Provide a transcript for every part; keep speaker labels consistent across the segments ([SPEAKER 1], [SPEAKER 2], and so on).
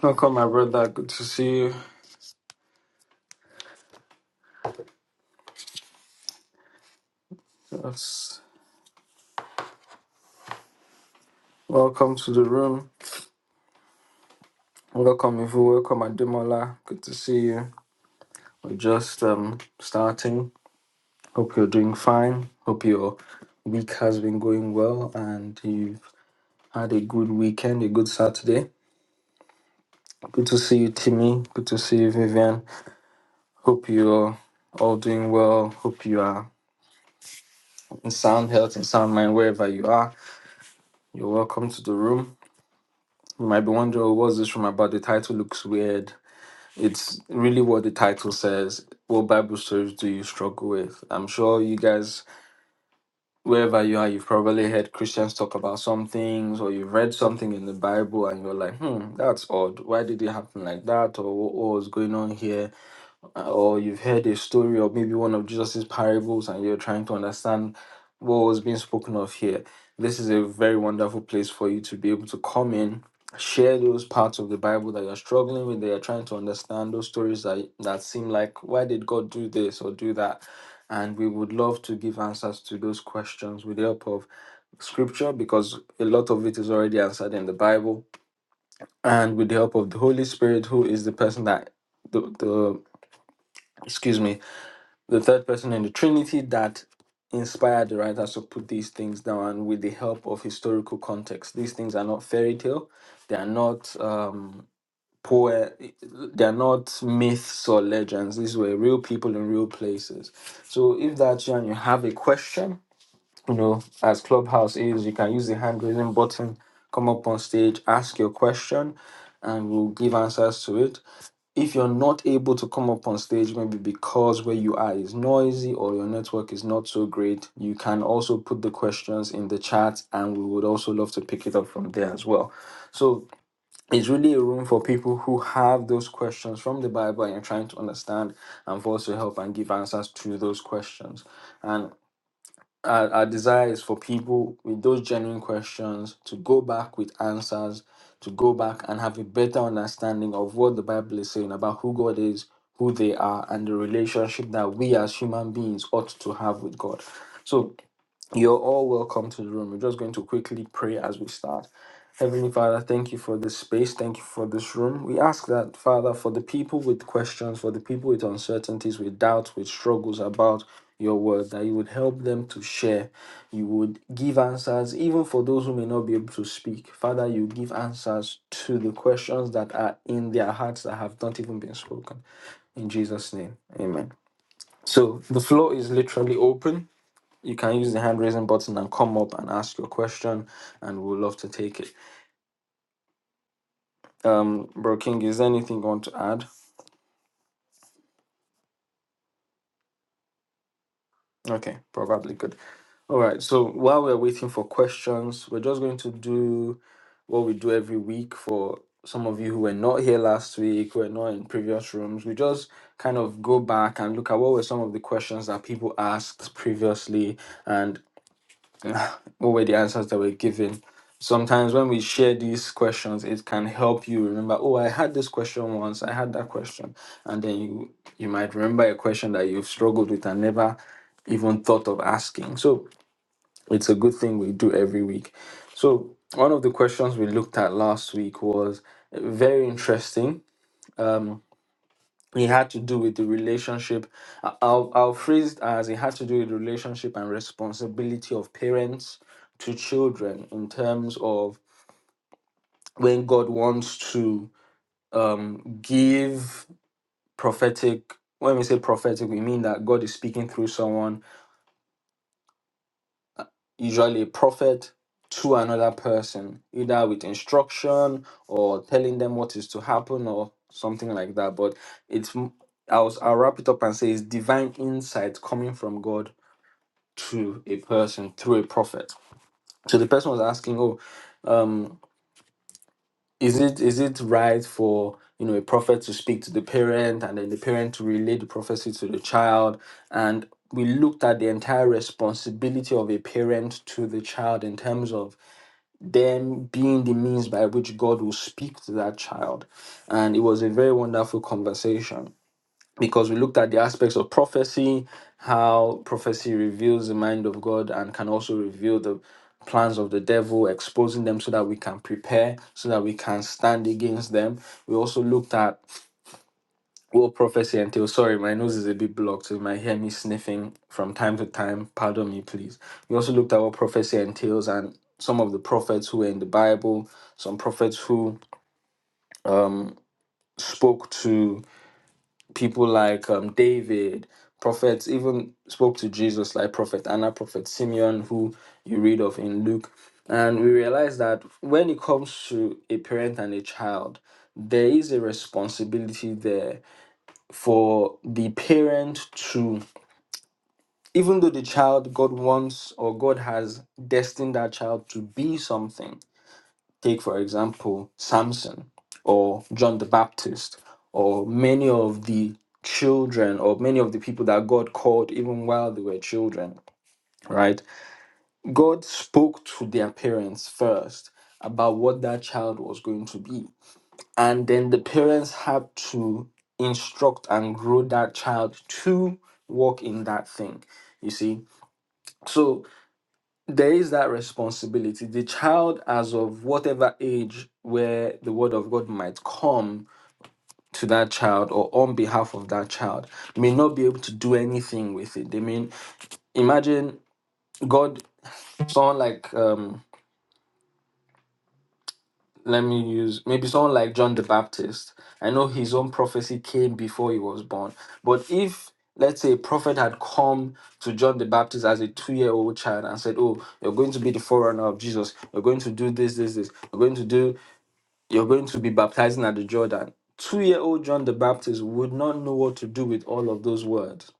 [SPEAKER 1] Welcome, my brother. Good to see you. Yes. Welcome to the room. Welcome, Ivu. Welcome, Ademola. Good to see you. We're just um, starting. Hope you're doing fine. Hope your week has been going well and you've had a good weekend, a good Saturday. Good to see you, Timmy. Good to see you, Vivian. Hope you're all doing well. Hope you are in sound health and sound mind wherever you are. You're welcome to the room. You might be wondering, oh, what's this room about? The title looks weird. It's really what the title says. What Bible stories do you struggle with? I'm sure you guys, wherever you are, you've probably heard Christians talk about some things, or you've read something in the Bible, and you're like, "Hmm, that's odd. Why did it happen like that? Or what what was going on here?" or you've heard a story of maybe one of Jesus's parables and you're trying to understand what was being spoken of here, this is a very wonderful place for you to be able to come in, share those parts of the Bible that you're struggling with, that you're trying to understand, those stories that, that seem like, why did God do this or do that? And we would love to give answers to those questions with the help of scripture because a lot of it is already answered in the Bible and with the help of the Holy Spirit, who is the person that the, the excuse me the third person in the Trinity that inspired the writers to put these things down and with the help of historical context. These things are not fairy tale, they are not um, poe, they are not myths or legends. These were real people in real places. So if that's you and you have a question, you know, as Clubhouse is, you can use the hand raising button, come up on stage, ask your question, and we'll give answers to it if you're not able to come up on stage, maybe because where you are is noisy or your network is not so great, you can also put the questions in the chat and we would also love to pick it up from there as well. So it's really a room for people who have those questions from the Bible and you're trying to understand and for us to help and give answers to those questions. and our, our desire is for people with those genuine questions to go back with answers, to go back and have a better understanding of what the Bible is saying about who God is, who they are, and the relationship that we as human beings ought to have with God. So you're all welcome to the room. We're just going to quickly pray as we start. Heavenly Father, thank you for this space. Thank you for this room. We ask that, Father, for the people with questions, for the people with uncertainties, with doubts, with struggles about your word, that you would help them to share. You would give answers, even for those who may not be able to speak. Father, you give answers to the questions that are in their hearts that have not even been spoken. In Jesus' name, amen. So the floor is literally open you can use the hand raising button and come up and ask your question, and we'll love to take it. Um, Bro King, is there anything you want to add? Okay, probably good. All right, so while we're waiting for questions, we're just going to do what we do every week for some of you who were not here last week, who were not in previous rooms. We just kind of go back and look at what were some of the questions that people asked previously, and what were the answers that were given. Sometimes when we share these questions, it can help you remember, oh, I had this question once, I had that question. And then you you might remember a question that you've struggled with and never even thought of asking. So it's a good thing we do every week. So one of the questions we looked at last week was very interesting. Um, it had to do with the relationship. I- I'll, I'll phrase it as it had to do with the relationship and responsibility of parents to children in terms of when God wants to um, give prophetic. When we say prophetic, we mean that God is speaking through someone, usually a prophet, to another person, either with instruction or telling them what is to happen or something like that. But it's, m- I'll, I'll wrap it up and say it's divine insight coming from God to a person through a prophet. So the person was asking, "Oh, um, is it is it right for you know a prophet to speak to the parent and then the parent to relay the prophecy to the child?" And we looked at the entire responsibility of a parent to the child in terms of them being the means by which God will speak to that child. And it was a very wonderful conversation because we looked at the aspects of prophecy, how prophecy reveals the mind of God and can also reveal the plans of the devil, exposing them so that we can prepare, so that we can stand against them. We also looked at what prophecy entails. Sorry, my nose is a bit blocked, so you might hear me sniffing from time to time. Pardon me, please. We also looked at what prophecy entails and some of the prophets who were in the Bible, some prophets who spoke to people like um, David, prophets, even spoke to Jesus, like Prophet Anna, Prophet Simeon, who you read of in Luke. And we realize that when it comes to a parent and a child, there is a responsibility there for the parent to, even though the child God wants or God has destined that child to be something, Take, for example, Samson or John the Baptist or many of the children or many of the people that God called even while they were children, right? God spoke to their parents first about what that child was going to be. And then the parents had to instruct and grow that child to walk in that thing, you see. so there is that responsibility. The child, as of whatever age where the word of God might come to that child or on behalf of that child, may not be able to do anything with it. They mean, imagine God, someone like, um, let me use maybe someone like John the Baptist. I know his own prophecy came before he was born, but if let's say a prophet had come to John the Baptist as a two-year-old child and said, "Oh, you're going to be the forerunner of Jesus. You're going to do this, this, this. You're going to do." You're going to be baptizing at the Jordan. Two year old John the Baptist would not know what to do with all of those words,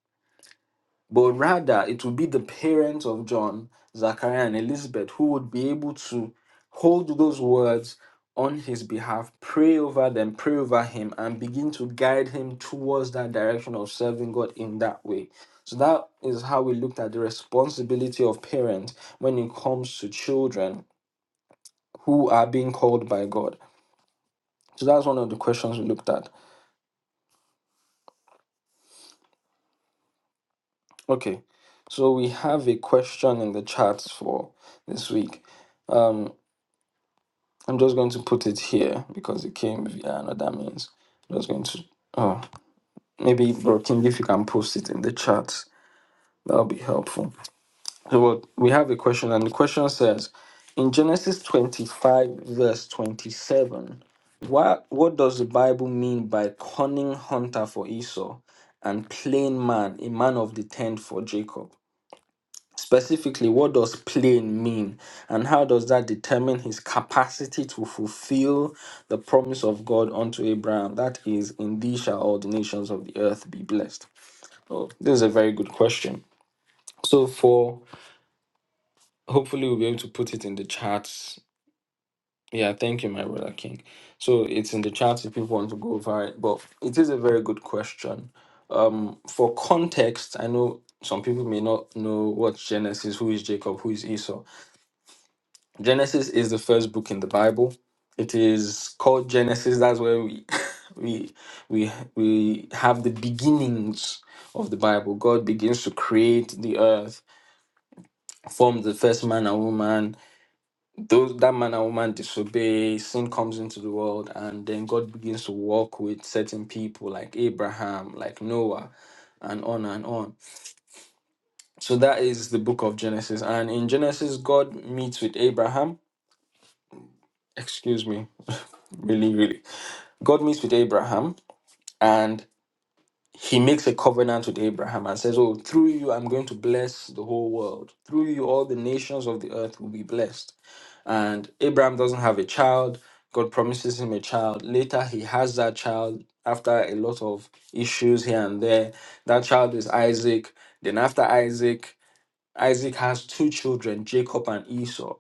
[SPEAKER 1] but rather it would be the parents of John, Zachariah, and Elizabeth who would be able to hold those words on his behalf, pray over them, pray over him, and begin to guide him towards that direction of serving God in that way. So that is how we looked at the responsibility of parents when it comes to children who are being called by God. So that's one of the questions we looked at. Okay, so we have a question in the chat for this week. Um, I'm just going to put it here because it came via another means. I'm just going to, oh, maybe Bro King, if you can post it in the chat, that'll be helpful. So what we have a question, and the question says, in Genesis 25 verse 27, what what does the Bible mean by cunning hunter for Esau and plain man, a man of the tent for Jacob? Specifically, what does plain mean? And how does that determine his capacity to fulfill the promise of God unto Abraham? That is, in thee shall all the nations of the earth be blessed. Oh, this is a very good question. So, for hopefully, we'll be able to put it in the charts. Yeah, thank you, my brother King. So it's in the charts if people want to go over it. But it is a very good question. Um, for context, I know some people may not know what Genesis, who is Jacob, who is Esau. Genesis is the first book in the Bible. It is called Genesis. That's where we we we we have the beginnings of the Bible. God begins to create the earth, forms the first man and woman. Those that man and woman disobey, sin comes into the world, and then God begins to walk with certain people like Abraham, like Noah, and on and on. So that is the book of Genesis. And in Genesis, God meets with Abraham. Excuse me, really, really. God meets with Abraham and he makes a covenant with Abraham and says, Oh, through you, I'm going to bless the whole world. Through you, all the nations of the earth will be blessed. And Abraham doesn't have a child. God promises him a child. Later, he has that child after a lot of issues here and there. That child is Isaac. Then, after Isaac, Isaac has two children, Jacob and Esau.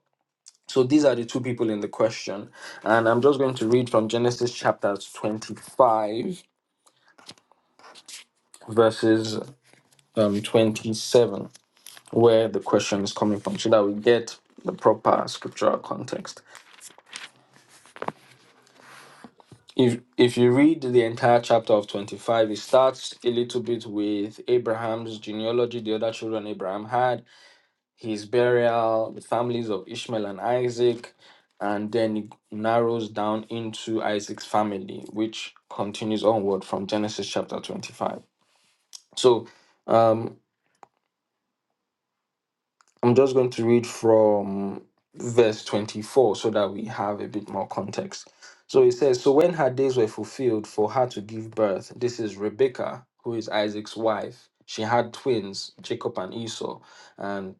[SPEAKER 1] So, these are the two people in the question. And I'm just going to read from Genesis chapter 25 verses um, 27, where the question is coming from, so that we get the proper scriptural context. If if you read the entire chapter of 25, it starts a little bit with Abraham's genealogy, the other children Abraham had, his burial, the families of Ishmael and Isaac, and then it narrows down into Isaac's family, which continues onward from Genesis chapter 25. So um, I'm just going to read from verse 24 so that we have a bit more context. So it says, So when her days were fulfilled for her to give birth, this is Rebekah, who is Isaac's wife. She had twins, Jacob and Esau, and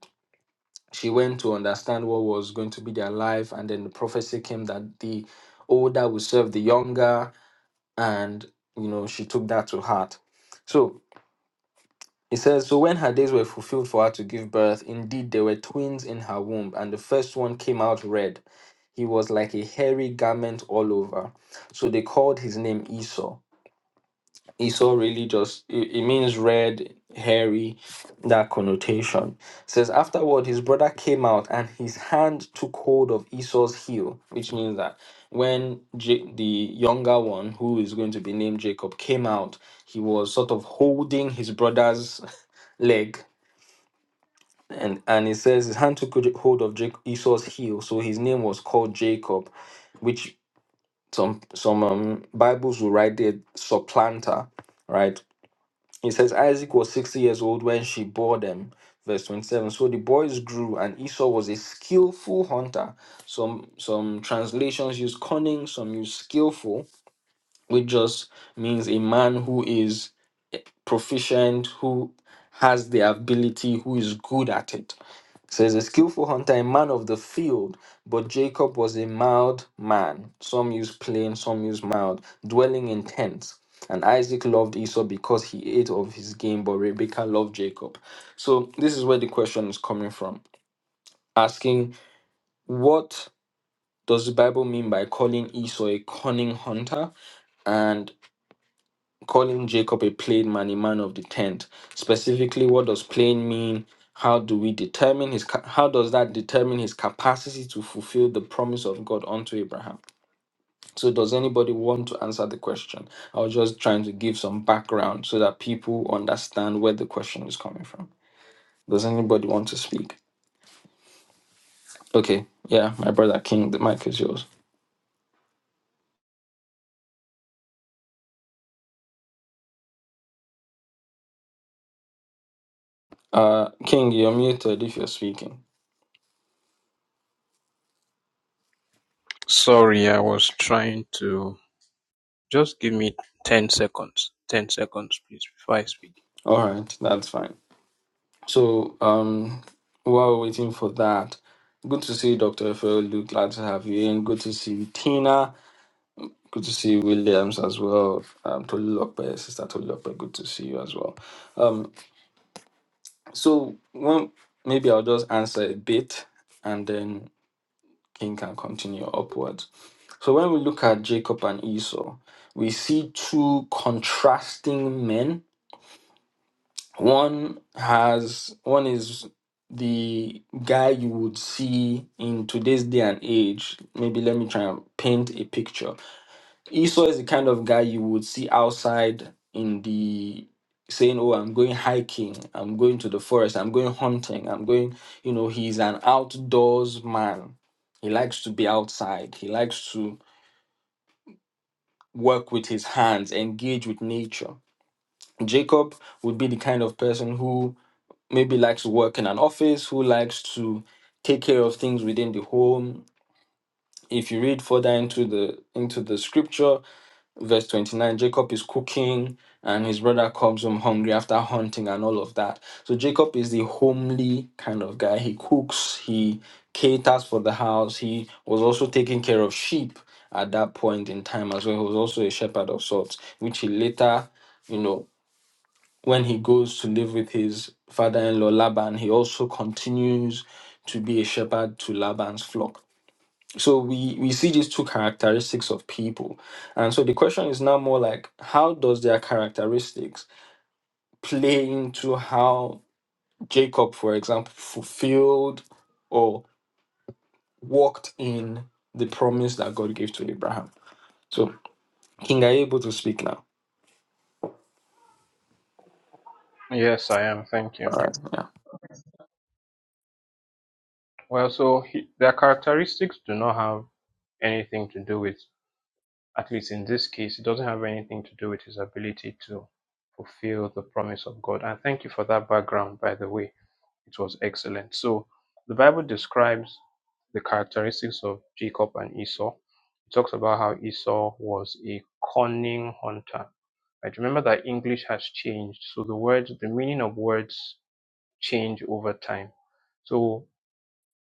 [SPEAKER 1] she went to understand what was going to be their life. And then the prophecy came that the older would serve the younger, and you know, she took that to heart. So it says, So when her days were fulfilled for her to give birth, indeed there were twins in her womb, and the first one came out red. He was like a hairy garment all over. So they called his name Esau. Esau really just, it, it means red, hairy, that connotation. It says, Afterward, his brother came out, and his hand took hold of Esau's heel, which means that when J- the younger one, who is going to be named Jacob, came out, he was sort of holding his brother's leg and and it says his hand took hold of Jac- Esau's heel, so his name was called Jacob, which some some um, Bibles will write there supplanter, right? It says Isaac was sixty years old when she bore them. Verse twenty-seven. So the boys grew, and Esau was a skillful hunter. Some some translations use cunning, some use skillful, which just means a man who is proficient, who has the ability, who is good at it says a skillful hunter, a man of the field, but Jacob was a mild man. Some use plain, some use mild, dwelling in tents. And Isaac loved Esau because he ate of his game, but Rebekah loved Jacob. So this is where the question is coming from, asking what does the Bible mean by calling Esau a cunning hunter, and? calling Jacob a plain man, a man of the tent. Specifically, what does plain mean? How do we determine his? ca- How does that determine his capacity to fulfill the promise of God unto Abraham? So, does anybody want to answer the question? I was just trying to give some background so that people understand where the question is coming from. Does anybody want to speak? Okay, yeah, my brother King, the mic is yours. Uh, King, you're muted if you're speaking.
[SPEAKER 2] Sorry, I was trying to just give me 10 seconds. 10 seconds, please, before I speak.
[SPEAKER 1] All right, that's fine. So um, while we're waiting for that, good to see you, Dr. Efeolu. Glad to have you in. Good to see you, Tina. Good to see you, Williams as well. Um, Tolu Lope, Sister Tolu Lope, good to see you as well. Um, so one, maybe I'll just answer a bit and then King can continue upwards. So when we look at Jacob and Esau, we see two contrasting men One has one is the guy you would see in today's day and age. Maybe let me try and paint a picture. Esau is the kind of guy you would see outside in the saying, Oh, I'm going hiking, I'm going to the forest, I'm going hunting, I'm going, you know, he's an outdoors man. He likes to be outside, he likes to work with his hands, engage with nature. Jacob would be the kind of person who maybe likes to work in an office, who likes to take care of things within the home. If you read further into the into the scripture, verse 29, Jacob is cooking and his brother comes home hungry after hunting and all of that. So Jacob is the homely kind of guy. He cooks, he caters for the house. He was also taking care of sheep at that point in time as well. He was also a shepherd of sorts, which he later, you know, when he goes to live with his father in law Laban, he also continues to be a shepherd to Laban's flock. So we, we see these two characteristics of people. And so the question is now more like how does their characteristics play into how Jacob, for example, fulfilled or walked in the promise that God gave to Abraham? So King, are you able to speak now?
[SPEAKER 2] Yes, I am. Thank you.
[SPEAKER 1] All right.
[SPEAKER 2] Well, so he, their characteristics do not have anything to do with, at least in this case, it doesn't have anything to do with his ability to fulfill the promise of God. And thank you for that background, by the way. It was excellent. So the Bible describes the characteristics of Jacob and Esau. It talks about how Esau was a cunning hunter. Right? Remember that English has changed, so the words, the meaning of words change over time. So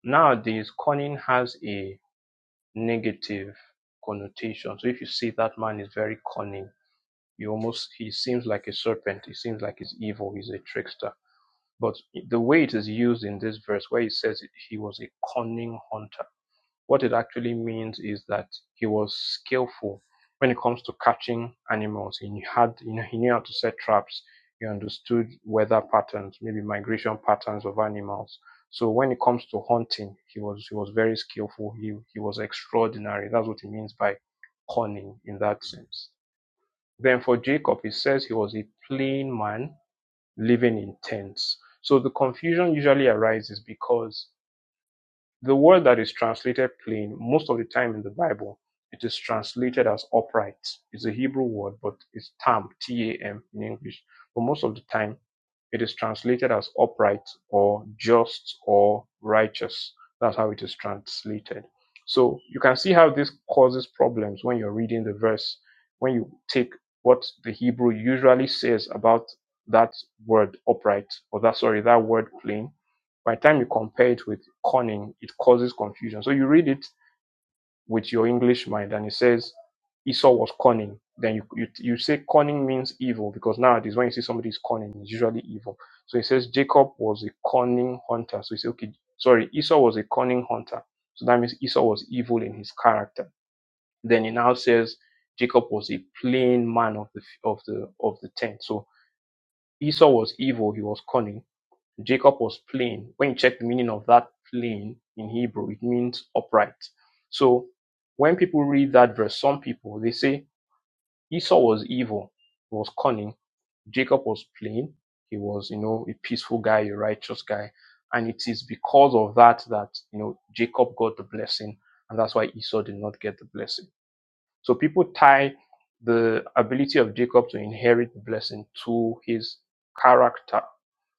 [SPEAKER 2] nowadays, cunning has a negative connotation. So if you see that man is very cunning, you almost he seems like a serpent. He seems like he's evil. He's a trickster. But the way it is used in this verse, where he says he was a cunning hunter, what it actually means is that he was skillful when it comes to catching animals. He had, you know, he knew how to set traps. He understood weather patterns, maybe migration patterns of animals. So when it comes to hunting, he was he was very skillful. He he was extraordinary. That's what he means by cunning in that sense. Then for Jacob, he says he was a plain man living in tents. So the confusion usually arises because the word that is translated plain, most of the time in the Bible, it is translated as upright. It's a Hebrew word, but it's tam, T A M in English. But most of the time, it is translated as upright or just or righteous. That's how it is translated. So you can see how this causes problems when you're reading the verse, when you take what the Hebrew usually says about that word upright, or that, sorry, that word plain, by the time you compare it with cunning, it causes confusion. So you read it with your English mind and it says Esau was cunning. Then you, you, you say cunning means evil because nowadays when you see somebody is cunning, it's usually evil. So it says Jacob was a cunning hunter. So you say, okay, sorry, Esau was a cunning hunter. So that means Esau was evil in his character. Then it now says Jacob was a plain man of the of the of the tent. So Esau was evil, he was cunning Jacob was plain. When you check the meaning of that plain in Hebrew, it means upright. So when people read that verse, some people they say Esau was evil, he was cunning. Jacob was plain. He was, you know, a peaceful guy, a righteous guy. And it is because of that that, you know, Jacob got the blessing. And that's why Esau did not get the blessing. So people tie the ability of Jacob to inherit the blessing to his character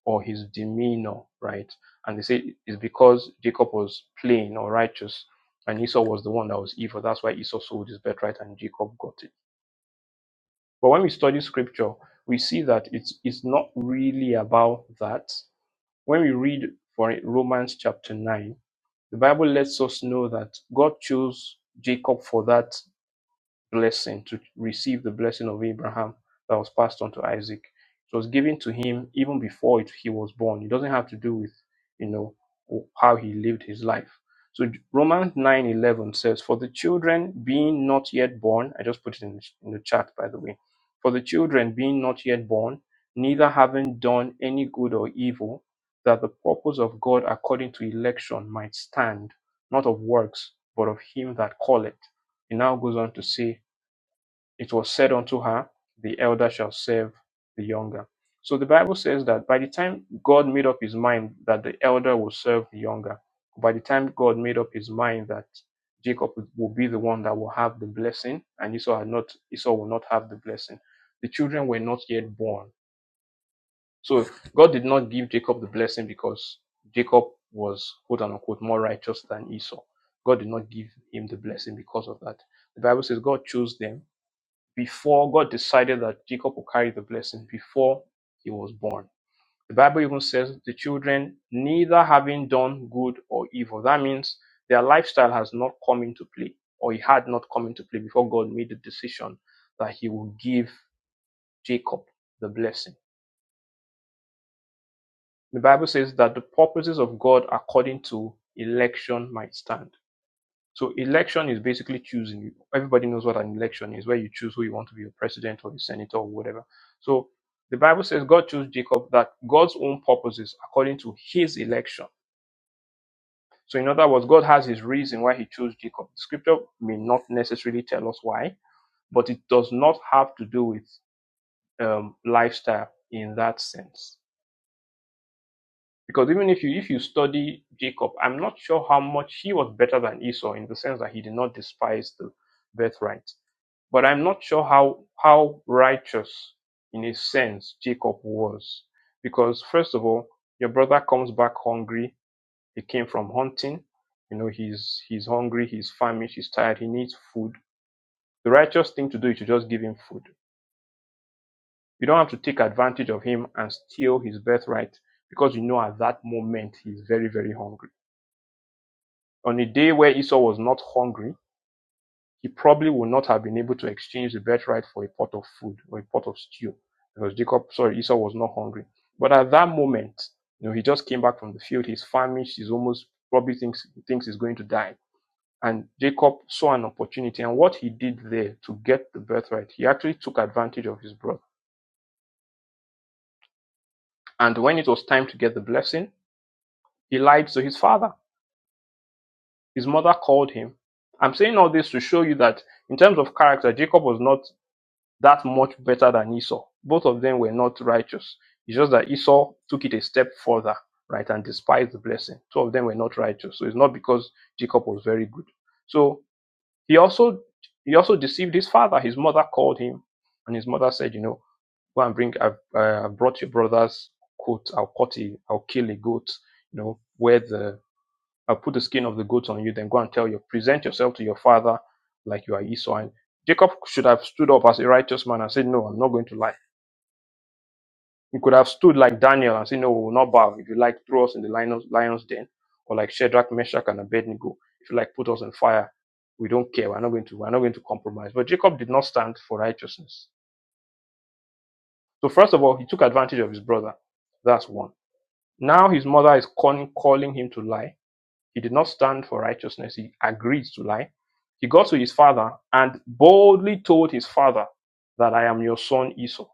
[SPEAKER 2] or his demeanor, right? And they say it's because Jacob was plain or righteous and Esau was the one that was evil. That's why Esau sold his birthright and Jacob got it. But when we study scripture, we see that it's, it's not really about that. When we read for it, Romans chapter 9, the Bible lets us know that God chose Jacob for that blessing, to receive the blessing of Abraham that was passed on to Isaac. It was given to him even before it, he was born. It doesn't have to do with, you know, how he lived his life. So Romans 9:11 says, "For the children being not yet born, I just put it in the, in the chat, by the way. For the children being not yet born, neither having done any good or evil, that the purpose of God according to election might stand, not of works, but of him that calleth." He now goes on to say, it was said unto her, The elder shall serve the younger. So the Bible says that by the time God made up his mind that the elder will serve the younger, by the time God made up his mind that Jacob will be the one that will have the blessing, and Esau had not Esau will not have the blessing. The children were not yet born. So God did not give Jacob the blessing because Jacob was quote unquote more righteous than Esau. God did not give him the blessing because of that. The Bible says God chose them before God decided that Jacob would carry the blessing before he was born. The Bible even says the children neither having done good or evil. That means their lifestyle has not come into play, or it had not come into play before God made the decision that he would give Jacob the blessing. The Bible says that the purposes of God according to election might stand. So election is basically choosing. Everybody knows what an election is, where you choose who you want to be your president or your senator or whatever. So the Bible says God chose Jacob that God's own purposes according to his election. So in other words, God has his reason why he chose Jacob. The scripture may not necessarily tell us why, but it does not have to do with um, lifestyle in that sense. Because even if you if you study Jacob, I'm not sure how much he was better than Esau in the sense that he did not despise the birthright But I'm not sure how how righteous in a sense Jacob was. Because first of all, your brother comes back hungry. He came from hunting. You know, he's he's hungry, he's famished, he's tired, he needs food. The righteous thing to do is to just give him food. You don't have to take advantage of him and steal his birthright because you know at that moment he's very, very hungry. On a day where Esau was not hungry, he probably would not have been able to exchange the birthright for a pot of food or a pot of stew because Jacob, sorry, Esau was not hungry. But at that moment, you know, he just came back from the field. He's famished. He's almost probably thinks thinks he's going to die. And Jacob saw an opportunity, and what he did there to get the birthright, he actually took advantage of his brother. And when it was time to get the blessing, he lied to his father. His mother called him. I'm saying all this to show you that in terms of character, Jacob was not that much better than Esau. Both of them were not righteous. It's just that Esau took it a step further, right, and despised the blessing. Two of them were not righteous. So it's not because Jacob was very good. So he also he also deceived his father. His mother called him, and his mother said, "You know, go and bring. I've uh, brought your brother's coat. I'll cut it. I'll kill a goat. You know, wear the I'll put the skin of the goats on you. Then go and tell you. present yourself to your father like you are Esau. And Jacob should have stood up as a righteous man and said, No, I'm not going to lie. He could have stood like Daniel and said, No, we will not bow. If you like, throw us in the lion's, lion's den. Or like Shadrach, Meshach, and Abednego. If you like, put us on fire. We don't care. We're not going to, we're not going to compromise. But Jacob did not stand for righteousness. So first of all, he took advantage of his brother. That's one. Now his mother is calling, calling him to lie He did not stand for righteousness. He agreed to lie. He got to his father and boldly told his father that I am your son Esau.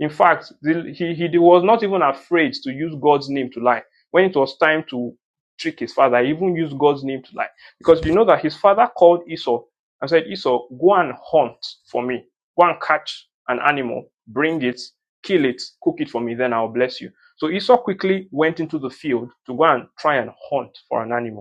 [SPEAKER 2] In fact, the- he, he was not even afraid to use God's name to lie. When it was time to trick his father, he even used God's name to lie. Because you know that his father called Esau and said, Esau, go and hunt for me. Go and catch an animal, bring it, kill it, cook it for me, then I'll bless you. So Esau quickly went into the field to go and try and hunt for an animal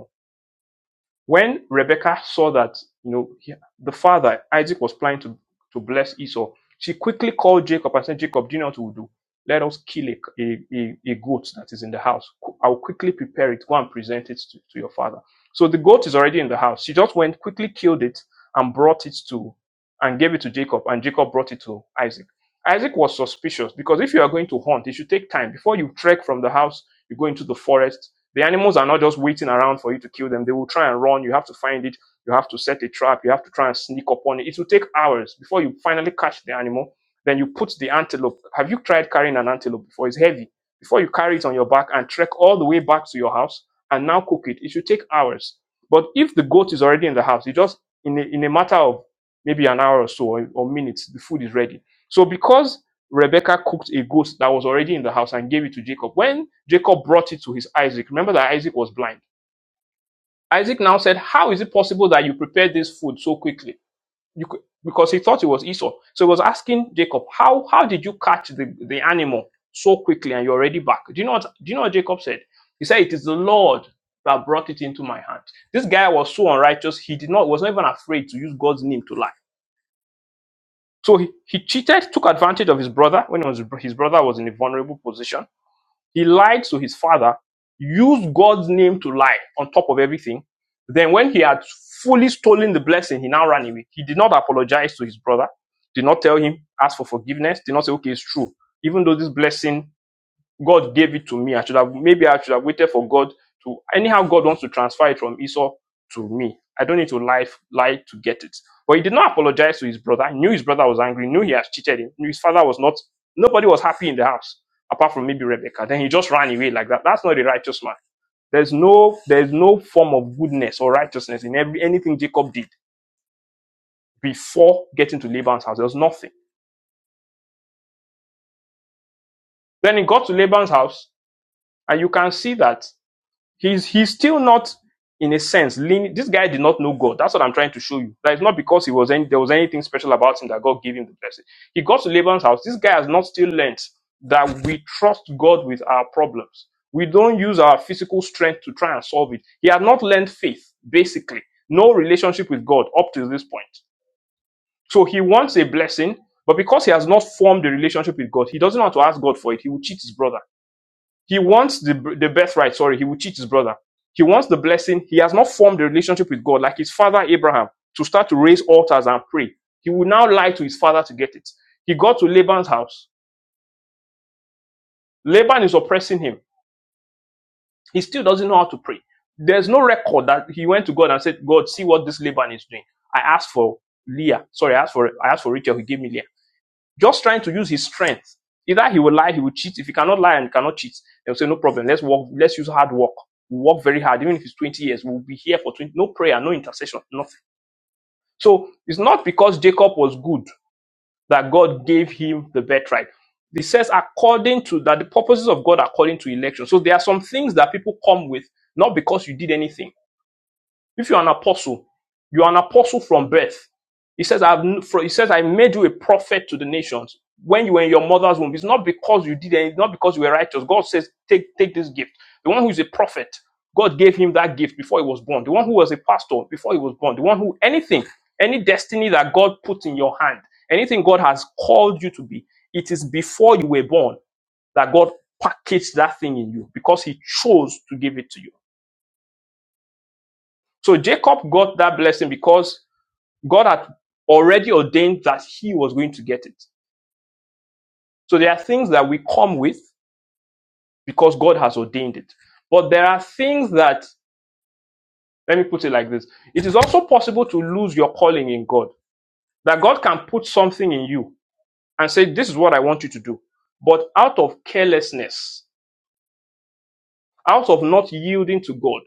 [SPEAKER 2] When Rebekah saw that, you know, he- the father, Isaac, was planning to, to bless Esau, she quickly called Jacob and said, Jacob, do you know what we'll do? Let us kill a, a, a, goat that is in the house. I'll quickly prepare it. Go and present it to, to your father. So the goat is already in the house. She just went, quickly killed it, and brought it to, and gave it to Jacob. And Jacob brought it to Isaac. Isaac was suspicious because if you are going to hunt, it should take time. Before you trek from the house, you go into the forest, the animals are not just waiting around for you to kill them. They will try and run. You have to find it. You have to set a trap. You have to try and sneak up on it. It will take hours before you finally catch the animal. Then you put the antelope. Have you tried carrying an antelope before? It's heavy. Before you carry it on your back and trek all the way back to your house and now cook it, it should take hours. But if the goat is already in the house, you just in a, in a matter of maybe an hour or so or, or minutes, the food is ready. So because Rebecca cooked a goat that was already in the house and gave it to Jacob. When Jacob brought it to his Isaac, remember that Isaac was blind. Isaac now said, How is it possible that you prepared this food so quickly? You could, because he thought it was Esau. So he was asking Jacob, How how did you catch the, the animal so quickly and you're already back? Do you know what do you know what Jacob said? He said, It is the Lord that brought it into my hand. This guy was so unrighteous, he did not was not even afraid to use God's name to lie. So he, he cheated, took advantage of his brother when he was, his brother was in a vulnerable position He lied to his father, used God's name to lie on top of everything. Then, when he had fully stolen the blessing, he now ran away. He did not apologize to his brother, did not tell him, ask for forgiveness, did not say, okay, it's true. Even though this blessing God gave it to me. I should have maybe I should have waited for God to anyhow God wants to transfer it from Esau to me. I don't need to lie, lie to get it. But he did not apologize to his brother. He knew his brother was angry, knew he has cheated him, knew his father was not nobody was happy in the house apart from maybe Rebecca. Then he just ran away like that. That's not a righteous man. There's no there's no form of goodness or righteousness in every anything Jacob did before getting to Laban's house. There was nothing. Then he got to Laban's house, and you can see that He's he's still not in a sense leaning. This guy did not know God. That's what I'm trying to show you. That it's not because he was any, there was anything special about him that God gave him the blessing. He got to Laban's house. This guy has not still learnt that we trust God with our problems. We don't use our physical strength to try and solve it. He had not learned faith, basically. No relationship with God up to this point. So he wants a blessing, but because he has not formed a relationship with God, he doesn't want to ask God for it. He will cheat his brother. He wants the, the birthright, sorry, he will cheat his brother. He wants the blessing. He has not formed a relationship with God like his father Abraham to start to raise altars and pray. He will now lie to his father to get it. He got to Laban's house. Laban is oppressing him. He still doesn't know how to pray. There's no record that he went to God and said, God, see what this Laban is doing. I asked for Leah. Sorry, I asked for I asked for Rachel. He gave me Leah. Just trying to use his strength. Either he will lie, he will cheat. If he cannot lie and cannot cheat, they'll say, no problem. Let's work. Let's use hard work. We work very hard. Even if it's 20 years, we'll be here for 20. No prayer, no intercession, nothing. So it's not because Jacob was good that God gave him the birthright. It says according to that the purposes of God according to election. So there are some things that people come with not because you did anything if you're an apostle, you're an apostle from birth. He says, I've, he says, I made you a prophet to the nations when you were in your mother's womb. It's not because you did it, it's not because you were righteous. God says, take, take this gift. The one who is a prophet, God gave him that gift before he was born. The one who was a pastor before he was born. The one who, anything, any destiny that God put in your hand, anything God has called you to be, it is before you were born that God packaged that thing in you because he chose to give it to you. So Jacob got that blessing because God had already ordained that he was going to get it. So there are things that we come with because God has ordained it. But there are things that, let me put it like this it is also possible to lose your calling in God, that God can put something in you and say, This is what I want you to do. But out of carelessness, out of not yielding to God,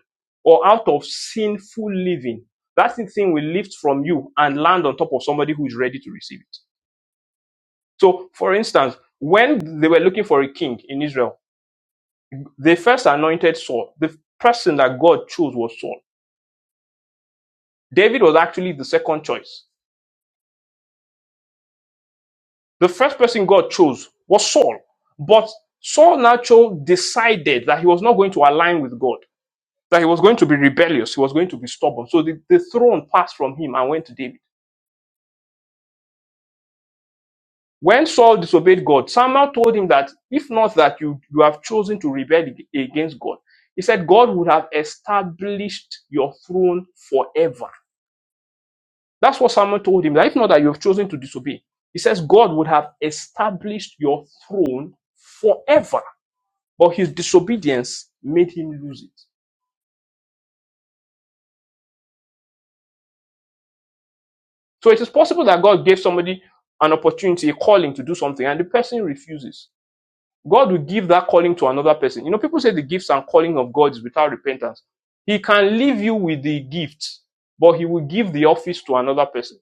[SPEAKER 2] or out of sinful living, that thing will lift from you and land on top of somebody who is ready to receive it. So, for instance, when they were looking for a king in Israel, they first anointed Saul. The person that God chose was Saul. David was actually the second choice. The first person God chose was Saul. But Saul naturally decided that he was not going to align with God, that he was going to be rebellious, he was going to be stubborn. So the, the throne passed from him and went to David. When Saul disobeyed God, Samuel told him that if not that you, you have chosen to rebel ag- against God, he said God would have established your throne forever. That's what Samuel told him, that if not that you have chosen to disobey, he says God would have established your throne forever. But his disobedience made him lose it. So it is possible that God gave somebody an opportunity, a calling to do something, and the person refuses. God will give that calling to another person. You know, people say the gifts and calling of God is without repentance. He can leave you with the gift, but he will give the office to another person.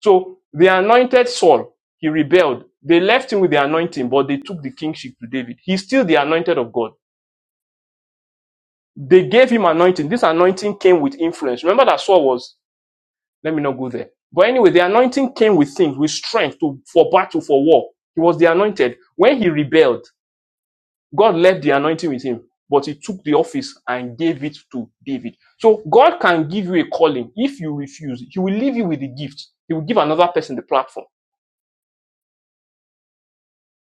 [SPEAKER 2] So the anointed Saul, he rebelled. They left him with the anointing, but they took the kingship to David. He's still the anointed of God. They gave him anointing. This anointing came with influence. Remember that Saul was, let me not go there. But anyway, the anointing came with things, with strength to, for battle, for war. He was the anointed. When he rebelled, God left the anointing with him, but he took the office and gave it to David. So God can give you a calling if you refuse. He will leave you with the gift. He will give another person the platform.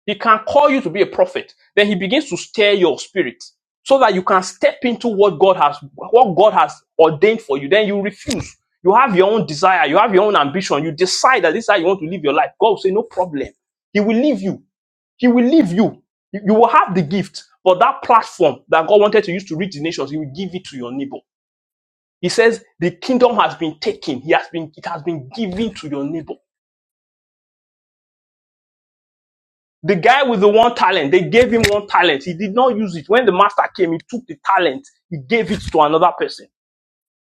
[SPEAKER 2] He can call you to be a prophet. Then he begins to stir your spirit so that you can step into what God has what God has ordained for you. Then you refuse. You have your own desire, you have your own ambition. You decide that this is how you want to live your life. God will say, No problem. He will leave you. He will leave you. You you will have the gift, but that platform that God wanted to use to reach the nations, He will give it to your neighbor. He says the kingdom has been taken. He has been it has been given to your neighbor. The guy with the one talent, they gave him one talent. He did not use it. When the master came, he took the talent. He gave it to another person.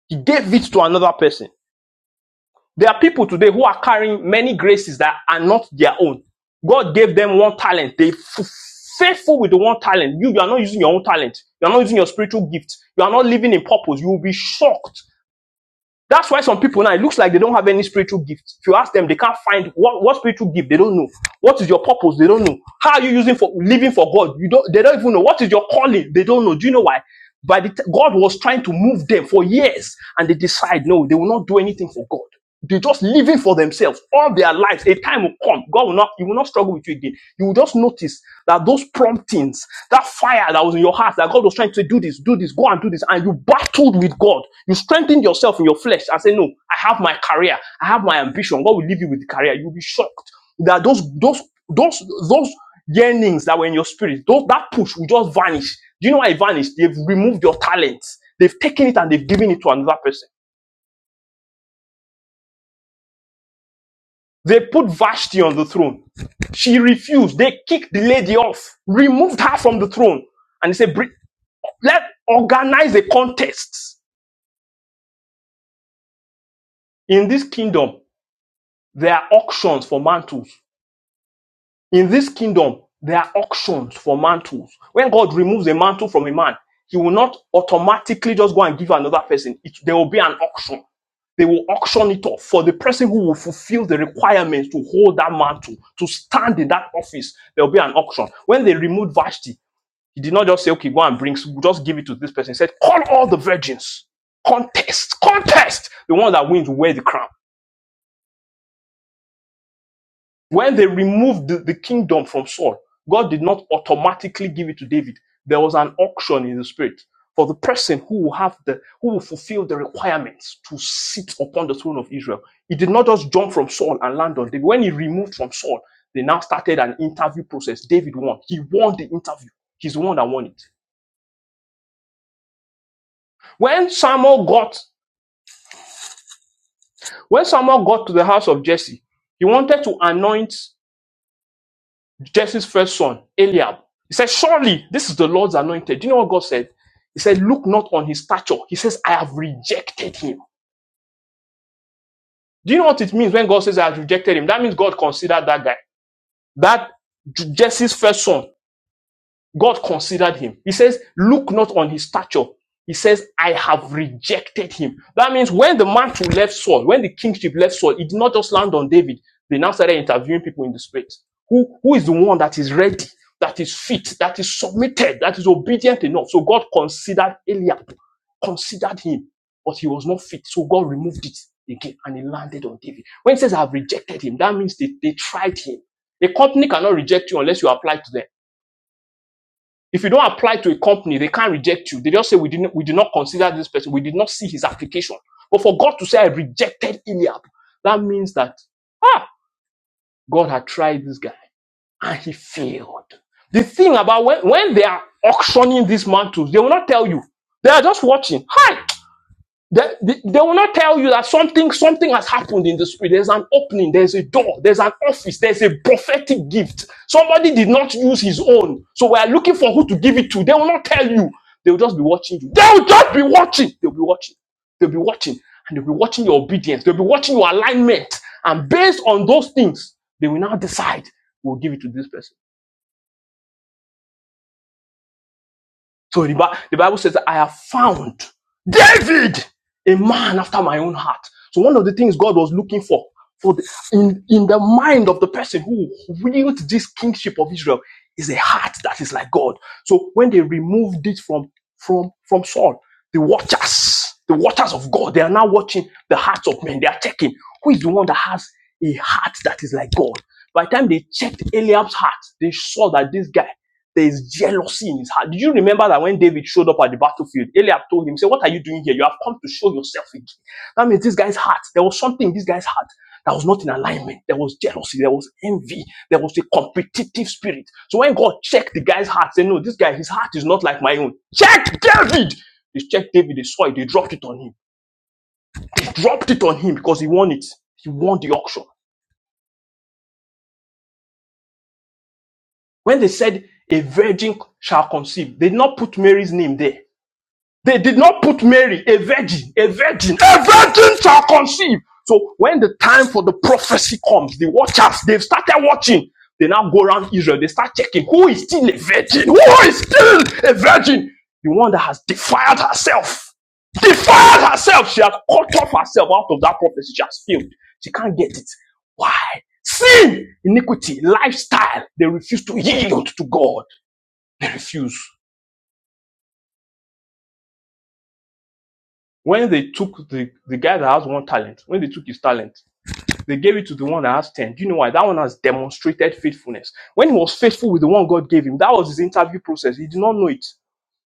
[SPEAKER 2] He gave it to another person. There are people today who are carrying many graces that are not their own. God gave them one talent. They f- faithful with the one talent. You, you are not using your own talent. You are not using your spiritual gift. You are not living in purpose. You will be shocked. That's why some people now it looks like they don't have any spiritual gift. If you ask them, they can't find what, what spiritual gift. They don't know. What is your purpose? They don't know. How are you using for living for God? You don't. They don't even know what is your calling. They don't know. Do you know why? By God was trying to move them for years, and they decide no, they will not do anything for God. They just living for themselves all their lives. A time will come. God will not, you will not struggle with you again. You will just notice that those promptings, that fire that was in your heart, that God was trying to say, do this, do this, go and do this, and you battled with God. You strengthened yourself in your flesh and say, No, I have my career, I have my ambition. God will leave you with the career. You'll be shocked that those those those those yearnings that were in your spirit, those that push will just vanish. Do you know why it vanished? They've removed your talents. They've taken it and they've given it to another person. They put Vashti on the throne. She refused. They kicked the lady off, removed her from the throne, and they said, "Bri- "Let organize a contest in this kingdom. There are auctions for mantles. In this kingdom, there are auctions for mantles. When God removes a mantle from a man, he will not automatically just go and give another person. It, there will be an auction. They will auction it off for the person who will fulfill the requirements to hold that mantle, to stand in that office. There will be an auction. When they removed Vashti, he did not just say, okay, go and bring, just give it to this person. He said, call all the virgins. Contest, contest. The one that wins will wear the crown. When they removed the, the kingdom from Saul, God did not automatically give it to David. There was an auction in the spirit for the person who will have the who will fulfill the requirements to sit upon the throne of Israel. He did not just jump from Saul and land on David. When he removed from Saul, they now started an interview process. David won. He won the interview. He's the one that won it. When Samuel got when Samuel got to the house of Jesse, he wanted to anoint. Jesse's first son, Eliab. He said, Surely this is the Lord's anointed. Do you know what God said? He said, Look not on his stature. He says, I have rejected him. Do you know what it means when God says, I have rejected him? That means God considered that guy. That Jesse's first son God considered him. He says, Look not on his stature. He says, I have rejected him. That means when the mantle left Saul, when the kingship left Saul, it did not just land on David. They now started interviewing people in the spirit. Who, who is the one that is ready, that is fit, that is submitted, that is obedient enough? So God considered Eliab, considered him, but he was not fit. So God removed it again and it landed on David. When he says, I have rejected him, that means they, they tried him. A company cannot reject you unless you apply to them. If you don't apply to a company, they can't reject you. They just say we didn't we did not consider this person, we did not see his application. But for God to say I rejected Eliab, that means that ah, God had tried this guy and he failed. The thing about when, when they are auctioning these mantles, they will not tell you. They are just watching. Hi. They, they, they will not tell you that something something has happened in the spirit. There's an opening, there's a door, there's an office, there's a prophetic gift. Somebody did not use his own. So we are looking for who to give it to. They will not tell you. They will just be watching you. They will just be watching. They'll be watching. They'll be watching. And they'll be watching your obedience. They'll be watching your alignment. And based on those things, they will now decide, we'll give it to this person So the, Bi- the Bible says, I have found David, a man after my own heart. So one of the things God was looking for, for the, in, in the mind of the person who wields this kingship of Israel is a heart that is like God. So when they removed it from, from, from Saul, the watchers, the watchers of God, they are now watching the hearts of men. They are checking who is the one that has a heart that is like God. By the time they checked Eliab's heart, they saw that this guy there is jealousy in his heart. Do you remember that when David showed up at the battlefield, Eliab told him, "Say, what are you doing here? You have come to show yourself again." That means this guy's heart. There was something in this guy's heart that was not in alignment. There was jealousy. There was envy. There was a competitive spirit. So when God checked the guy's heart, said, "No, this guy, his heart is not like my own." Check David. They checked David. They saw it. They dropped it on him. They dropped it on him because he won it. He won the auction. When they said a virgin shall conceive, they did not put Mary's name there. They did not put Mary, a virgin, a virgin, a virgin shall conceive. So when the time for the prophecy comes, the watchers, they've started watching. They now go around Israel. They start checking who is still a virgin, who is still a virgin. The one that has defiled herself, defiled herself. She has cut off herself out of that prophecy. She has failed. She can't get it. Why? Sin, iniquity, lifestyle. They refuse to yield to God. They refuse. When they took the, the guy that has one talent, when they took his talent, they gave it to the one that has 10. Do you know why? That one has demonstrated faithfulness. When he was faithful with the one God gave him, that was his interview process. He did not know it.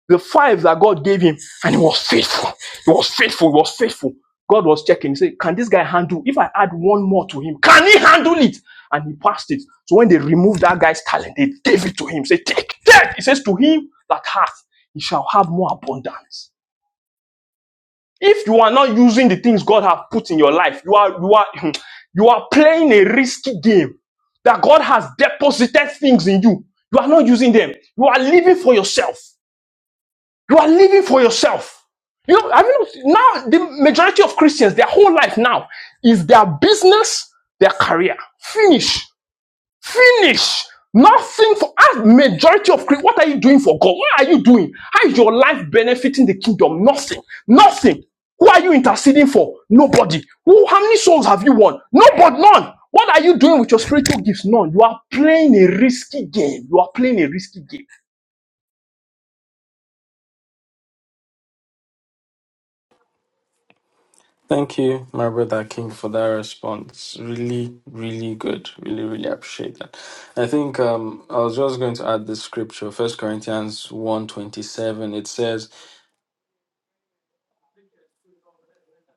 [SPEAKER 2] The five that God gave him, and he was faithful. He was faithful. He was faithful. God was checking. He said, Can this guy handle? If I add one more to him, can he handle it? And he passed it. So when they removed that guy's talent, they gave it to him. Say, Take, take. He says, To him that hath, he shall have more abundance. If you are not using the things God has put in your life, you are you are you are playing a risky game that God has deposited things in you. You are not using them. You are living for yourself. You are living for yourself. You know, I mean, now the majority of Christians, their whole life now is their business, their career. Finish. Finish. Nothing for as majority of Christians. What are you doing for God? What are you doing? How is your life benefiting the kingdom? Nothing. Nothing. Who are you interceding for? Nobody. Who? How many souls have you won? Nobody. None. What are you doing with your spiritual gifts? None. You are playing a risky game. You are playing a risky game.
[SPEAKER 1] Thank you, my brother King, for that response. Really, really good. Really, really appreciate that. I think um, I was just going to add this scripture, First Corinthians one twenty-seven. It says,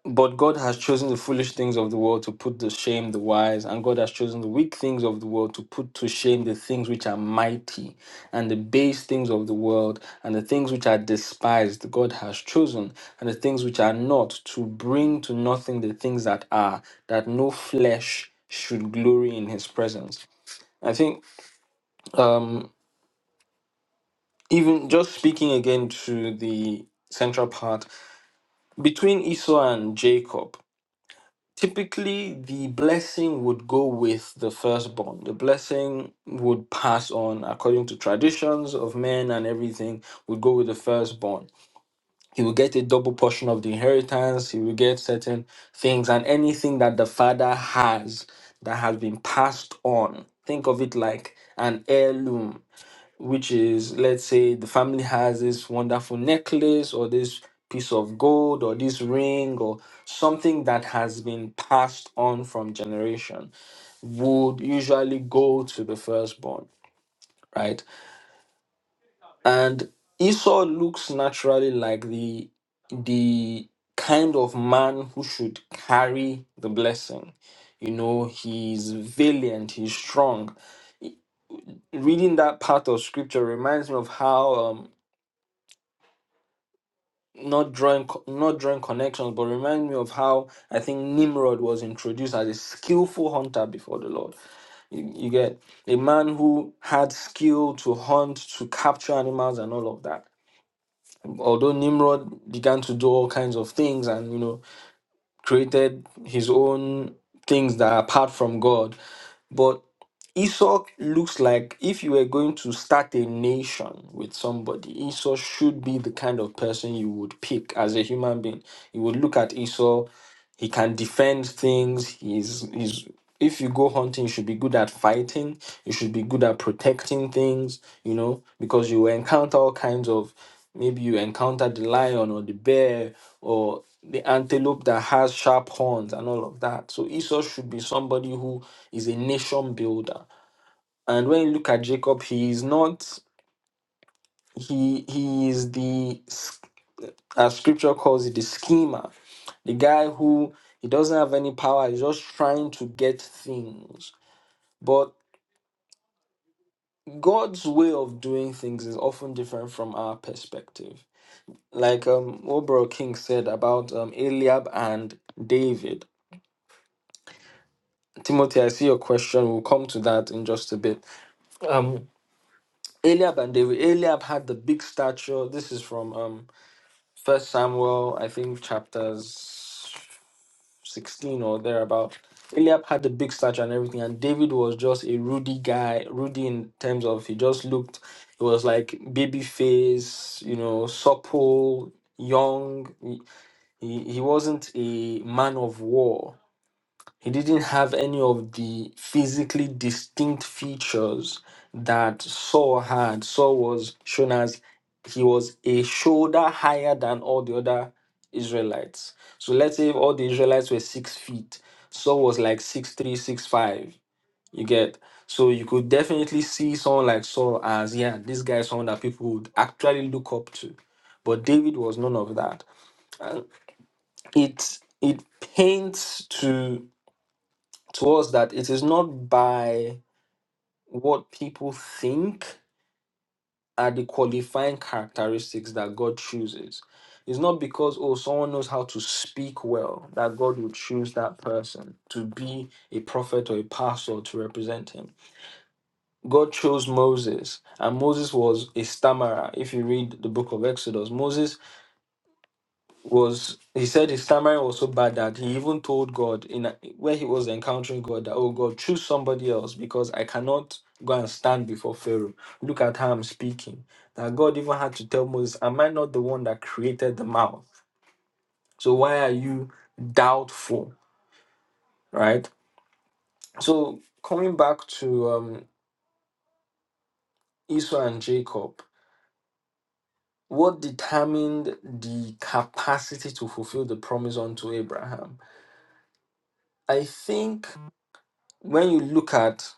[SPEAKER 1] But God has chosen the foolish things of the world to put to shame the wise, and God has chosen the weak things of the world to put to shame the things which are mighty, and the base things of the world, and the things which are despised, God has chosen, and the things which are not, to bring to nothing the things that are, that no flesh should glory in his presence. I think, um, even just speaking again to the central part, between Esau and Jacob, typically the blessing would go with the firstborn. The blessing would pass on according to traditions of men and everything would go with the firstborn. He will get a double portion of the inheritance, he will get certain things and anything that the father has that has been passed on. Think of it like an heirloom which is let's say the family has this wonderful necklace or this piece of gold or this ring or something that has been passed on from generation would usually go to the firstborn right and esau looks naturally like the the kind of man who should carry the blessing you know he's valiant he's strong reading that part of scripture reminds me of how um, not drawing co- not drawing connections, but remind me of how I think Nimrod was introduced as a skillful hunter before the Lord. You, you get a man who had skill to hunt, to capture animals, and all of that. Although Nimrod began to do all kinds of things, and you know created his own things that are apart from God, but Esau looks like if you were going to start a nation with somebody, Esau should be the kind of person you would pick as a human being. You would look at Esau, he can defend things, he's he's if you go hunting, you should be good at fighting, you should be good at protecting things, you know, because you encounter all kinds of maybe you encounter the lion or the bear or the antelope that has sharp horns and all of that. So Esau should be somebody who is a nation builder and when you look at Jacob, he is not, he, he is the, as scripture calls it, the schemer, the guy who he doesn't have any power, he's just trying to get things. But God's way of doing things is often different from our perspective. Like um Obro King said about um Eliab and David. Timothy, I see your question. We'll come to that in just a bit. Um Eliab and David. Eliab had the big stature. This is from um First Samuel, I think chapters sixteen or thereabout. Eliab had a big stature and everything, and David was just a ruddy guy, ruddy in terms of he just looked, he was like baby face, you know, supple, young. He, he he wasn't a man of war he didn't have any of the physically distinct features that Saul had. Saul was shown as he was a shoulder higher than all the other Israelites. So let's say if all the Israelites were six feet, Saul was like six three, six five. You get so you could definitely see someone like Saul as yeah, this guy is someone that people would actually look up to. But David was none of that. And it it paints to to us that it is not by what people think are the qualifying characteristics that God chooses. It's not because, oh, someone knows how to speak well that God will choose that person to be a prophet or a pastor to represent him. God chose Moses, and Moses was a stammerer. If you read the book of Exodus, Moses was he said his stammering was so bad that he even told God in a- where he was encountering God that oh God choose somebody else because I cannot go and stand before Pharaoh. Look at how I'm speaking. That God even had to tell Moses, Am I not the one that created the mouth? So why are you doubtful? Right? So coming back to um Esau and Jacob, what determined the capacity to fulfill the promise unto Abraham? I think when you look at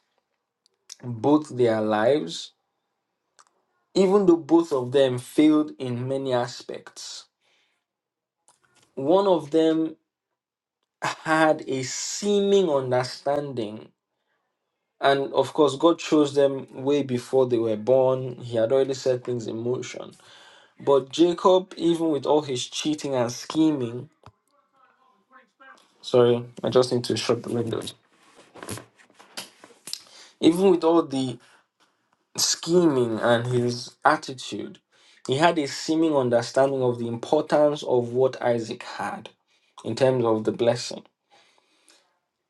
[SPEAKER 1] both their lives, even though both of them failed in many aspects. One of them had a seeming understanding. And of course, God chose them way before they were born. He had already set things in motion. But Jacob, even with all his cheating and scheming, sorry, I just need to shut the windows. Even with all the scheming and his attitude, he had a seeming understanding of the importance of what Isaac had in terms of the blessing,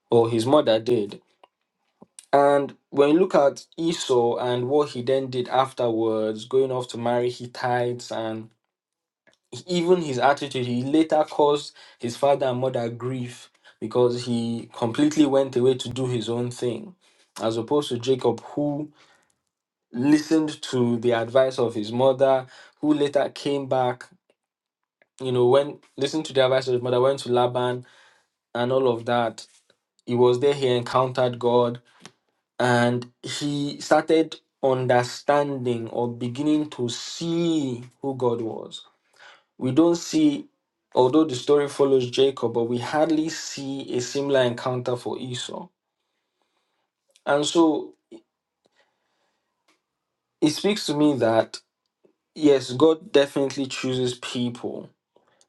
[SPEAKER 1] or his mother did. And when you look at Esau and what he then did afterwards, going off to marry Hittites, and even his attitude, he later caused his father and mother grief because he completely went away to do his own thing, as opposed to Jacob, who listened to the advice of his mother, who later came back, you know, when listened to the advice of his mother, went to Laban and all of that. He was there, he encountered God, and he started understanding or beginning to see who God was. We don't see, although the story follows Jacob, but we hardly see a similar encounter for Esau. And so it speaks to me that, yes, God definitely chooses people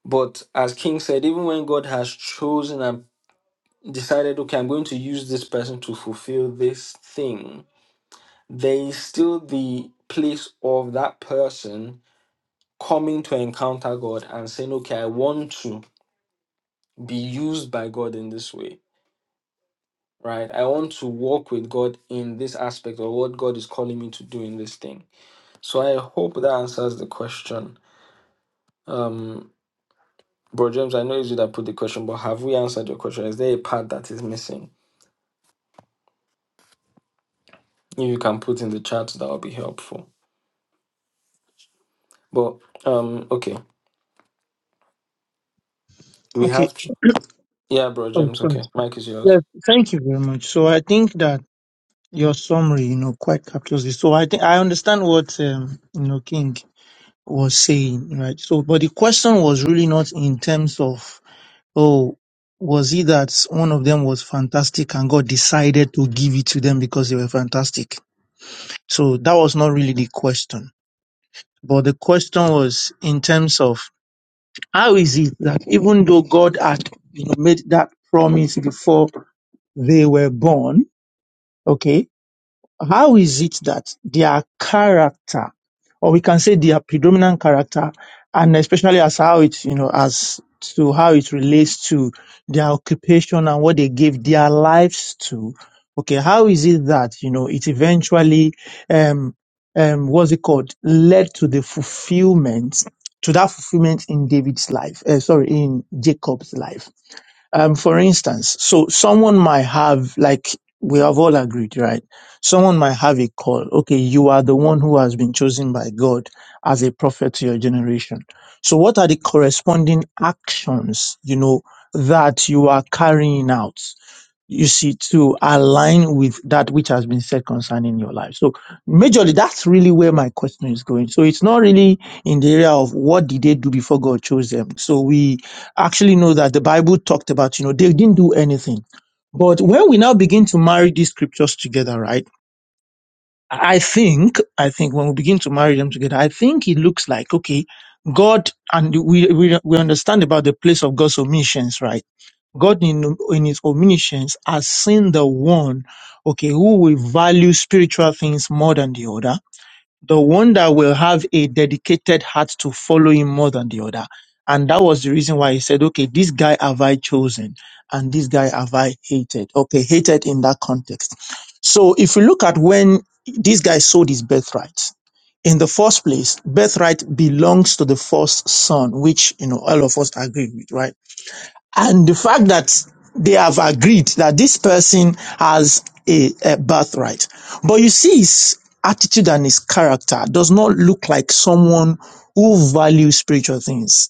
[SPEAKER 1] But as King said, even when God has chosen and decided, okay, I'm going to use this person to fulfill this thing, there is still the place of that person coming to encounter God and saying, okay, I want to be used by God in this way, right? I want to walk with God in this aspect of what God is calling me to do in this thing. So I hope that answers the question. Um, Bro James, I know it's you that put the question, but have we answered your question? Is there a part that is missing? If you can put in the chat, that would be helpful. But um, okay, we
[SPEAKER 3] Okay.
[SPEAKER 1] have yeah, bro
[SPEAKER 3] Oh,
[SPEAKER 1] James.
[SPEAKER 3] sorry.
[SPEAKER 1] Okay, Mike is yours.
[SPEAKER 3] Yes, thank you very much. So I think that your summary, you know, quite captures it. So I think I understand what um, you know King was saying, right? So, but the question was really not in terms of oh, was it that one of them was fantastic and God decided to give it to them because they were fantastic? So that was not really the question. But the question was in terms of How is it that even though God had you know, made that promise before they were born, okay, how is it that their character, or we can say their predominant character, and especially as how it, you know, as to how it relates to their occupation and what they gave their lives to. Okay, how is it that, you know, it eventually, um, um, what's it called, led to the fulfillment, to that fulfillment in David's life, uh, sorry, in Jacob's life. Um, for instance, so someone might have, like we have all agreed, right? Someone might have a call. Okay, you are the one who has been chosen by God as a prophet to your generation. So what are the corresponding actions, you know, that you are carrying out? you see, to align with that which has been said concerning your life. So, majorly, that's really where my question is going. So, it's not really in the area of what did they do before God chose them. So, we actually know that the Bible talked about, you know, they didn't do anything. But when we now begin to marry these scriptures together, right? I think, I think when we begin to marry them together, I think it looks like, okay, God, and we, we, we understand about the place of God's omissions, right? God in, in his omniscience has seen the one, okay, who will value spiritual things more than the other, the one that will have a dedicated heart to follow him more than the other. And that was the reason why he said, okay, this guy have I chosen and this guy have I hated. Okay, hated in that context. So if you look at when this guy sold his birthright, in the first place, birthright belongs to the first son, which, you know, all of us agree with, right? and the fact that they have agreed that this person has a, a birthright. But you see, his attitude and his character does not look like someone who values spiritual things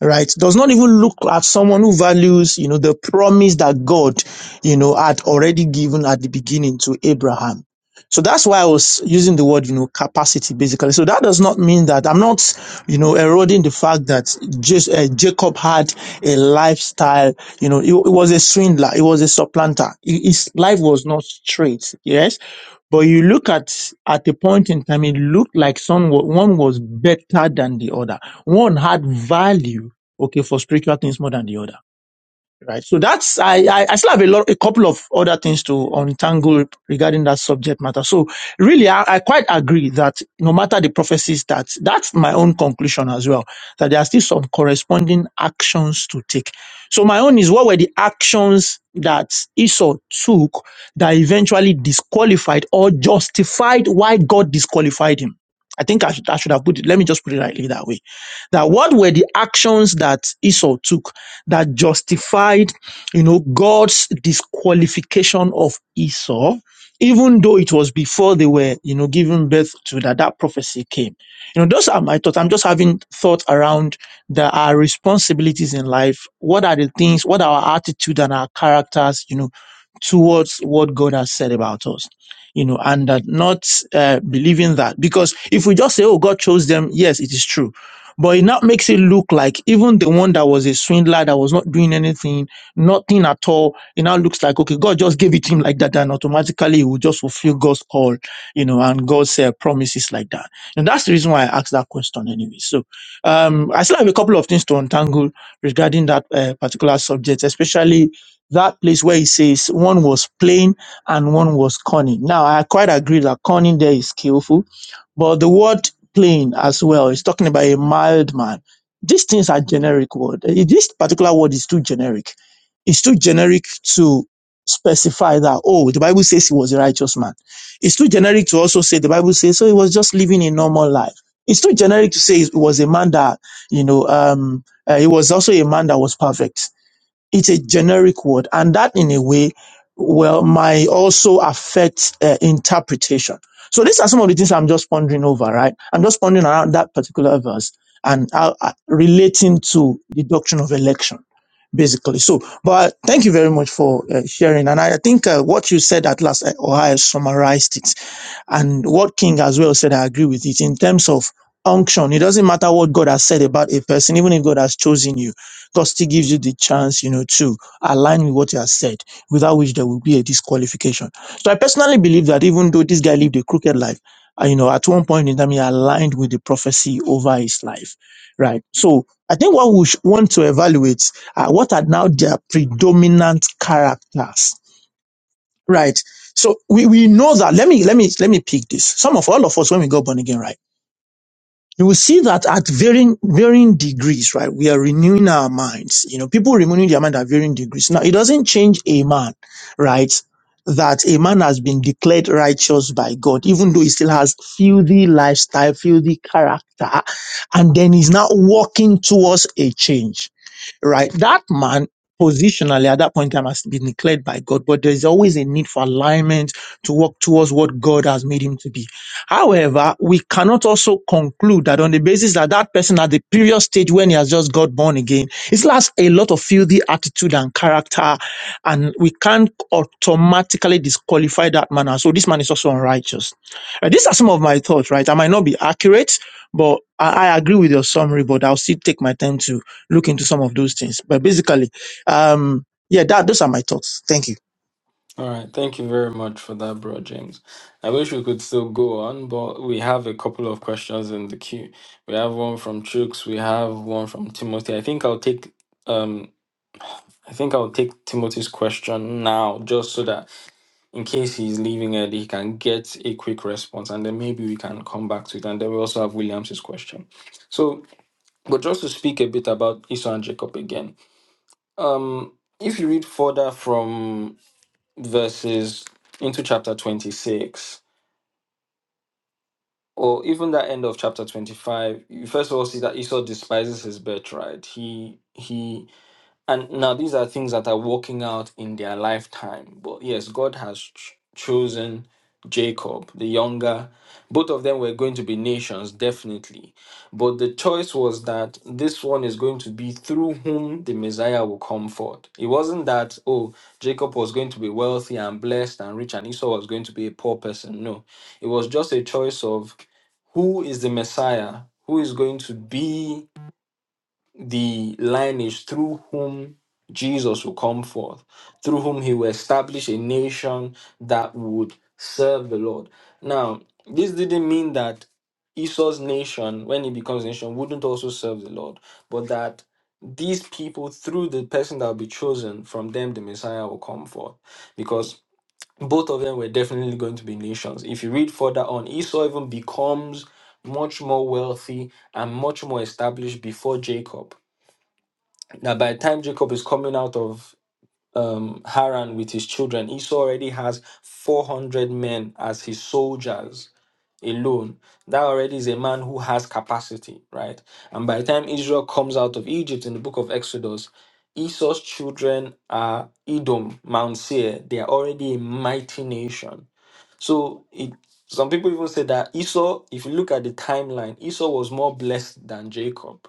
[SPEAKER 3] right does not even look at someone who values you know the promise that god you know had already given at the beginning to abraham so that's why i was using the word you know capacity basically so that does not mean that i'm not you know eroding the fact that just uh, jacob had a lifestyle you know it he was a swindler it was a supplanter He- his life was not straight yes but you look at at a point in time it looked like someone one was better than the other one had value Okay, for spiritual things more than the other right? So that's I I, I still have a lot a couple of other things to untangle regarding that subject matter. So really, I, I quite agree that no matter the prophecies, that that's my own conclusion as well. That there are still some corresponding actions to take. So my own is what were the actions that Esau took that eventually disqualified or justified why God disqualified him. I think I should, I should have put it. Let me just put it rightly that way. That what were the actions that Esau took that justified, you know, God's disqualification of Esau, even though it was before they were, you know, given birth to that that prophecy came. You know, those are my thoughts. I'm just having thought around the, our responsibilities in life. What are the things? What are our attitude and our characters? You know, towards what God has said about us. You know, and that not uh, believing that because if we just say, "Oh, God chose them," yes, it is true but it now makes it look like even the one that was a swindler that was not doing anything, nothing at all, it now looks like, okay, God just gave it to him like that, and automatically he will just fulfill God's call, you know, and God's uh, promises like that. And that's the reason why I asked that question anyway. So um, I still have a couple of things to untangle regarding that uh, particular subject, especially that place where he says one was plain and one was cunning. Now, I quite agree that cunning there is skillful but the word plain as well is talking about a mild man. These things are generic word. Eh, This particular word is too generic. It's too generic to specify that, oh, the Bible says he was a righteous man. It's too generic to also say the Bible says, so he was just living a normal life. It's too generic to say he was a man that, you know, um, uh, he was also a man that was perfect it's a generic word and that in a way well might also affect uh, interpretation so these are some of the things i'm just pondering over right i'm just pondering around that particular verse and uh, uh, relating to the doctrine of election basically so but thank you very much for uh, sharing and i, I think uh, what you said at last uh, ohio summarized it and what King as well said, I agree with it in terms of unction. It doesn't matter what God has said about a person, even if God has chosen you, God still gives you the chance, you know, to align with what He has said, without which there will be a disqualification. So I personally believe that even though this guy lived a crooked life, uh, you know, at one point in time he aligned with the prophecy over his life, right? So I think what we sh- want to evaluate are what are now their predominant characters Right. So we, we know that. Let me let me let me pick this. Some of all of us when we got born again, right? You will see that at varying varying degrees, right? We are renewing our minds. You know, people renewing their mind at varying degrees. Now it doesn't change a man, right? That a man has been declared righteous by God, even though he still has filthy lifestyle, filthy character, and then he's now walking towards a change right? That man positionally at that point in time has been declared by God, but there's always a need for alignment to work towards what God has made him to be. However, we cannot also conclude that on the basis that that person at the previous stage when he has just got born again, it still has a lot of filthy attitude and character, and we can't automatically disqualify that man. And so this man is also unrighteous. Uh, these are some of my thoughts, right? I might not be accurate, but I, I agree with your summary, but I'll still take my time to look into some of those things. But basically, um, yeah, that those are my thoughts. Thank you.
[SPEAKER 1] All right, thank you very much for that, bro James. I wish we could still go on, but we have a couple of questions in the queue. We have one from Chooks. We have one from Timothy. I think I'll take um. I think I'll take Timothy's question now, just so that in case he's leaving early, he can get a quick response, and then maybe we can come back to it. And then we also have Williams's question. So But just to speak a bit about Esau and Jacob again, um, if you read further from verses into chapter 26, or even that end of chapter 25, you first of all see that Esau despises his birthright. He he And now these are things that are working out in their lifetime. But yes, God has ch- chosen Jacob, the younger. Both of them were going to be nations, definitely. But the choice was that this one is going to be through whom the Messiah will come forth. It wasn't that, oh, Jacob was going to be wealthy and blessed and rich, and Esau was going to be a poor person. No, it was just a choice of who is the Messiah, who is going to be the lineage through whom Jesus will come forth, through whom he will establish a nation that would serve the Lord. Now, this didn't mean that Esau's nation, when he becomes a nation, wouldn't also serve the Lord, but that these people, through the person that will be chosen, from them the Messiah will come forth. Because both of them were definitely going to be nations. If you read further on, Esau even becomes much more wealthy and much more established before Jacob now, by the time Jacob is coming out of um, Haran with his children, Esau already has 400 men as his soldiers alone. That already is a man who has capacity, right? And by the time Israel comes out of Egypt in the book of Exodus, Esau's children are Edom, Mount Seir. They are already a mighty nation. So it, some people even say that Esau, if you look at the timeline, Esau was more blessed than Jacob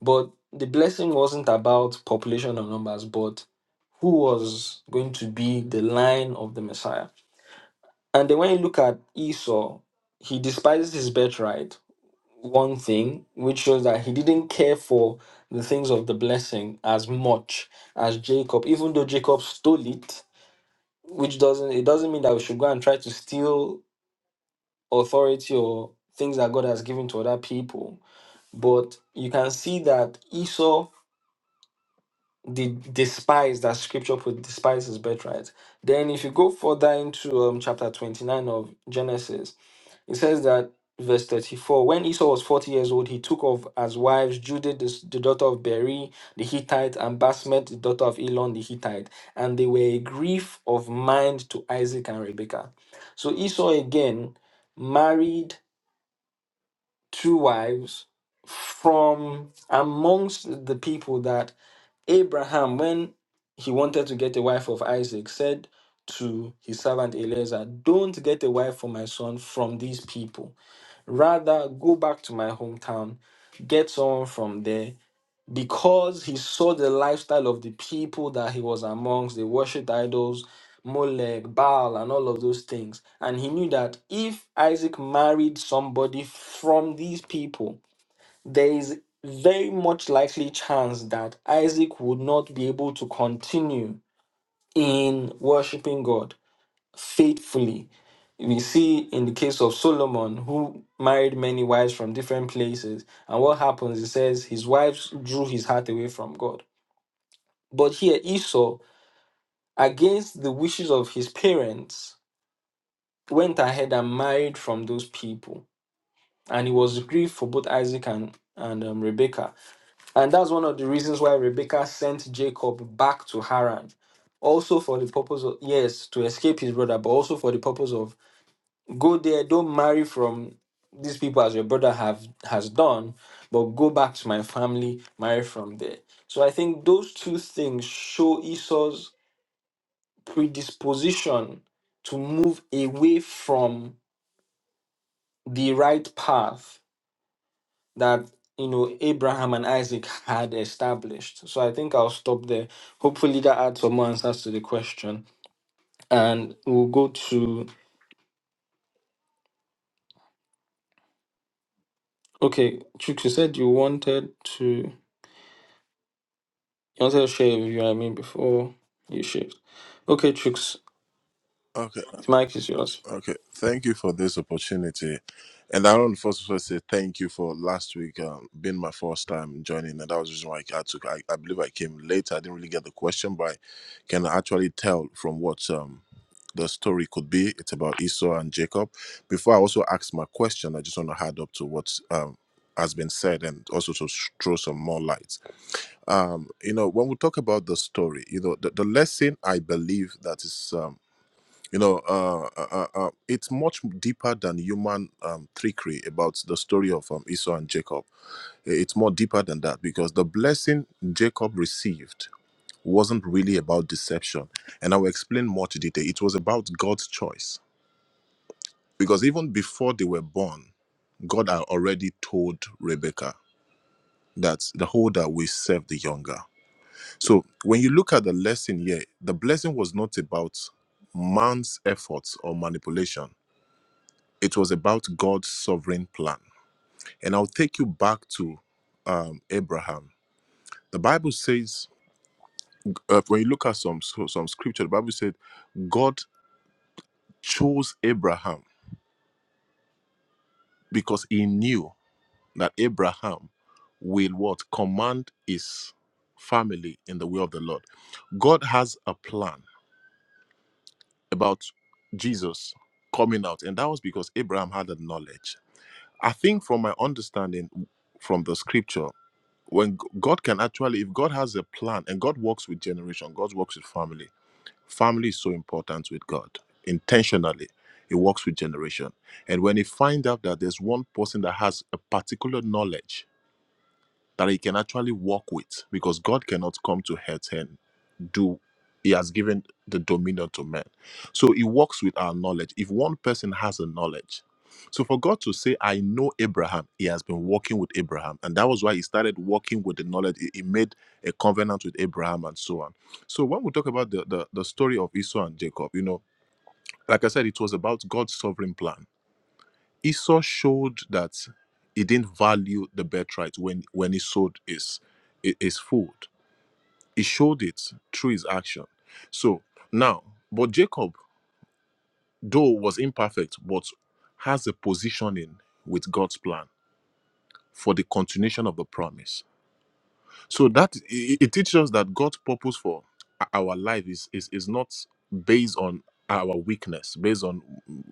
[SPEAKER 1] but the blessing wasn't about population or numbers, but who was going to be the line of the Messiah. And then when you look at Esau, he despises his birthright, one thing, which shows that he didn't care for the things of the blessing as much as Jacob, even though Jacob stole it, which doesn't it doesn't mean that we should go and try to steal authority or things that God has given to other people. But you can see that Esau the despise that scripture put despise is birthright. Then if you go further into um, chapter 29 of Genesis, it says that verse 34 when Esau was 40 years old, he took of as wives Judith, the, s- the daughter of Beri, the Hittite, and Basmet, the daughter of Elon, the Hittite, and they were a grief of mind to Isaac and Rebekah. So Esau again married two wives from amongst the people that Abraham, when he wanted to get a wife of Isaac, said to his servant Eliezer, Don't get a wife for my son from these people. Rather, go back to my hometown, get someone from there. Because he saw the lifestyle of the people that he was amongst, they worshipped idols, Molech, Baal, and all of those things. And he knew that if Isaac married somebody from these people, there is very much likely chance that Isaac would not be able to continue in worshiping God faithfully. We see in the case of Solomon, who married many wives from different places, and what happens, it says his wives drew his heart away from God. But here, Esau, against the wishes of his parents, went ahead and married from those people. And he was grieved for both Isaac and, and um, Rebekah And that's one of the reasons why Rebekah sent Jacob back to Haran. Also for the purpose of, yes, to escape his brother, but also for the purpose of go there, don't marry from these people as your brother have has done, but go back to my family, marry from there. So I think those two things show Esau's predisposition to move away from the right path that you know Abraham and Isaac had established. So I think I'll stop there. Hopefully that adds some more answers to the question. And we'll go to okay, Chooks, you said you wanted to you wanted to share with you I mean before you shift. Okay, Chooks,
[SPEAKER 4] Okay,
[SPEAKER 1] the mic is yours.
[SPEAKER 4] okay. Thank you for this opportunity. And I want to first of all say thank you for last week um, being my first time joining. And that was the reason why I took, I, I believe I came late. I didn't really get the question, but I can actually tell from what um, the story could be. It's about Esau and Jacob. Before I also ask my question, I just want to add up to what um, has been said and also to sh- throw some more light. Um, you know, when we talk about the story, you know, the, the lesson I believe that is. um, you know uh, uh, uh, uh, it's much deeper than human um, trickery about the story of um, esau and jacob it's more deeper than that because the blessing jacob received wasn't really about deception and i will explain more to detail it was about god's choice because even before they were born god had already told rebecca that the older will serve the younger so when you look at the lesson here the blessing was not about man's efforts or manipulation It was about God's sovereign plan. And I'll take you back to um, Abraham. The Bible says, uh, when you look at some so- some scripture, the Bible said God chose Abraham because He knew that Abraham will what command his family in the way of the Lord. God has a plan about Jesus coming out, and that was because Abraham had the knowledge. I think, from my understanding from the scripture, when g- God can actually, if God has a plan and God works with generation, God works with family. Family is so important with God intentionally. He works with generation. And when he finds out that there's one person that has a particular knowledge that he can actually work with, because God cannot come to hurt hand, do he has given the dominion to men so he works with our knowledge if one person has a knowledge so for god to say i know abraham he has been working with abraham and that was why he started working with the knowledge he he made a covenant with abraham and so on so when we talk about the, the the story of esau and jacob you know like i said it was about god's sovereign plan esau showed that he didn't value the birthright when when he sold his his food he showed it through his action. So now, but Jacob, though was imperfect, but has a positioning with God's plan for the continuation of the promise. So that it, it teaches us that God's purpose for our life is is, is not based on our weakness, based on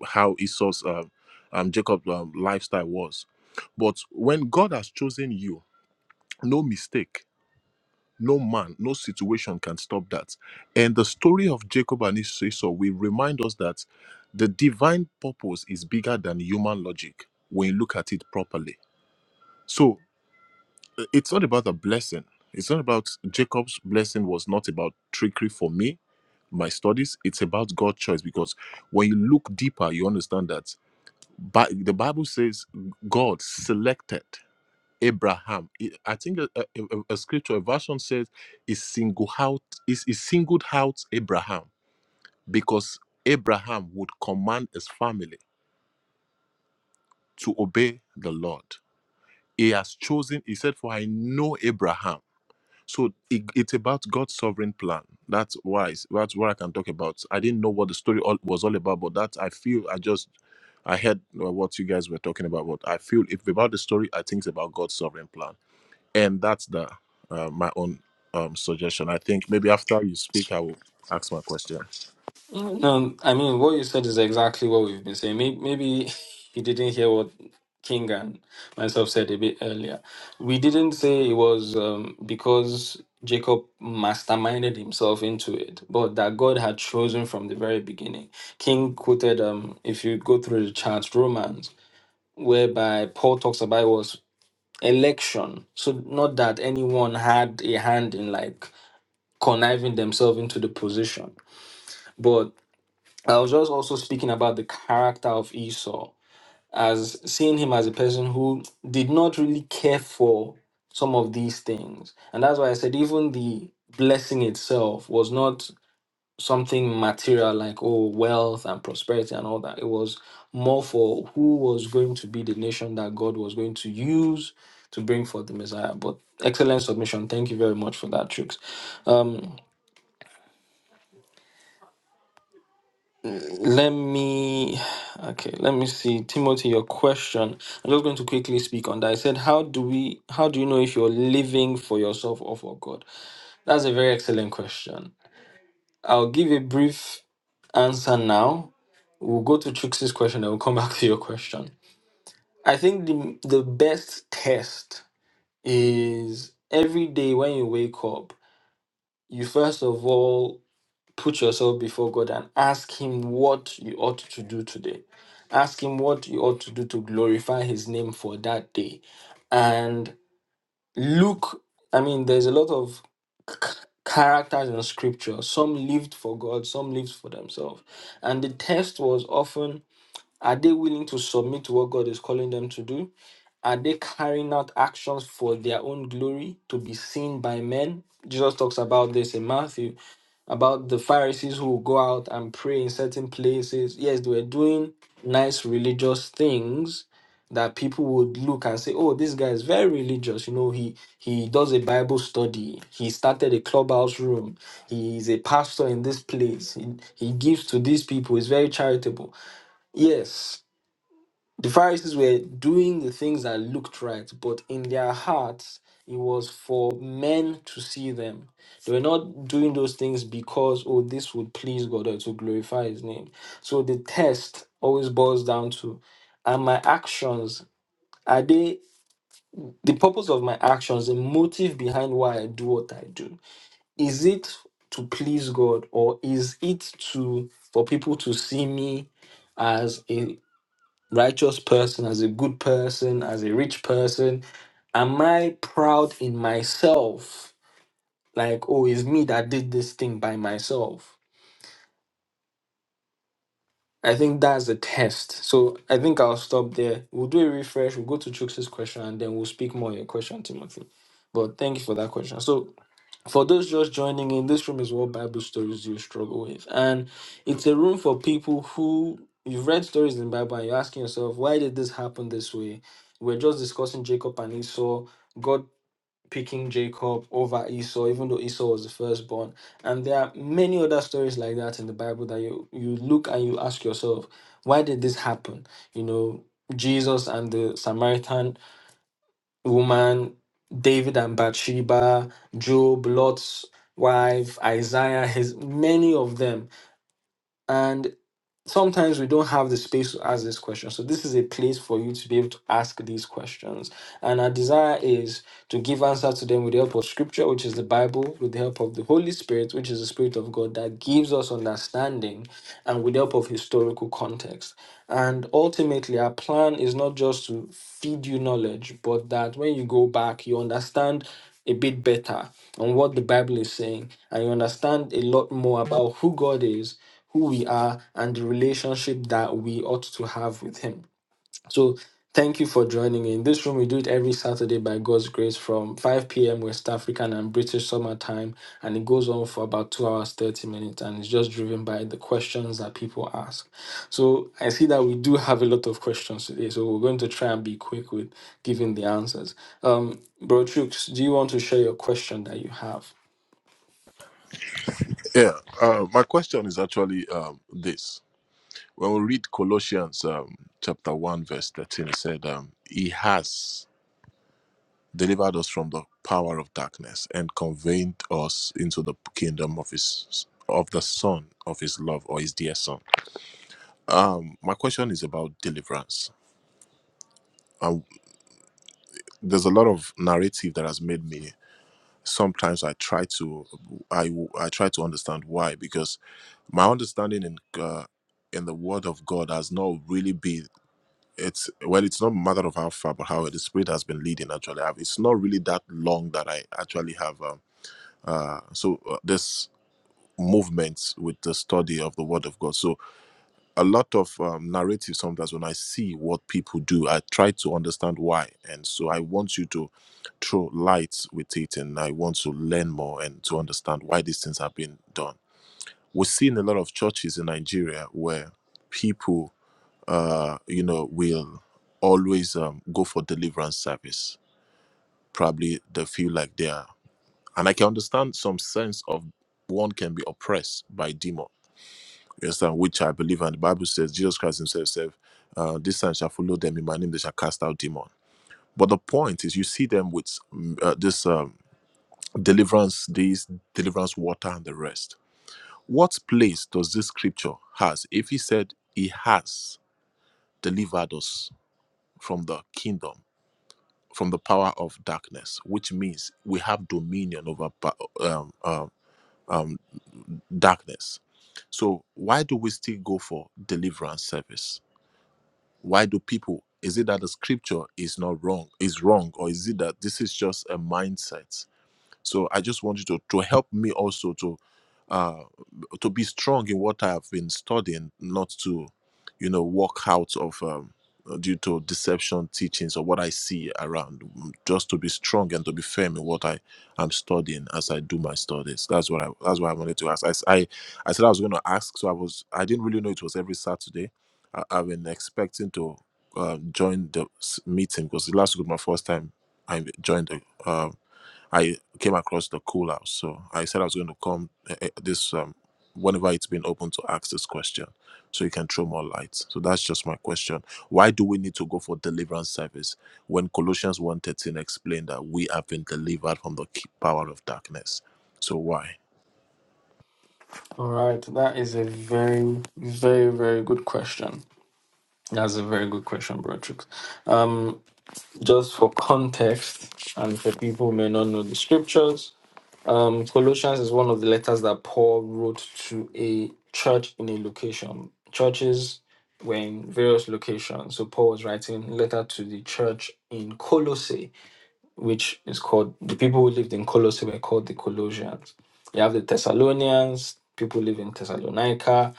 [SPEAKER 4] how Esau's um, um, Jacob's um, lifestyle was. But when God has chosen you, no mistake No man, no situation can stop that. And the story of Jacob and his Esau will remind us that the divine purpose is bigger than human logic when you look at it properly. So uh, it's not about a blessing. It's not about Jacob's blessing was not about trickery for me, my studies. It's about God's choice because when you look deeper, you understand that Bi- the Bible says God selected. Abraham. I I think a, a, a- a scripture a version says he singled out is he singled out Abraham because Abraham would command his family to obey the Lord. He has chosen. He said, "For I know Abraham." So it, it's about God's sovereign plan. That's why that's what I can talk about. I didn't know what the story all, was all about, but that I feel I just I heard uh, what you guys were talking about. But I feel if about the story, I think it's about God's sovereign plan and that's the uh, my own um, suggestion. I think maybe after you speak, I will ask my question.
[SPEAKER 1] No, I mean what you said is exactly what we've been saying. Maybe, maybe you didn't hear what King and myself said a bit earlier. We didn't say it was um, because Jacob masterminded himself into it, but that God had chosen from the very beginning. King quoted, um, if you go through the chart, Romans, whereby Paul talks about it was election. So not that anyone had a hand in like conniving themselves into the position, but I was just also speaking about the character of Esau as seeing him as a person who did not really care for some of these things. And that's why I said even the blessing itself was not something material like oh wealth and prosperity and all that. It was more for who was going to be the nation that God was going to use to bring forth the Messiah. But excellent submission. Thank you very much for that, Tricks. Let me, okay, let me see. Timothy, your question. I'm just going to quickly speak on that. I said, how do we, how do you know if you're living for yourself or for God? That's a very excellent question. I'll give a brief answer now. We'll go to Trixie's question and we'll come back to your question. I think the, the best test is every day when you wake up, you first of all put yourself before God and ask Him what you ought to do today. Ask Him what you ought to do to glorify His name for that day. And look, I mean, there's a lot of c- characters in scripture. Some lived for God, some lived for themselves. And the test was often are they willing to submit to what God is calling them to do? Are they carrying out actions for their own glory to be seen by men? Jesus talks about this in Matthew about the Pharisees who go out and pray in certain places. Yes, they were doing nice religious things that people would look and say, "Oh, this guy is very religious. You know, he he does a Bible study. He started a clubhouse room. He is a pastor in this place. He, he gives to these people. He's very charitable." Yes, the Pharisees were doing the things that looked right, but in their hearts, it was for men to see them. They were not doing those things because, oh, this would please God or to glorify His name. So the test always boils down to are my actions, are they the purpose of my actions, the motive behind why I do what I do? Is it to please God or is it to for people to see me? as a, righteous person, as a good person, as a rich person? Am I proud in myself? Like, oh, it's me that did this thing by myself. I think that's the test. So I think I'll stop there. We'll do a refresh. We'll go to Chuks' question and then we'll speak more on your question, Timothy. But thank you for that question. So For those just joining in, this room is what Bible stories Do you struggle with. And it's a room for people who you've read stories in the Bible and you're asking yourself, why did this happen this way? We're just discussing Jacob and Esau, God picking Jacob over Esau, even though Esau was the firstborn. And there are many other stories like that in the Bible that you, you look and you ask yourself, why did this happen? You know, Jesus and the Samaritan woman, David and Bathsheba, Job, Lot's wife, Isaiah, his many of them. And sometimes we don't have the space to ask this question. So this is a place for you to be able to ask these questions. And our desire is to give answer to them with the help of scripture, which is the Bible, with the help of the Holy Spirit, which is the Spirit of God that gives us understanding, and with the help of historical context. And ultimately our plan is not just to feed you knowledge, but that when you go back, you understand a bit better on what the Bible is saying, and you understand a lot more about who God is who we are, and the relationship that we ought to have with Him. So, thank you for joining me. in. This room, we do it every Saturday by God's grace from 5 p.m. West African and British summer time, and it goes on for about two hours, 30 minutes, and it's just driven by the questions that people ask. So, I see that we do have a lot of questions today, so we're going to try and be quick with giving the answers. Um, Bro Chooks, do you want to share your question that you have?
[SPEAKER 4] Yeah, uh, my question is actually um, this. When we read Colossians um, chapter 1, verse 13, it said, um, He has delivered us from the power of darkness and conveyed us into the kingdom of His of the Son of His love or His dear Son. Um, my question is about deliverance. Um, there's a lot of narrative that has made me sometimes I try to I I try to understand why because my understanding in uh, in the Word of God has not really been it's well it's not a matter of how far but how the Spirit has been leading actually I've, it's not really that long that I actually have um, uh so uh, this movement with the study of the Word of God so a lot of um, narrative sometimes when i see what people do i try to understand why and so i want you to throw light with it and i want to learn more and to understand why these things have been done we're seeing a lot of churches in nigeria where people uh you know will always um, go for deliverance service probably they feel like they are and i can understand some sense of one can be oppressed by demon. You understand? Which I believe, and the Bible says Jesus Christ Himself said, uh, "This sign shall follow them in my name; they shall cast out demon." But the point is, you see them with mm, uh, this um, deliverance, these deliverance water, and the rest. What place does this scripture has? If He said He has delivered us from the kingdom, from the power of darkness, which means we have dominion over pa- um, um, um, darkness. So why do we still go for deliverance service? Why do people? Is it that the scripture is not wrong, is wrong, or is it that this is just a mindset? So I just want you to to help me also to uh to be strong in what I have been studying, not to you know walk out of um, due to deception teachings or what I see around. Mm, Just to be strong and to be firm in what I am studying as I do my studies. That's what I that's what I wanted to ask. I s- I, I said I was going to ask, so I was I didn't really know it was every Saturday. I, I've been expecting to uh, join the s- meeting because last week was my first time I joined the uh, I came across the cool house. So I said I was going to come eh, eh, this um, whenever it's been open to ask this question, so you can throw more light. So that's just my question. Why do we need to go for deliverance service when Colossians one thirteen explained that we have been delivered from the ki- power of darkness? So why?
[SPEAKER 1] All right, that is a very, very, very good question. That's a very good question, bro. Trix. Um, just for context, and for people who may not know the scriptures, um, Colossians is one of the letters that Paul wrote to a church in a location. Churches were in various locations, so Paul was writing a letter to the church in Colossae which is called the people who lived in Colossae were called the Colossians. You have the Thessalonians, people live in Thessalonica,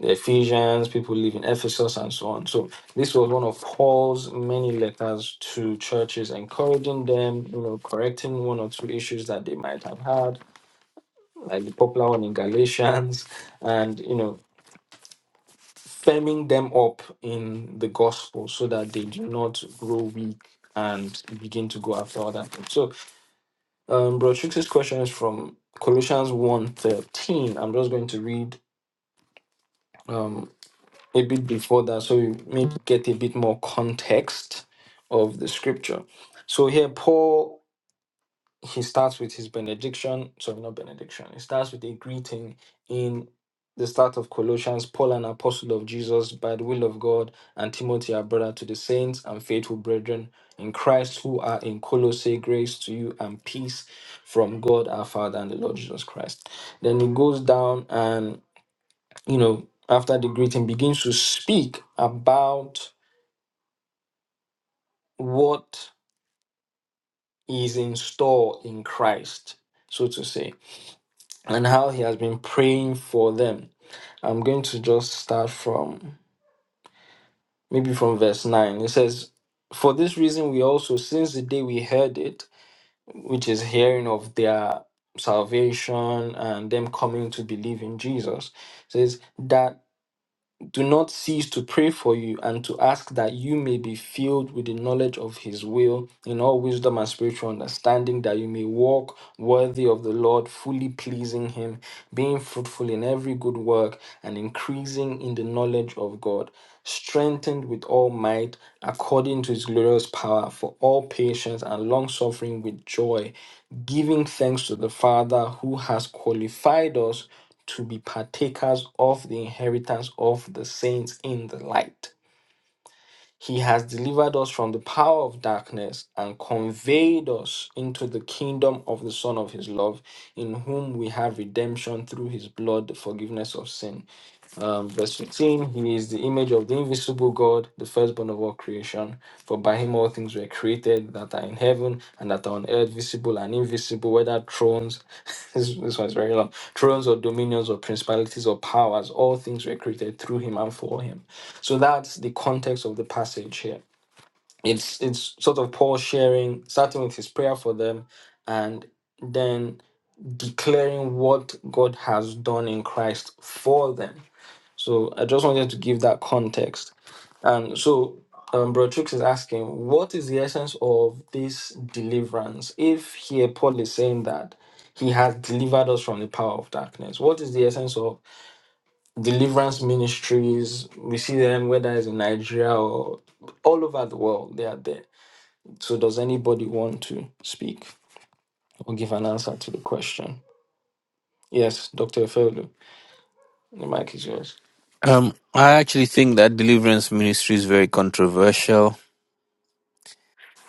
[SPEAKER 1] the Ephesians, people live in Ephesus, and so on. So this was one of Paul's many letters to churches, encouraging them, you know, correcting one or two issues that they might have had, like the popular one in Galatians, and you know, firming them up in the gospel so that they do not grow weak and begin to go after other things. So. Um, Bro Trixie's question is from Colossians one i I'm just going to read um, a bit before that so you may get a bit more context of the scripture. So here, Paul he starts with his benediction. Sorry, not benediction. He starts with a greeting in the start of Colossians, Paul, an apostle of Jesus, by the will of God, and Timothy, our brother, to the saints and faithful brethren in Christ who are in Colossae, grace to you and peace from God our Father and the Lord Jesus Christ. Then he goes down and, you know, after the greeting, begins to speak about what is in store in Christ, so to say. and how he has been praying for them. I'm going to just start from maybe from verse 9. It says, For this reason, we also, since the day we heard it, which is hearing of their salvation and them coming to believe in Jesus, says that do not cease to pray for you and to ask that you may be filled with the knowledge of his will in all wisdom and spiritual understanding, that you may walk worthy of the Lord, fully pleasing him being fruitful in every good work, and increasing in the knowledge of God, strengthened with all might according to his glorious power, for all patience and long suffering with joy, giving thanks to the Father who has qualified us to be partakers of the inheritance of the saints in the light. He has delivered us from the power of darkness and conveyed us into the kingdom of the Son of His love, in whom we have redemption through His blood, the forgiveness of sin. Um, verse 15, he is the image of the invisible God, the firstborn of all creation. For by him all things were created that are in heaven and that are on earth, visible and invisible, whether thrones, this, this one's very long, thrones or dominions or principalities or powers, all things were created through him and for him. So that's the context of the passage here. It's, it's sort of Paul sharing, starting with his prayer for them and then declaring what God has done in Christ for them so I just wanted to give that context. And so um, Bro Chooks is asking, what is the essence of this deliverance? If here Paul is saying that he has delivered us from the power of darkness, what is the essence of deliverance ministries? We see them whether it's in Nigeria or all over the world, they are there. So does anybody want to speak or give an answer to the question? Yes, Dr. Efeolu, the mic is yours.
[SPEAKER 5] Um, I actually think that deliverance ministry is very controversial.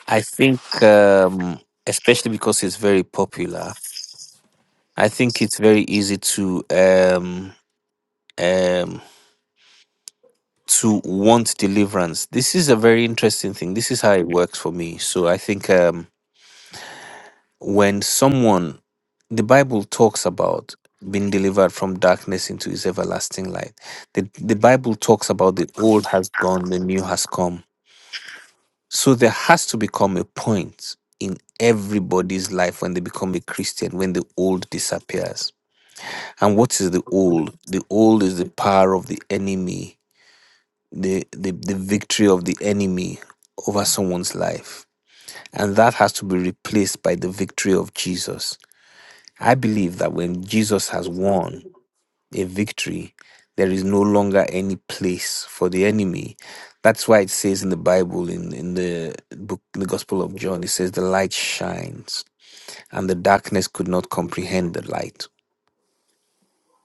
[SPEAKER 5] I think, um, especially because it's very popular, I think it's very easy to um, um, to want deliverance. This is a very interesting thing. This is how it works for me. So I think um, when someone, the Bible talks about being delivered from darkness into His everlasting light. The the Bible talks about the old has gone, the new has come So there has to become a point in everybody's life when they become a Christian, when the old disappears. And what is the old? The old is the power of the enemy, the, the, the victory of the enemy over someone's life. And that has to be replaced by the victory of Jesus. I believe that when Jesus has won, a victory. There is no longer any place for the enemy. That's why it says in the Bible, in, in the book, the Gospel of John, it says, The light shines, and the darkness could not comprehend the light.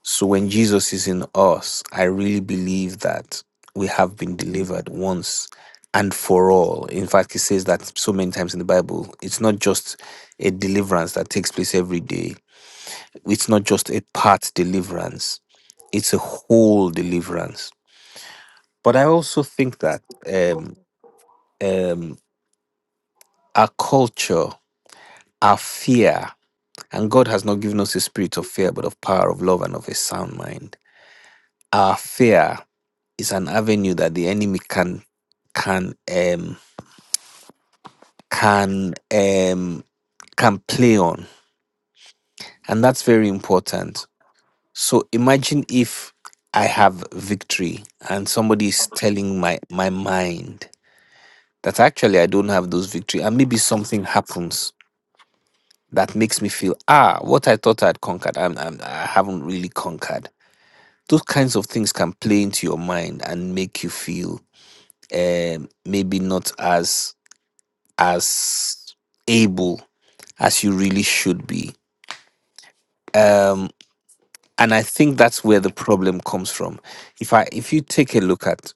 [SPEAKER 5] So when Jesus is in us, I really believe that we have been delivered once and for all. In fact, it says that so many times in the Bible, it's not just a deliverance that takes place every day, it's not just a part deliverance, it's a whole deliverance. But I also think that um, um, our culture, our fear, and God has not given us a spirit of fear, but of power, of love, and of a sound mind. Our fear is an avenue that the enemy can can um, can um, can play on, and that's very important. So imagine if I have victory, and somebody is telling my my mind that actually I don't have those victory, and maybe something happens that makes me feel ah what i thought i'd conquered I'm, I'm, i haven't really conquered those kinds of things can play into your mind and make you feel um, maybe not as as able as you really should be um, and i think that's where the problem comes from if i if you take a look at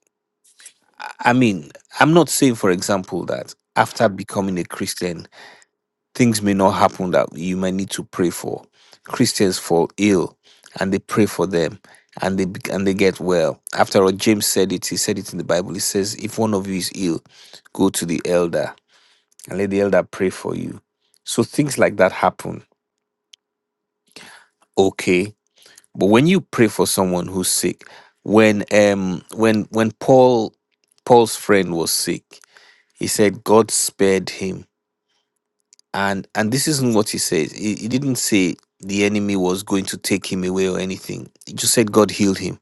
[SPEAKER 5] i I mean i'm not saying for example that after becoming a christian things may not happen that you might need to pray for. Christians fall ill and they pray for them and they be- and they get well. After all, James said it, he said it in the Bible. He says, if one of you is ill, go to the elder and let the elder pray for you. So things like that happen. Okay. But when you pray for someone who's sick, when um when when Paul Paul's friend was sick, he said God spared him and and this isn't what he says he, he didn't say the enemy was going to take him away or anything he just said god healed him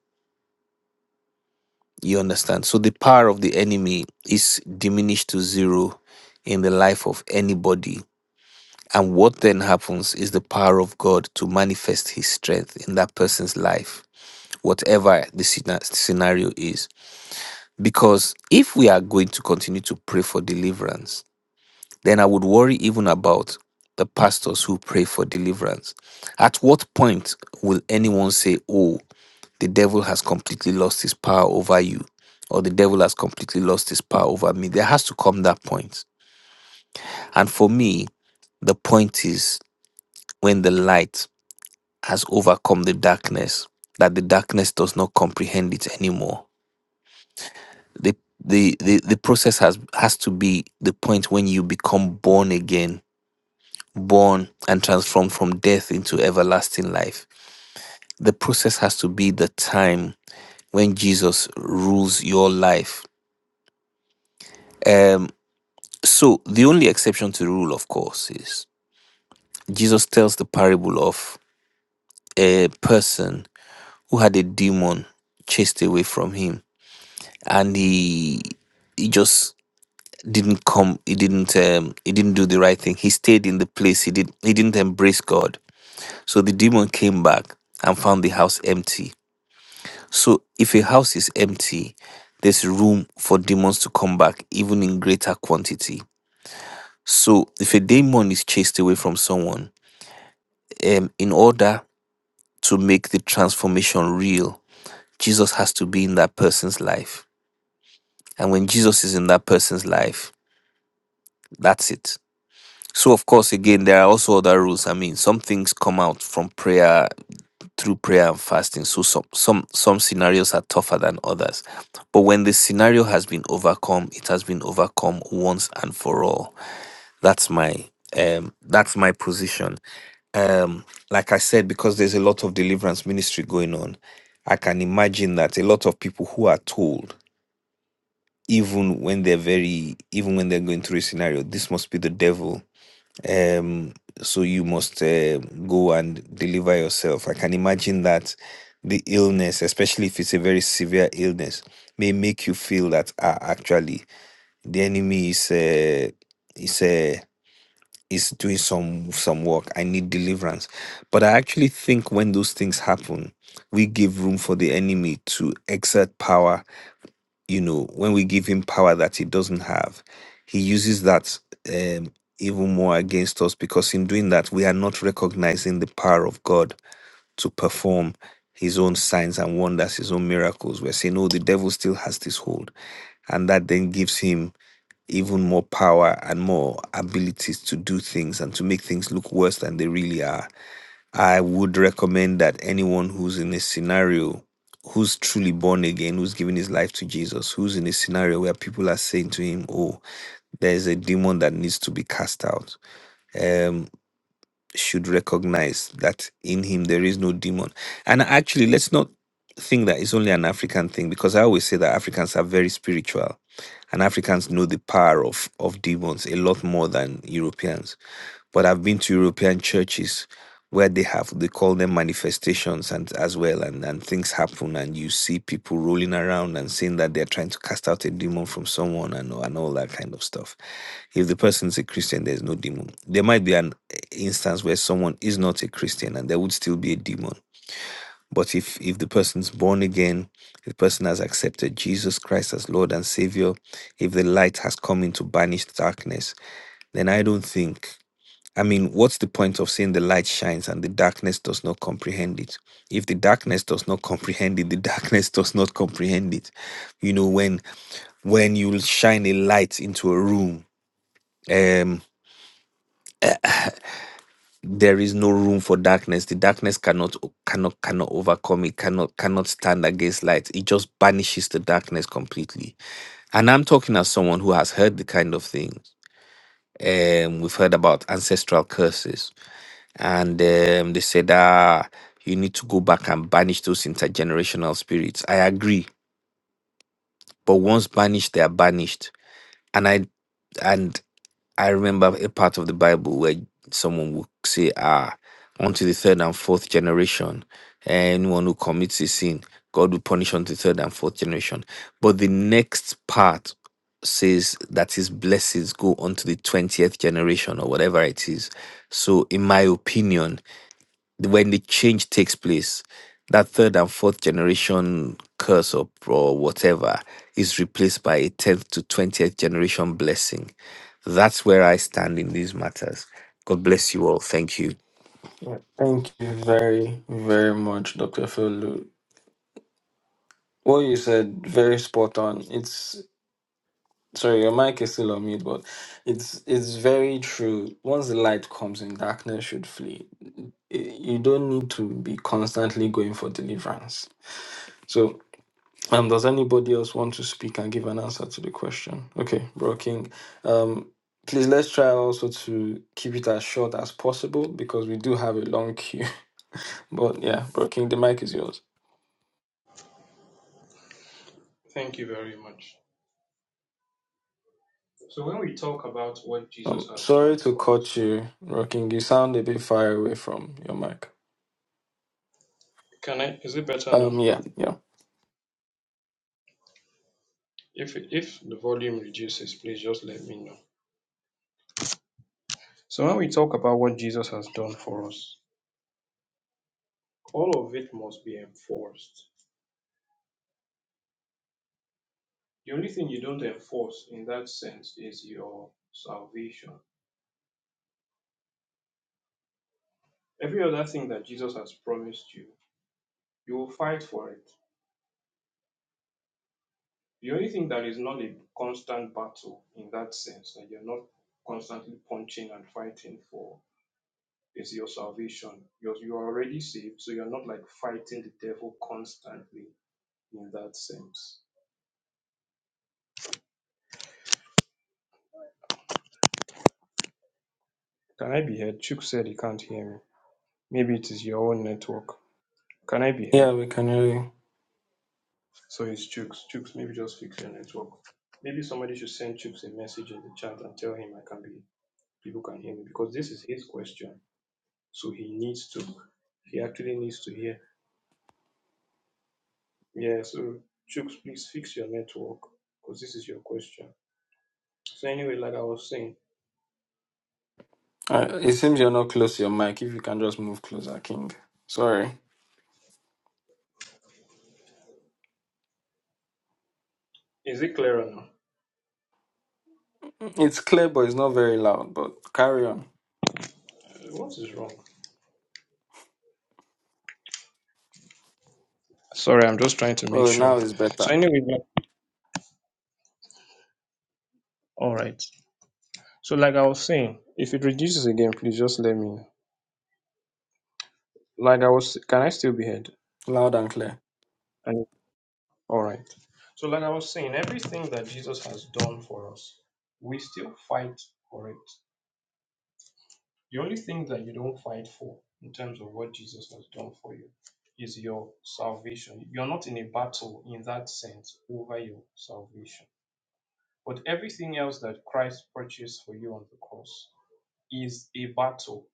[SPEAKER 5] you understand so the power of the enemy is diminished to zero in the life of anybody and what then happens is the power of god to manifest his strength in that person's life whatever the scena- scenario is because if we are going to continue to pray for deliverance Then I would worry even about the pastors who pray for deliverance. At what point will anyone say, Oh, the devil has completely lost his power over you, or the devil has completely lost his power over me? There has to come that point. And for me, the point is when the light has overcome the darkness, that the darkness does not comprehend it anymore. The the, the, the process has has to be the point when you become born again born and transformed from death into everlasting life. The process has to be the time when Jesus rules your life. Um, so the only exception to the rule, of course, is Jesus tells the parable of a person who had a demon chased away from him, and he he just didn't come. He didn't. Um, he didn't do the right thing. He stayed in the place. He did. He didn't embrace God. So the demon came back and found the house empty So if a house is empty, there's room for demons to come back even in greater quantity. So if a demon is chased away from someone, um, in order to make the transformation real, Jesus has to be in that person's life. And when Jesus is in that person's life, that's it. So of course, again, there are also other rules. I mean, some things come out from prayer through prayer and fasting. So some some some scenarios are tougher than others. But when the scenario has been overcome, it has been overcome once and for all. That's my um that's my position. Um like I said because there's a lot of deliverance ministry going on, I can imagine that a lot of people who are told even when they're very even when they're going through a scenario this must be the devil um so you must uh, go and deliver yourself i can imagine that the illness especially if it's a very severe illness may make you feel that ah, actually the enemy is uh, is uh, is doing some some work i need deliverance but i actually think when those things happen we give room for the enemy to exert power you know, when we give him power that he doesn't have, he uses that um, even more against us because in doing that, we are not recognizing the power of God to perform his own signs and wonders, his own miracles. We're saying, oh, the devil still has this hold. And that then gives him even more power and more abilities to do things and to make things look worse than they really are I would recommend that anyone who's in a scenario, who's truly born again, who's given his life to Jesus, who's in a scenario where people are saying to him, Oh, there's a demon that needs to be cast out, um, should recognize that in him there is no demon. And actually, let's not think that it's only an African thing because I always say that Africans are very spiritual and Africans know the power of, of demons a lot more than Europeans but I've been to European churches where they have they call them manifestations and as well and, and things happen and you see people rolling around and saying that they're trying to cast out a demon from someone and, and all that kind of stuff. If the person's a Christian, there's no demon. There might be an instance where someone is not a Christian and there would still be a demon. But if if the person's born again, if the person has accepted Jesus Christ as Lord and Savior, if the light has come in to banish darkness, then I don't think I mean, what's the point of saying the light shines and the darkness does not comprehend it? If the darkness does not comprehend it, the darkness does not comprehend it. You know, when when you shine a light into a room, um, there is no room for darkness. The darkness cannot cannot cannot overcome it, cannot cannot stand against light. It just banishes the darkness completely. And I'm talking as someone who has heard the kind of thing um, we've heard about ancestral curses and um, they said, ah, you need to go back and banish those intergenerational spirits. I agree, but once banished, they are banished. And I and I remember a part of the Bible where someone would say, ah, unto the third and fourth generation, anyone who commits a sin, God will punish unto the third and fourth generation. But the next part says that his blessings go unto the 20th generation or whatever it is. So in my opinion, when the change takes place, that third and fourth generation curse or, or whatever is replaced by a 10th to 20th generation blessing. That's where I stand in these matters. God bless you all. Thank you.
[SPEAKER 1] Yeah. Thank you very, very much, Dr. Felu. What you said, very spot on. It's sorry, your mic is still on mute, but it's it's very true. Once the light comes in, darkness should flee. I- You don't need to be constantly going for deliverance. So, um, does anybody else want to speak and give an answer to the question? Okay, Bro King. Um, please let's try also to keep it as short as possible because we do have a long queue. But yeah, Bro King, the mic is yours.
[SPEAKER 2] Thank you very much. So when we talk about what Jesus
[SPEAKER 1] Um,
[SPEAKER 2] has
[SPEAKER 1] sorry
[SPEAKER 2] done
[SPEAKER 1] to
[SPEAKER 2] for us,
[SPEAKER 1] cut
[SPEAKER 2] right?
[SPEAKER 1] you, Rocking. You sound a bit far away from your mic.
[SPEAKER 2] Can I? Is it better now?
[SPEAKER 1] Um, yeah, yeah,
[SPEAKER 2] If if the volume reduces, please just let me know. So when we talk about what Jesus has done for us, all of it must be enforced. The only thing you don't enforce in that sense is your salvation. Every other thing that Jesus has promised you, you will fight for it. The only thing that is not a constant battle in that sense, that you're not constantly punching and fighting for, is your salvation. You're, you are already saved, so you're not like fighting the devil constantly in that sense. Can I be heard? Chuk said he can't hear me. Maybe it is your own network. Can I be
[SPEAKER 1] yeah.
[SPEAKER 2] heard?
[SPEAKER 1] We can hear you.
[SPEAKER 2] So it's Chooks. Chooks, maybe just fix your network. Maybe somebody should send Chooks a message in the chat and tell him I can be, people can hear me because this is his question. So he needs to, he actually needs to hear. Yeah, so Chooks, please fix your network because this is your question. So anyway, like I was saying,
[SPEAKER 1] Uh, it seems you're not close to your mic. If you can just move closer, King. Sorry,
[SPEAKER 2] is it clearer now?
[SPEAKER 1] it's clear, but it's not very loud. But carry on.
[SPEAKER 2] Uh, What is wrong? Sorry, I'm just trying to make
[SPEAKER 1] Well,
[SPEAKER 2] sure.
[SPEAKER 1] now it's better,
[SPEAKER 2] So anyway, like- all right. So like I was saying, if it reduces again, please just let me know. like I was, can I still be heard?
[SPEAKER 1] loud and clear.
[SPEAKER 2] And all right. So, like I was saying, everything that Jesus has done for us, we still fight for it. The only thing that you don't fight for in terms of what Jesus has done for you is your salvation. You're not in a battle in that sense over your salvation. But everything else that Christ purchased for you on the cross is a battle.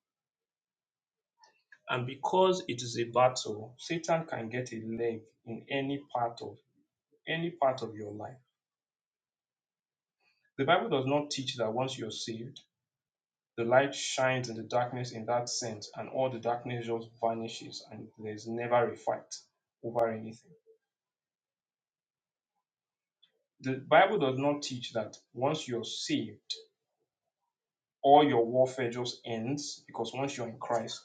[SPEAKER 2] And because it is a battle, Satan can get a leg in any part of any part of your life The Bible does not teach that once you're saved, the light shines in the darkness in that sense, and all the darkness just vanishes, and there's never a fight over anything. The Bible does not teach that once you're saved, all your warfare just ends, because once you're in Christ,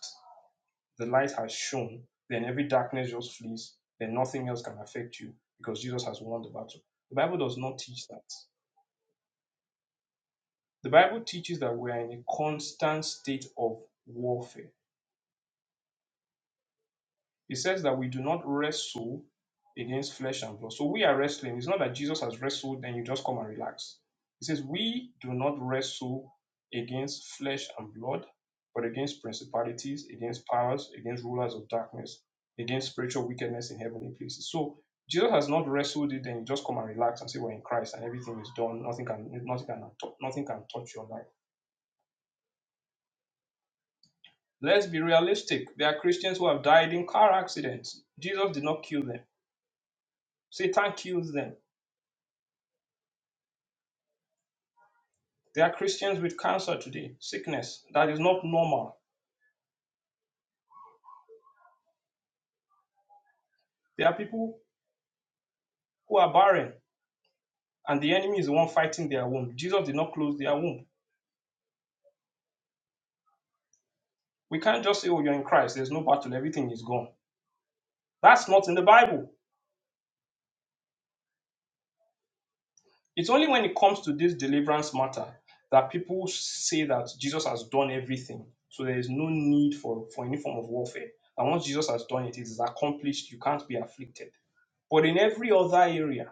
[SPEAKER 2] the light has shone, then every darkness just flees, then nothing else can affect you, because Jesus has won the battle. The Bible does not teach that. The Bible teaches that we are in a constant state of warfare It says that we do not wrestle against flesh and blood. So we are wrestling. It's not that Jesus has wrestled, then you just come and relax. It says we do not wrestle against flesh and blood, but against principalities, against powers, against rulers of darkness, against spiritual wickedness in heavenly places. So Jesus has not wrestled it, then you just come and relax and say we're in Christ and everything is done. Nothing can nothing can nothing can touch your life. Let's be realistic. There are Christians who have died in car accidents. Jesus did not kill them. Satan kills them. There are Christians with cancer today, sickness that is not normal. There are people who are barren, and the enemy is the one fighting their womb. Jesus did not close their womb. We can't just say, Oh, you're in Christ, there's no battle, everything is gone. That's not in the Bible. It's only when it comes to this deliverance matter that people say that Jesus has done everything. So there is no need for, for any form of warfare. And once Jesus has done it, it is accomplished. You can't be afflicted. But in every other area,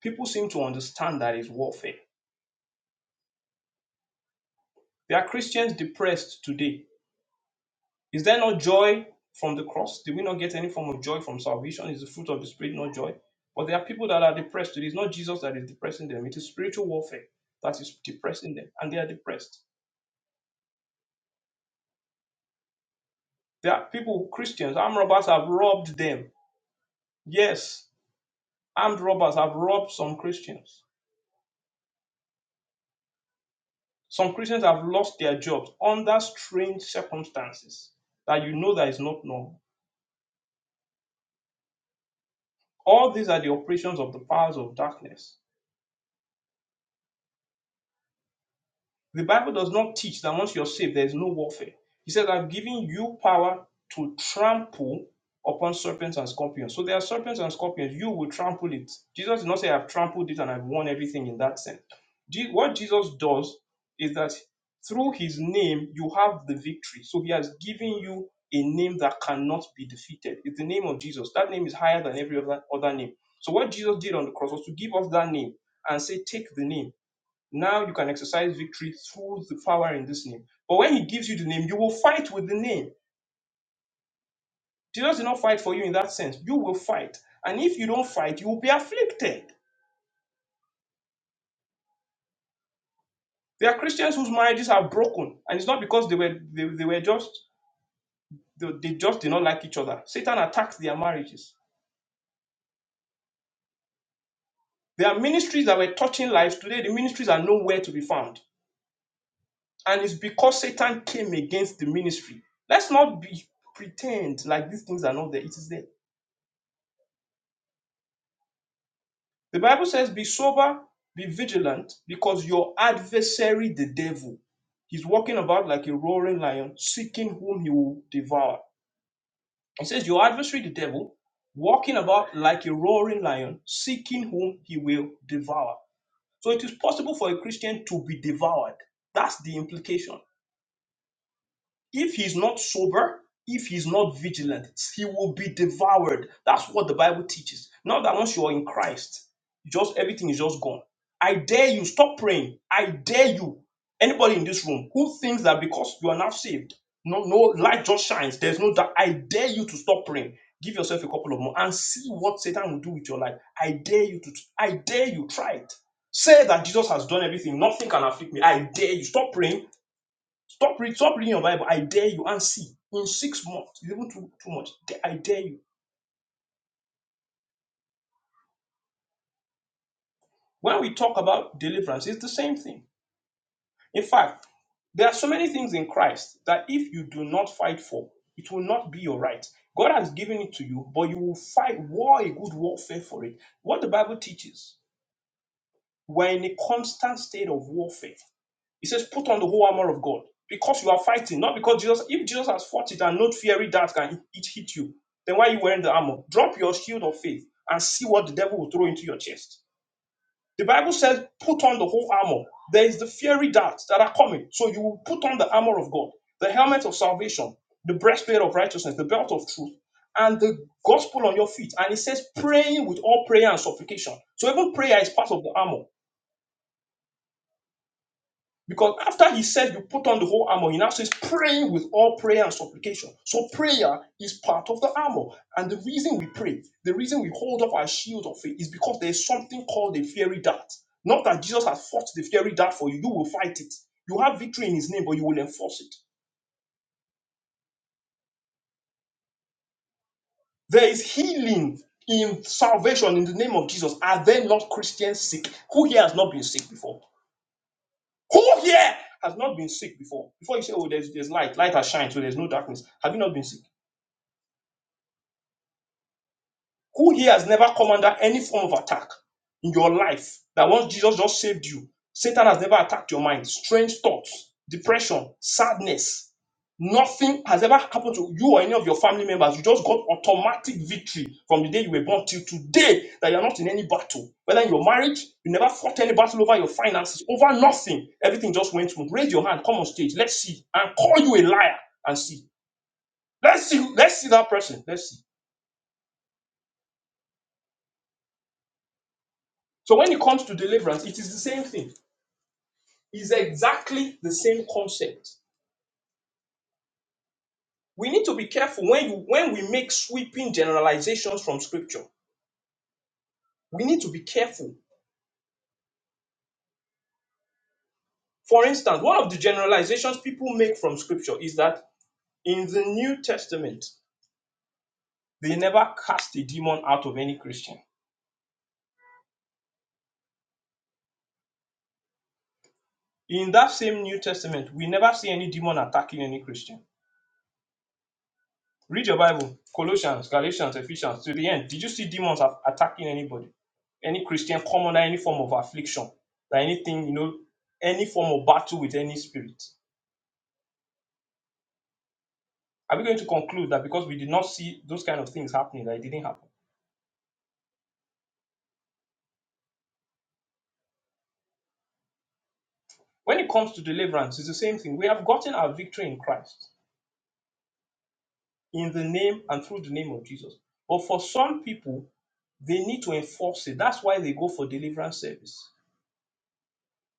[SPEAKER 2] people seem to understand that it's warfare There are Christians depressed today. Is there no joy from the cross? Did we not get any form of joy from salvation? Is the fruit of the Spirit not joy? But there are people that are depressed today. It's not Jesus that is depressing them, it is spiritual warfare that is depressing them, and they are depressed. There are people, Christians, armed robbers have robbed them. Yes, armed robbers have robbed some Christians. Some Christians have lost their jobs under strange circumstances that you know that is not normal. All these are the operations of the powers of darkness The Bible does not teach that once you're saved, there is no warfare. He said, I've given you power to trample upon serpents and scorpions. So there are serpents and scorpions. You will trample it. Jesus did not say, I've trampled it and I've won everything in that sense. What Jesus does is that through his name, you have the victory. So he has given you a name that cannot be defeated. It's the name of Jesus. That name is higher than every other, other name. So what Jesus did on the cross was to give us that name and say, Take the name. Now you can exercise victory through the power in this name. But when he gives you the name, you will fight with the name. Jesus did not fight for you in that sense. You will fight. And if you don't fight, you will be afflicted. There are Christians whose marriages are broken, and it's not because they were they, they were just they, they just did not like each other. Satan attacked their marriages. There are ministries that were touching lives today. The ministries are nowhere to be found, and it's because Satan came against the ministry. Let's not be pretend like these things are not there. It is there. The Bible says, Be sober, be vigilant, because your adversary, the devil, he's walking about like a roaring lion, seeking whom he will devour. It says, Your adversary, the devil, walking about like a roaring lion, seeking whom he will devour. So it is possible for a Christian to be devoured. That's the implication. If he's not sober, if he's not vigilant, he will be devoured. That's what the Bible teaches. Not that once you're in Christ, you just everything is just gone. I dare you, stop praying. I dare you. Anybody in this room who thinks that because you are now saved, no, no light just shines. There's no doubt. I dare you to stop praying. Give yourself a couple of more and see what Satan will do with your life. I dare you to. I dare you. Try it. Say that Jesus has done everything. Nothing can afflict me. I dare you. Stop praying Stop, read, stop reading your Bible. I dare you and see. In six months, it's even too, too much. I dare you. When we talk about deliverance, it's the same thing. In fact, there are so many things in Christ that if you do not fight for, it will not be your right. God has given it to you, but you will fight war, a good warfare for it. What the Bible teaches, we're in a constant state of warfare. He says, put on the whole armor of God because you are fighting, not because Jesus. If Jesus has fought it and not fiery darts can it hit you, then why are you wearing the armor? Drop your shield of faith and see what the devil will throw into your chest. The Bible says, put on the whole armor. There is the fiery darts that are coming, so you will put on the armor of God, the helmet of salvation, the breastplate of righteousness, the belt of truth, and the gospel on your feet. And it says, praying with all prayer and supplication. So even prayer is part of the armor Because after he said you put on the whole armor, he now says praying with all prayer and supplication. So prayer is part of the armor. And the reason we pray, the reason we hold up our shield of faith is because there is something called a fiery dart. Not that Jesus has fought the fiery dart for you, you will fight it. You have victory in his name, but you will enforce it. There is healing in salvation in the name of Jesus. Are there not Christians sick? Who here has not been sick before? Who here has not been sick before? Before you say, oh, there's, there's light, light has shined, so there's no darkness. Have you not been sick? Who here has never come under any form of attack in your life that once Jesus just saved you, Satan has never attacked your mind? Strange thoughts, depression, sadness. Nothing has ever happened to you or any of your family members. You just got automatic victory from the day you were born till today that you're not in any battle. Whether in your marriage, you never fought any battle over your finances, over nothing. Everything just went smooth. Raise your hand, come on stage. Let's see. And call you a liar and see. Let's see. Let's see that person. Let's see. So when it comes to deliverance, it is the same thing. is exactly the same concept. We need to be careful when you when we make sweeping generalizations from scripture. We need to be careful. For instance, one of the generalizations people make from scripture is that in the New Testament, they never cast a demon out of any Christian. In that same New Testament, we never see any demon attacking any Christian. Read your Bible, Colossians, Galatians, Ephesians, to the end. Did you see demons attacking anybody? Any Christian come under any form of affliction, that anything, you know, any form of battle with any spirit? Are we going to conclude that because we did not see those kind of things happening, that it didn't happen? When it comes to deliverance, it's the same thing. We have gotten our victory in Christ, in the name and through the name of Jesus. But for some people, they need to enforce it. That's why they go for deliverance service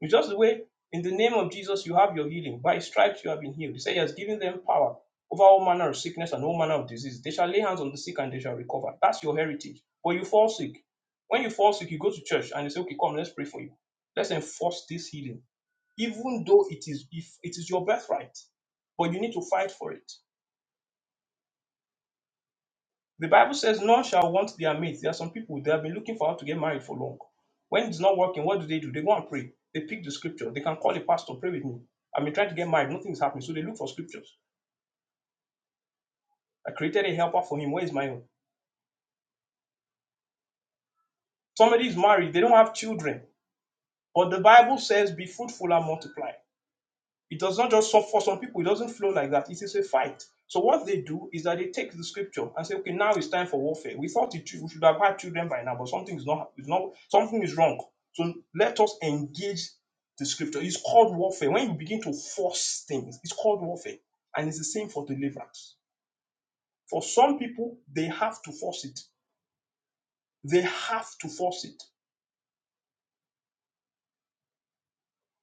[SPEAKER 2] It's just the way, in the name of Jesus, you have your healing. By his stripes you have been healed. He said he has given them power over all manner of sickness and all manner of disease. They shall lay hands on the sick and they shall recover. That's your heritage. But you fall sick. When you fall sick, you go to church and you say, okay, come, let's pray for you. Let's enforce this healing. Even though it is if it is your birthright, but you need to fight for it. The Bible says, None shall want their mate. There are some people they have been looking for how to get married for long. When it's not working, what do they do? They go and pray. They pick the scripture. They can call a pastor, pray with me. I've been trying to get married, nothing is happening. So they look for scriptures. I created a helper for him. Where is my own? Somebody is married, they don't have children. But the Bible says, Be fruitful and multiply. It does not just so for some people, it doesn't flow like that. It is a fight. So what they do is that they take the scripture and say, okay, now it's time for warfare. We thought it, we should have had children by now, but something is not, is not something is wrong. So let us engage the scripture. It's called warfare. When you begin to force things, it's called warfare. And it's the same for deliverance. For some people, they have to force it. They have to force it.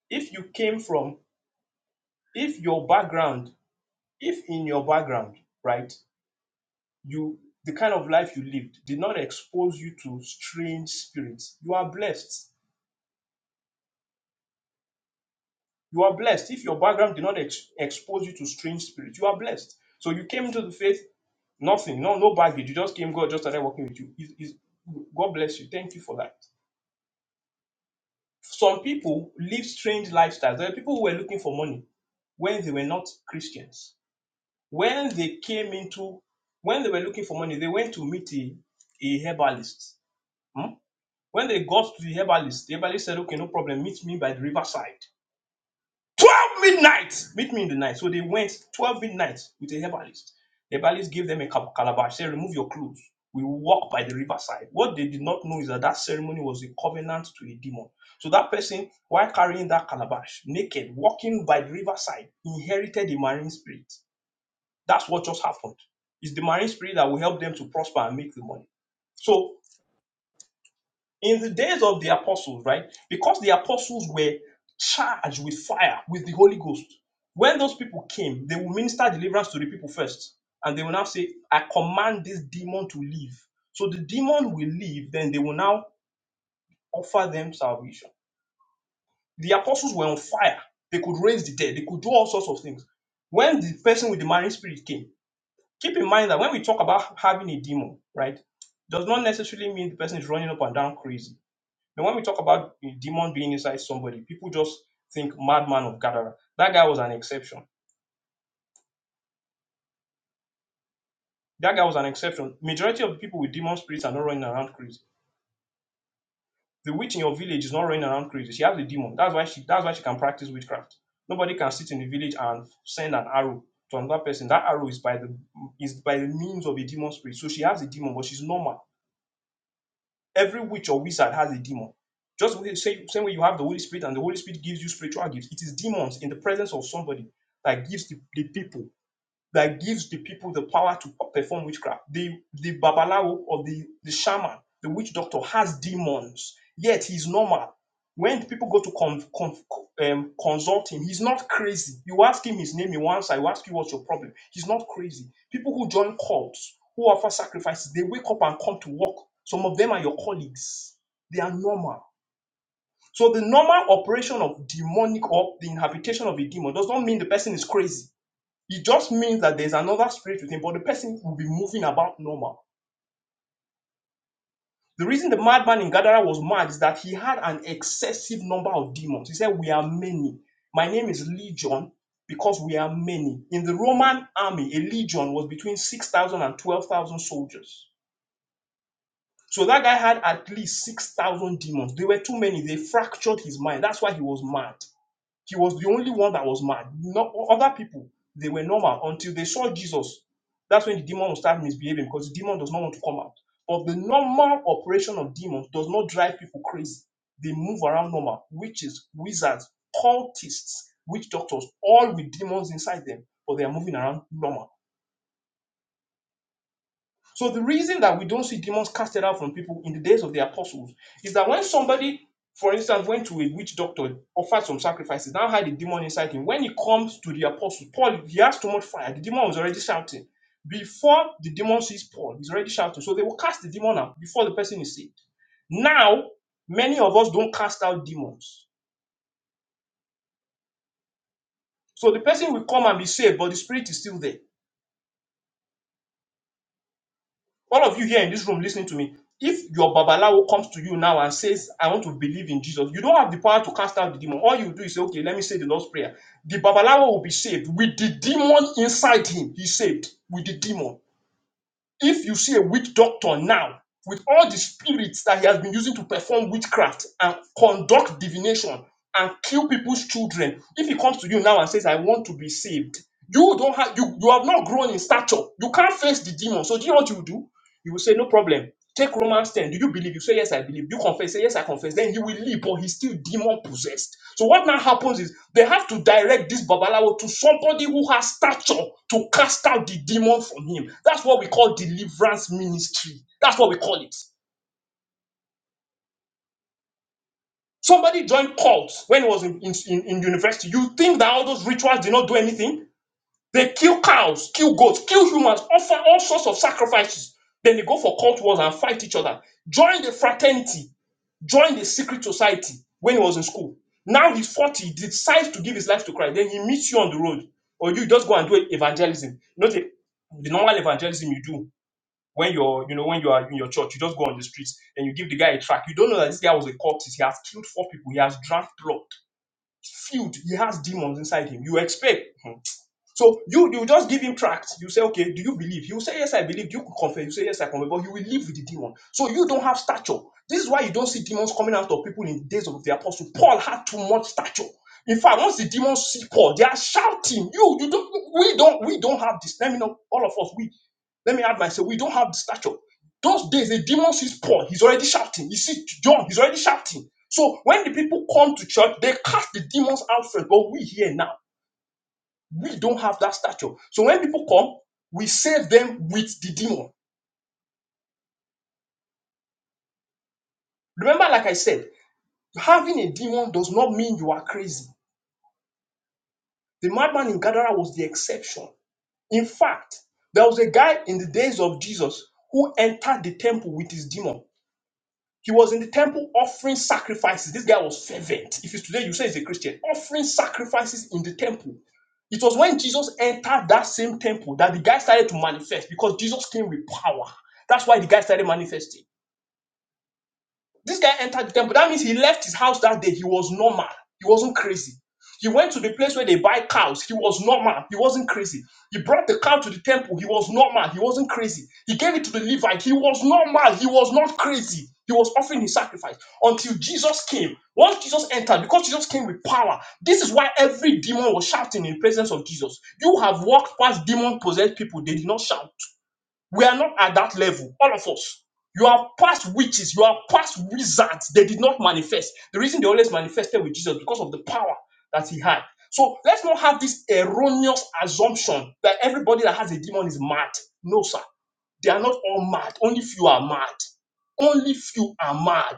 [SPEAKER 2] If you came from, if your background, if in your background, right? you the kind of life you lived did not expose you to strange spirits you are blessed you are blessed if your background did not ex- expose you to strange spirits you are blessed so you came into the faith nothing no no baggage you just came god just started working with you is is god bless you thank you for that some people live strange lifestyles there are people who were looking for money when they were not christians when they came into when they were looking for money they went to meet a, a herbalist Hmm? When they got to the herbalist, the herbalist said, Okay, no problem, meet me by the riverside. 12 midnight! Meet me in the night. So they went 12 midnight with the herbalist. The herbalist gave them a calabash, said, Remove your clothes. We will walk by the riverside. What they did not know is that that ceremony was a covenant to a demon. So that person, while carrying that calabash, naked, walking by the riverside, inherited the marine spirit. That's what just happened. It's the marine spirit that will help them to prosper and make the money. So In the days of the apostles, right? Because the apostles were charged with fire, with the Holy Ghost. When those people came, they will minister deliverance to the people first. And they will now say, I command this demon to leave. So the demon will leave, then they will now offer them salvation. The apostles were on fire. They could raise the dead, they could do all sorts of things. When the person with the marine spirit came, keep in mind that when we talk about having a demon, right, does not necessarily mean the person is running up and down crazy then when we talk about a demon being inside somebody, people just think madman of Gadara. That guy was an exception. That guy was an exception. Majority of the people with demon spirits are not running around crazy. The witch in your village is not running around crazy. She has a demon. That's why she that's why she can practice witchcraft. Nobody can sit in the village and send an arrow to another person. That arrow is by the is by the means of a demon spirit. So she has a demon, but she's normal Every witch or wizard has a demon. Just same, same way you have the Holy Spirit and the Holy Spirit gives you spiritual gifts. It is demons in the presence of somebody that gives the, the people that gives the people the power to perform witchcraft. The the babalawo or the, the shaman, the witch doctor has demons, yet he's normal. When people go to con, con, um, consult him, he's not crazy. You ask him his name, he wants. I ask you what's your problem. He's not crazy. People who join cults, who offer sacrifices, they wake up and come to work. Some of them are your colleagues. They are normal. So the normal operation of demonic or the inhabitation of a demon does not mean the person is crazy it just means that there's another spirit with him, but the person will be moving about normal. The reason the madman in Gadara was mad is that he had an excessive number of demons. He said, We are many. My name is Legion because we are many. In the Roman army, a legion was between 6,000 and 12,000 soldiers. So that guy had at least 6,000 demons. They were too many. They fractured his mind. That's why he was mad. She was the only one that was mad. No other people they were normal until they saw Jesus. That's when the demon will start misbehaving because the demon does not want to come out. But the normal operation of demons does not drive people crazy. They move around normal. Witches, wizards, cultists, witch doctors, all with demons inside them, but they are moving around normal so the reason that we don't see demons casted out from people in the days of the apostles is that when somebody, for instance, went to a witch doctor, offered some sacrifices, now had a demon inside him. When he comes to the apostles, Paul, he has too much fire. The demon was already shouting. Before the demon sees Paul, he's already shouting. So they will cast the demon out before the person is saved. Now, many of us don't cast out demons. So the person will come and be saved, but the spirit is still there. All of you here in this room listening to me, if your babalawo comes to you now and says, I want to believe in Jesus, you don't have the power to cast out the demon. All you do is say, okay, let me say the Lord's Prayer. The babalawo will be saved. With the demon inside him, he's saved. With the demon. If you see a witch doctor now, with all the spirits that he has been using to perform witchcraft and conduct divination and kill people's children, if he comes to you now and says, I want to be saved, you don't have you, you have not grown in stature. You can't face the demon. So do you know what you do? You will say, No problem. Take Romans 10. Do you believe? You say, Yes, I believe. You confess, say, Yes, I confess. Then he will leave, but he's still demon possessed. So what now happens is they have to direct this Babalawo to somebody who has stature to cast out the demon from him. That's what we call deliverance ministry. That's what we call it. Somebody joined cults when he was in, in, in in university. You think that all those rituals did not do anything? They kill cows, kill goats, kill humans, offer all sorts of sacrifices. Then they go for cult wars and fight each other. Join the fraternity, join the secret society when he was in school. Now he's 40, he decides to give his life to Christ. Then he meets you on the road, or you just go and do evangelism. You know, the, the normal evangelism you do when you're, you know, when you are in your church, you just go on the streets and you give the guy a track. You don't know that this guy was a cultist. He has killed four people. He has drank blood, filled. He has demons inside him. You expect. hmm, so you you just give him tract. You say, okay, do you believe? He will say, yes, I believe. You could confess. You say, yes, I confess. But you will live with the demon. So you don't have stature. This is why you don't see demons coming out of people in the days of the apostle. Paul had too much stature. In fact, once the demons see Paul, they are shouting, "You, you don't, we don't, we don't have this." Let me know, all of us, we. Let me add myself. We don't have the stature. Those days, the demon sees Paul. He's already shouting. He sees John. He's already shouting. So when the people come to church, they cast the demons out first. But we here now. We don't have that stature. So when people come, we save them with the demon. Remember, like I said, having a demon does not mean you are crazy. The madman in Gadara was the exception. In fact, there was a guy in the days of Jesus who entered the temple with his demon. He was in the temple offering sacrifices. This guy was fervent. If it's today, you say he's a Christian, offering sacrifices in the temple. It was when Jesus entered that same temple that the guy started to manifest because Jesus came with power. That's why the guy started manifesting. This guy entered the temple. That means he left his house that day. He was normal. He wasn't crazy. He went to the place where they buy cows. He was normal. He wasn't crazy. He brought the cow to the temple. He was normal. He wasn't crazy. He gave it to the Levite. He was normal. He was not crazy. He was offering his sacrifice until Jesus came. Once Jesus entered, because Jesus came with power, this is why every demon was shouting in the presence of Jesus. You have walked past demon possessed people. They did not shout. We are not at that level, all of us. You are past witches, you are past wizards. They did not manifest. The reason they always manifested with Jesus because of the power that he had. So let's not have this erroneous assumption that everybody that has a demon is mad. No, sir. They are not all mad. Only few are mad. Only few are mad.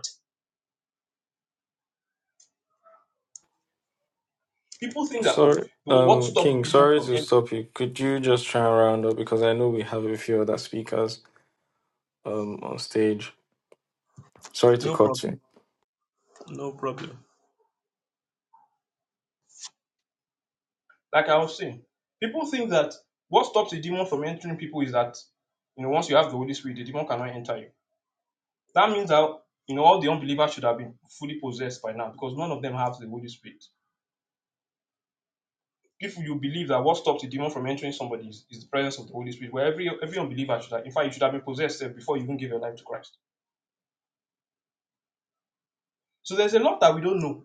[SPEAKER 2] People think that, oh,
[SPEAKER 1] Sorry,
[SPEAKER 2] what
[SPEAKER 1] um,
[SPEAKER 2] stops
[SPEAKER 1] King.
[SPEAKER 2] demons
[SPEAKER 1] Sorry
[SPEAKER 2] from
[SPEAKER 1] to
[SPEAKER 2] entering?
[SPEAKER 1] stop you. Could you just try and round up because I know we have a few other speakers um on stage. Sorry to
[SPEAKER 2] No
[SPEAKER 1] cut
[SPEAKER 2] problem.
[SPEAKER 1] you.
[SPEAKER 2] No problem. Like I was saying, people think that what stops a demon from entering people is that you know once you have the Holy Spirit, the demon cannot enter you. That means that you know all the unbelievers should have been fully possessed by now because none of them have the Holy Spirit. If you believe that what stops a demon from entering somebody is, is the presence of the Holy Spirit, where every every unbeliever should have, in fact you should have been possessed eh, before you even give your life to Christ. So there's a lot that we don't know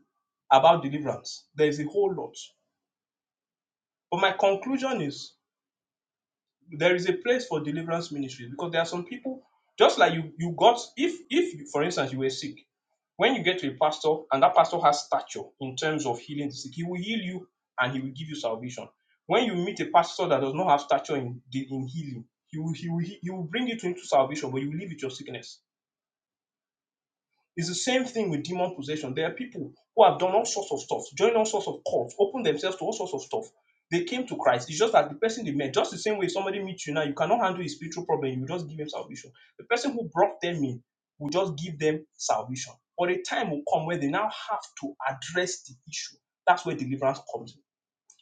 [SPEAKER 2] about deliverance. There is a whole lot. But my conclusion is there is a place for deliverance ministry because there are some people just like you you got if if you, for instance you were sick when you get to a pastor and that pastor has stature in terms of healing the sick he will heal you and he will give you salvation when you meet a pastor that does not have stature in in healing he will he will, he will bring you to into salvation but you will live with your sickness it's the same thing with demon possession. There are people who have done all sorts of stuff, joined all sorts of cults, opened themselves to all sorts of stuff. They came to Christ. It's just that the person they met, just the same way somebody meets you now, you cannot handle his spiritual problem, you just give him salvation. The person who brought them in will just give them salvation. But a time will come where they now have to address the issue. That's where deliverance comes in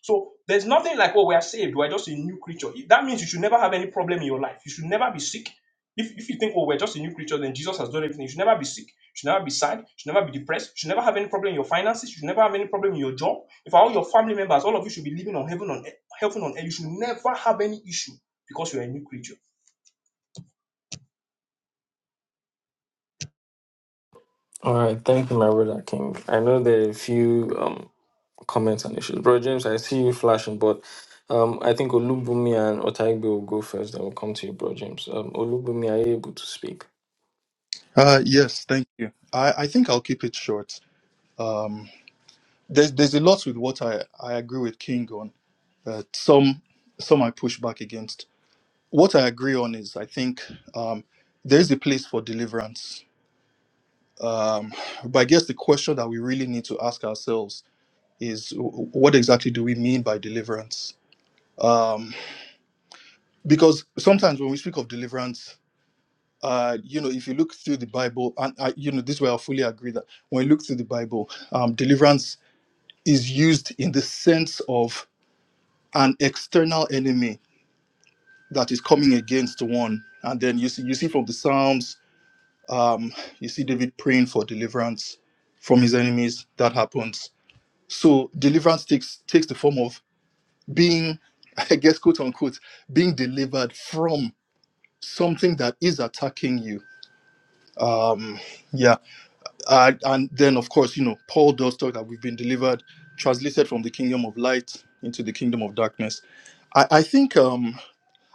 [SPEAKER 2] so there's nothing like, oh, we are saved. We're just a new creature. That means you should never have any problem in your life. You should never be sick. If, if you think, oh, we're just a new creature, then Jesus has done everything. You should never be sick. You should never be sad. You should never be depressed. You should never have any problem in your finances. You should never have any problem in your job. If all your family members, all of you should be living on heaven on earth, heaven on earth. You should never have any issue because you're a new creature.
[SPEAKER 1] All right, thank you, my brother King. I know there are a few. um. comments and issues. Bro James, I see you flashing, but um, I think Olubumi and Otaigbe will go first. I will come to you, Bro James. Um, Olubumi, are you able to speak?
[SPEAKER 6] Uh, yes, thank you. I, I think I'll keep it short. Um, there's there's a lot with what I, I agree with King on. Uh, some some I push back against. What I agree on is I think um, there's a place for deliverance. Um, but I guess the question that we really need to ask ourselves is w- what exactly do we mean by deliverance? Um, because sometimes when we speak of deliverance, uh, you know, if you look through the Bible, and I, you know, this way I fully agree that when you look through the Bible, um, deliverance is used in the sense of an external enemy that is coming against one. And then you see, you see from the Psalms, um, you see David praying for deliverance from his enemies. That happens. So deliverance takes takes the form of being, I guess, quote unquote, being delivered from something that is attacking you. Um, yeah, and and then of course, you know, Paul does talk that we've been delivered, translated from the kingdom of light into the kingdom of darkness I, I think um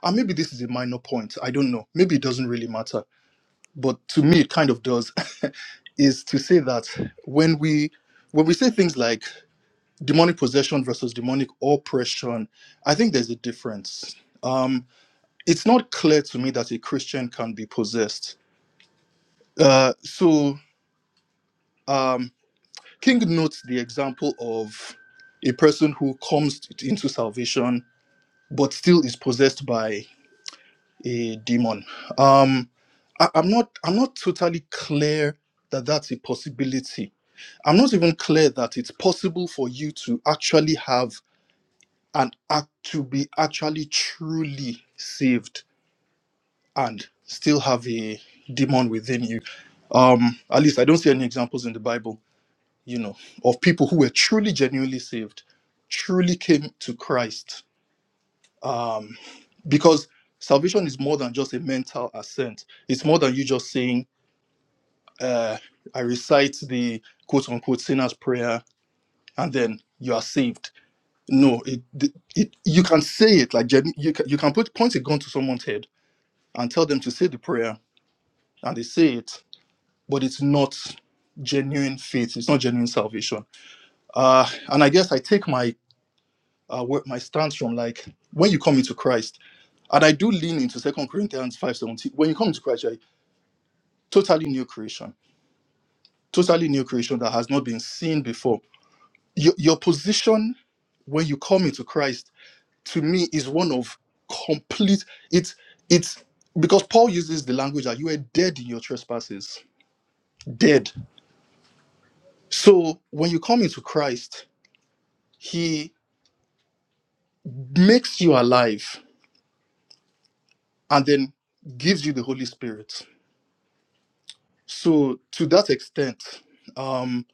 [SPEAKER 6] and maybe this is a minor point. I don't know. Maybe it doesn't really matter. But to me it kind of does is to say that when we when we say things like demonic possession versus demonic oppression, I think there's a difference. Um it's not clear to me that a Christian can be possessed. Uh so um King notes the example of a person who comes into salvation but still is possessed by. a demon. Um, I, I'm not. I'm not totally clear that that's a possibility. I'm not even clear that it's possible for you to actually have an act to be actually truly saved and still have a demon within you. Um, at least I don't see any examples in the Bible, you know, of people who were truly genuinely saved, truly came to Christ. Um, because salvation is more than just a mental assent. It's more than you just saying, uh, I recite the quote unquote sinner's prayer and then you are saved. No, it, it you can say it like genu- you can, you can put point a gun to someone's head and tell them to say the prayer and they say it, but it's not genuine faith. It's not genuine salvation. Uh, and I guess I take my uh, where- my stance from like when you come into Christ, and I do lean into Second Corinthians five seventeen. When you come into Christ, right, totally new creation, totally new creation that has not been seen before. Your, your position when you come into Christ, to me, is one of complete. It's it's because Paul uses the language that you were dead in your trespasses, dead. So when you come into Christ, He makes you alive, and then gives you the Holy Spirit. So to that extent, um,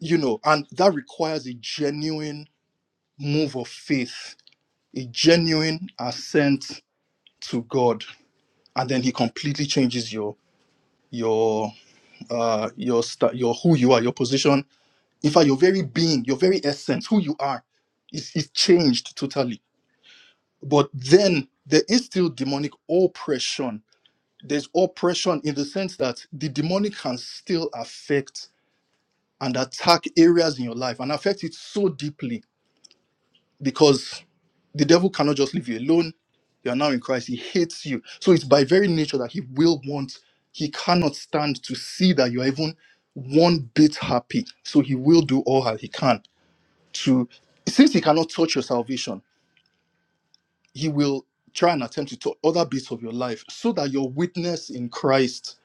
[SPEAKER 6] you know, and that requires a genuine move of faith a genuine assent to God, and then He completely changes your your uh your sta- your who you are, your position. In fact, your very being, your very essence, who you are, is is changed totally. But then there is still demonic oppression. There's oppression in the sense that the demonic can still affect and attack areas in your life and affect it so deeply because. The devil cannot just leave you alone. You are now in Christ. He hates you. So it's by very nature that he will want, he cannot stand to see that you are even one bit happy. So he will do all that he can to, since he cannot touch your salvation, he will try and attempt to touch other bits of your life so that your witness in Christ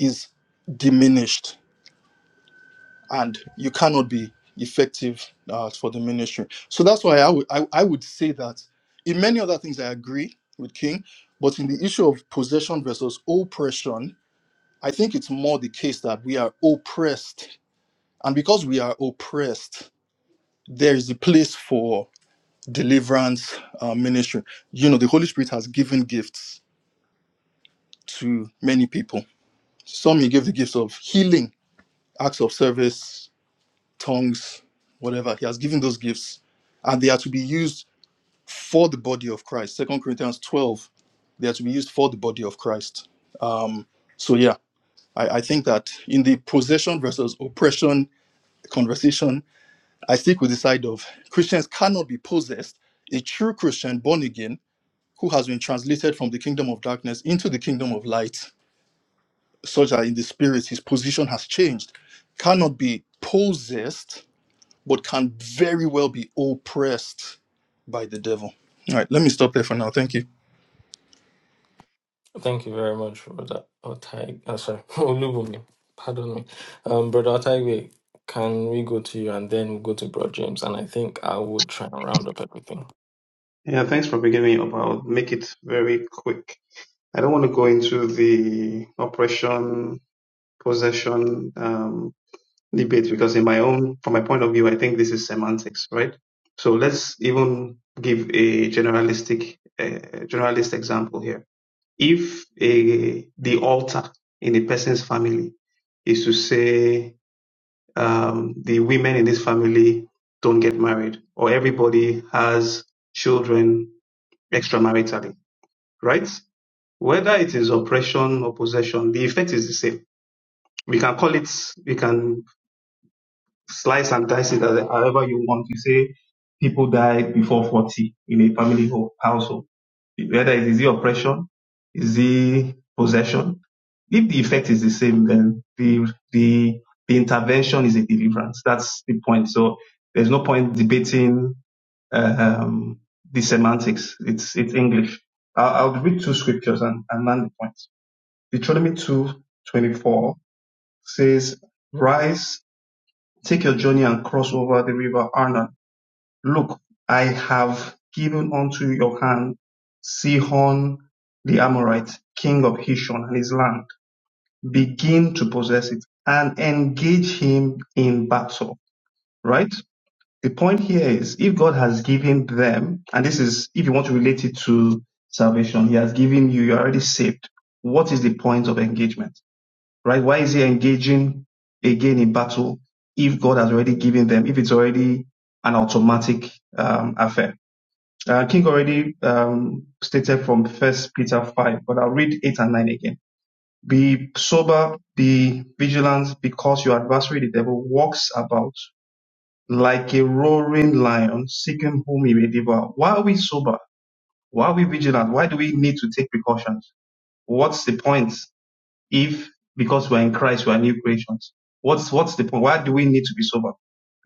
[SPEAKER 6] is diminished and you cannot be effective uh, for the ministry. So that's why I would I, I would say that in many other things I agree with King, but in the issue of possession versus oppression, I think it's more the case that we are oppressed, and because we are oppressed, there is a place for deliverance uh, ministry. You know, the Holy Spirit has given gifts to many people. Some he gave the gifts of healing, acts of service, tongues, whatever. He has given those gifts, and they are to be used for the body of Christ. Second Corinthians 12, they are to be used for the body of Christ. Um, so yeah, I, I think that in the possession versus oppression conversation, I stick with the side of Christians cannot be possessed. A true Christian born again who has been translated from the kingdom of darkness into the kingdom of light, such that in the spirit his position has changed, cannot be possessed but can very well be oppressed by the devil. All right, let me stop there for now. Thank you.
[SPEAKER 1] Thank you very much, Brother Otaigbe. Uh, sorry, Olubumi. Pardon me. Um, Brother Otaigbe, can we go to you and then we'll go to Bro James? And I think I would try and round up everything.
[SPEAKER 7] Yeah, thanks for beginning up. I'll make it very quick. I don't want to go into the oppression, possession um, debate because, in my own, from my point of view, I think this is semantics, right? So let's even give a generalistic, uh, generalist example here. If a, the altar in a person's family is to say um, the women in this family don't get married, or everybody has children extramaritally right? Whether it is oppression or possession, the effect is the same. We can call it, we can slice and dice it as- however you want. You say people die before 40 in a family ho- household. Whether it is the oppression, is the possession. If the effect is the same, then the, the, the intervention is a deliverance. That's the point. So there's no point debating, um, the semantics. It's, it's English. I'll, I'll read two scriptures and, and land the point. Deuteronomy two twenty four says, Rise, take your journey and cross over the river Arnon. Look, I have given unto your hand Sihon the Amorite, king of Heshbon, and his land. Begin to possess it and engage him in battle. Right? The point here is if God has given them, and this is if you want to relate it to salvation, he has given you, you're already saved. What is the point of engagement? right? Why is he engaging again in battle if God has already given them, if it's already an automatic um, affair? Uh, King already um, stated from First Peter 5, but I'll read 8 and 9 again. Be sober, be vigilant, because your adversary, the devil, walks about like a roaring lion, seeking whom he may devour. Why are we sober? Why are we vigilant? Why do we need to take precautions? What's the point if because we're in Christ, we're new creations. What's what's the point? Why do we need to be sober?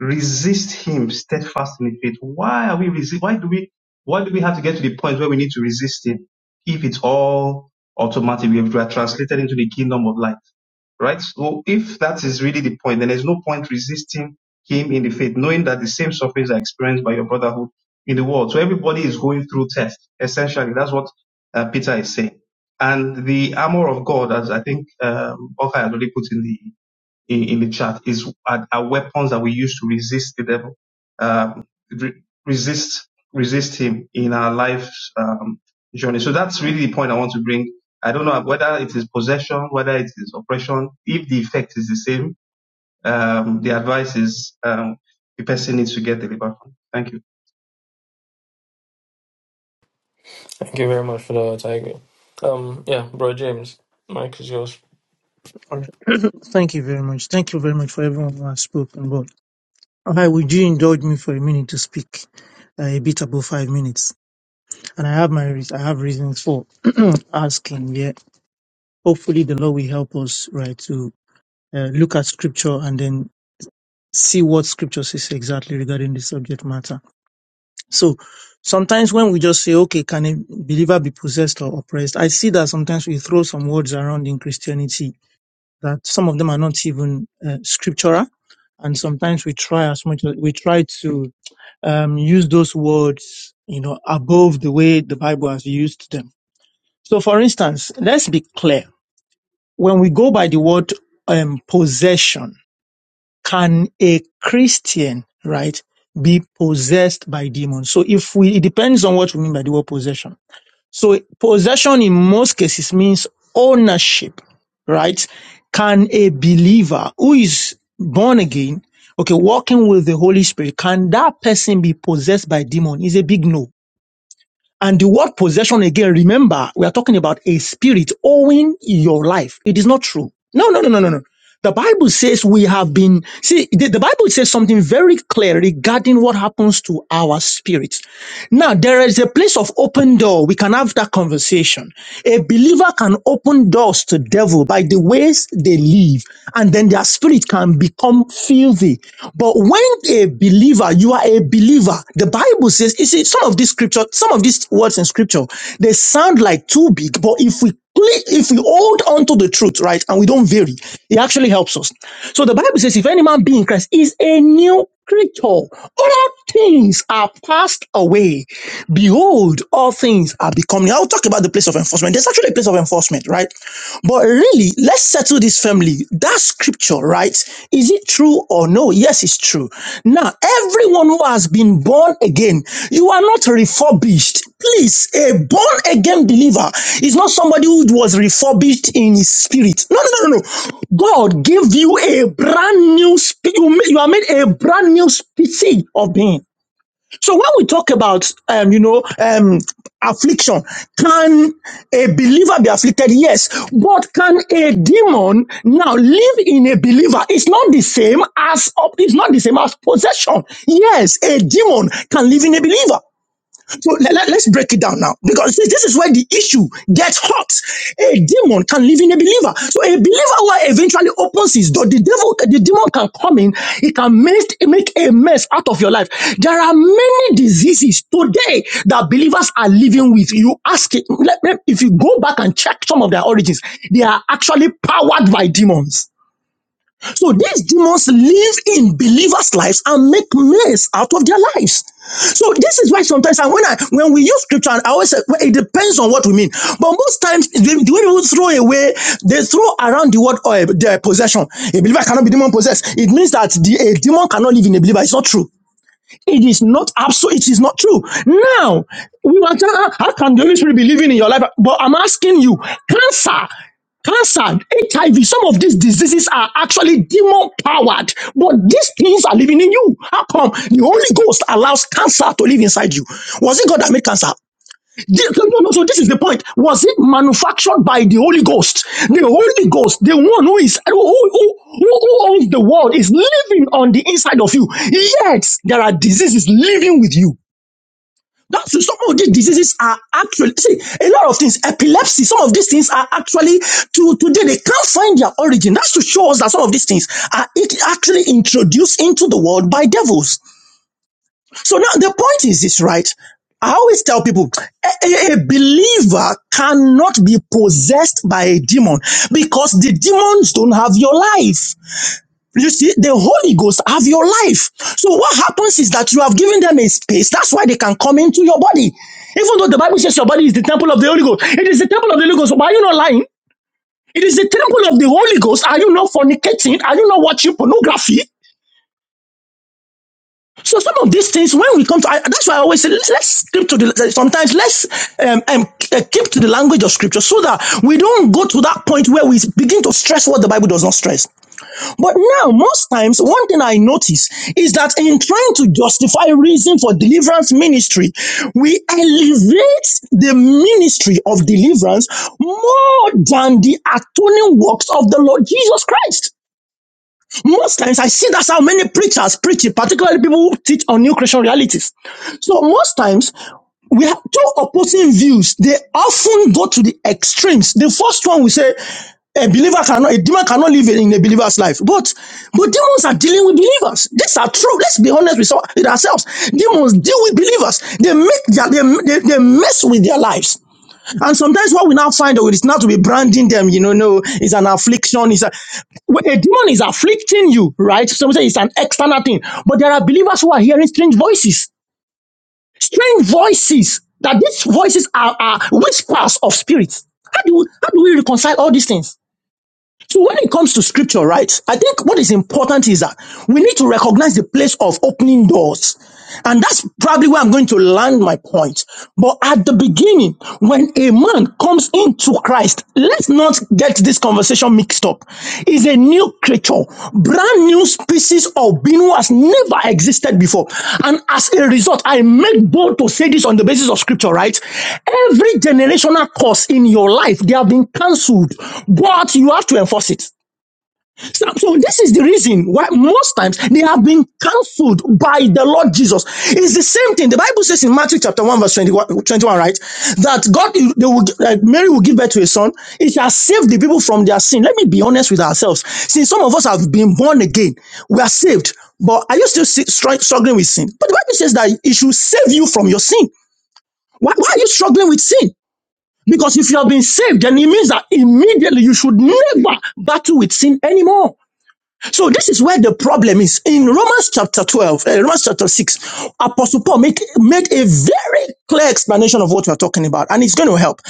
[SPEAKER 7] Resist him steadfast in faith. Why are we resist? Why do we why do we have to get to the point where we need to resist him if it's all automatic? We are translated into the kingdom of light right? So if that is really the point, then there's no point resisting him in the faith, knowing that the same sufferings are experienced by your brotherhood in the world. So everybody is going through tests. Essentially, that's what uh, Peter is saying. And the armor of God, as I think um, Okai already put in the in, in the chat is are, are weapons that we use to resist the devil, um, re- resist resist him in our life's um, journey. So that's really the point I want to bring. I don't know whether it is possession, whether it is oppression. If the effect is the same, um, the advice is um, the person needs to get delivered. from. Thank you.
[SPEAKER 1] Thank you very much for that, Otaigbe. Um, yeah, Bro James, Mike is yours.
[SPEAKER 3] All right. Thank you very much. Thank you very much for everyone who has spoken. But I would you indulge me for a minute to speak uh, a bit above five minutes? And I have my reas- I have reasons for asking. Yeah, hopefully the Lord will help us right to uh, look at Scripture and then see what Scripture says exactly regarding the subject matter. So sometimes when we just say, okay, can a believer be possessed or oppressed? I see that sometimes we throw some words around in Christianity that some of them are not even uh, scriptural. And sometimes we try as much as we try to um, use those words, you know, above the way the Bible has used them. So for instance, let's be clear. When we go by the word um, possession, can a Christian, right, be possessed by demons? So if we, it depends on what we mean by the word possession. So possession in most cases means ownership, right? Can a believer who is born again, okay, walking with the Holy Spirit, can that person be possessed by demon? Is a big no and the word possession again, remember, we are talking about a spirit owing your life. It is not true. No, no, no, no, no, no. The Bible says we have been, see, the, the Bible says something very clear regarding what happens to our spirit. Now, there is a place of open door. We can have that conversation. A believer can open doors to devil by the ways they live, and then their spirit can become filthy. But when a believer, you are a believer, the Bible says, you see, some of these scripture, some of these words in scripture, they sound like too big, but if we cle- if we hold on to the truth, right, and we don't vary, it actually helps us. So the Bible says, if any man be in Christ, is a new creature. All things are passed away. Behold, all things are becoming. I'll talk about the place of enforcement. There's actually a place of enforcement, right? But really, let's settle this family. That scripture, right? Is it true or no? Yes, it's true. Now, Everyone who has been born again, you are not refurbished. Please, a born again believer is not somebody who was refurbished in his spirit. No, no, no, no, no. God gave you a brand new spirit. You ma- you are made a brand new species of being. So when we talk about, um, you know, um, affliction, can a believer be afflicted? Yes. But can a demon now live in a believer? It's not the same as, it's not the same as possession. Yes, a demon can live in a believer. So let, let- let's break it down now because see, this is where the issue gets hot. A demon can live in a believer. So a believer who eventually opens his door, the devil, the demon can come in. He can make, make a mess out of your life. There are many diseases today that believers are living with. You ask it, let- let- if you go back and check some of their origins, they are actually powered by demons. So these demons live in believers' lives and make mess out of their lives. So this is why sometimes, and when I when we use scripture, and I always say well, it depends on what we mean. But most times, the, the way people throw away, they throw around the word or their possession. A believer cannot be demon possessed. It means that the, a demon cannot live in a believer. It's not true. It is not absolute. It is not true. Now, we were tell- how how can the Holy Spirit be living in your life? But I'm asking you, cancer, cancer, HIV, some of these diseases are actually demon powered, but these things are living in you. How come the Holy Ghost allows cancer to live inside you? Was it God that made cancer? This- no, no, no. So this is the point. Was it manufactured by the Holy Ghost? The Holy Ghost, the one who is who, who, who who owns the world, is living on the inside of you. Yet there are diseases living with you. That's some of these diseases are actually see a lot of things. Epilepsy, some of these things are actually to today they can't find their origin. That's to show us that some of these things are it- actually introduced into the world by devils. So now the point is this, right? I always tell people a, a- a believer cannot be possessed by a demon because the demons don't have your life. You see, the Holy Ghost have your life. So what happens is that you have given them a space. That's why they can come into your body. Even though the Bible says your body is the temple of the Holy Ghost, it is the temple of the Holy Ghost. Why are you not lying? It is the temple of the Holy Ghost. Are you not fornicating? Are you not watching pornography? So some of these things, when we come to, I, that's why I always say, let's, keep to the, sometimes let's um, um, uh, keep to the language of scripture so that we don't go to that point where we begin to stress what the Bible does not stress. But now, most times, one thing I notice is that in trying to justify reason for deliverance ministry, we elevate the ministry of deliverance more than the atoning works of the Lord Jesus Christ. Most times I see that's how many preachers preach it, particularly people who teach on new Creation realities. So most times we have two opposing views. They often go to the extremes. The first one we say a believer cannot, a demon cannot live in a believer's life. But but demons are dealing with believers. These are true. Let's be honest with with ourselves. Demons deal with believers. They make their, they, they, they mess with their lives. And sometimes what we now find out is not to be branding them, you know, no, it's an affliction. It's a, well, a demon is afflicting you, right? So we say it's an external thing. But there are believers who are hearing strange voices, strange voices, that these voices are, are whispers of spirits. How do, how do we reconcile all these things? So when it comes to scripture, right, I think what is important is that we need to recognize the place of opening doors. And that's probably where I'm going to land my point. But at the beginning, when a man comes into Christ, let's not get this conversation mixed up up is a new creature, brand new species of being who has never existed before. And as a result, I make bold to say this on the basis of scripture, right? Every generational curse in your life, they have been cancelled, but you have to enforce it. So, so this is the reason why most times they have been cancelled by the Lord Jesus. It's the same thing. The Bible says in Matthew chapter 1 verse 21, right? That God, they will, that Mary will give birth to a son. It shall save the people from their sin. Let me be honest with ourselves. Since some of us have been born again, we are saved. But are you still si- str- struggling with sin? But the Bible says that it should save you from your sin. Why, why are you struggling with sin? Because if you have been saved, then it means that immediately you should never battle with sin anymore. So this is where the problem is. In Romans chapter 12, uh, Romans chapter 6, Apostle Paul make, made a very clear explanation of what we're talking about, and it's going to help.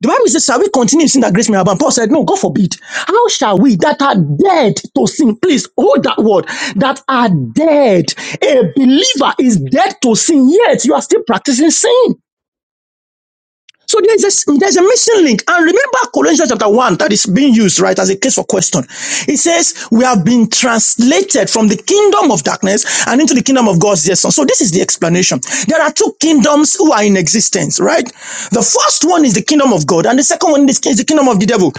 [SPEAKER 3] The Bible says, shall we continue in sin that grace may abound? Paul said, no, God forbid. How shall we that are dead to sin, please hold that word, that are dead. A believer is dead to sin, yet you are still practicing sin. So there's a there's a missing link. And remember Colossians chapter 1 that is being used, right, as a case for question. It says, we have been translated from the kingdom of darkness and into the kingdom of God's dear son. So this is the explanation. There are two kingdoms who are in existence, right? The first one is the kingdom of of God. And the second one in this case, the kingdom of the devil.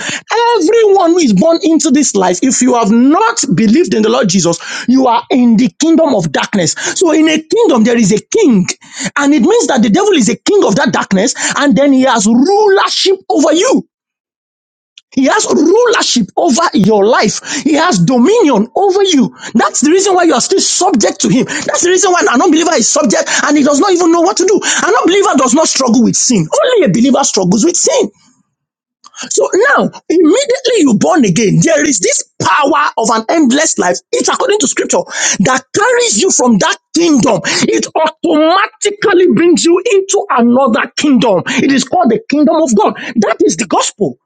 [SPEAKER 3] Everyone who is born into this life, if you have not believed in the Lord Jesus, you are in the kingdom of darkness. So in a kingdom, there is a king. And it means that the devil is a king of that darkness. And then he has rulership over you. He has rulership over your life. He has dominion over you. That's the reason why you are still subject to him. That's the reason why an unbeliever is subject and he does not even know what to do. An unbeliever does not struggle with sin. Only a believer struggles with sin. So now, immediately you born again, there is this power of an endless life. It's according to scripture that carries you from that kingdom. It automatically brings you into another kingdom. It is called the kingdom of God. That is the gospel.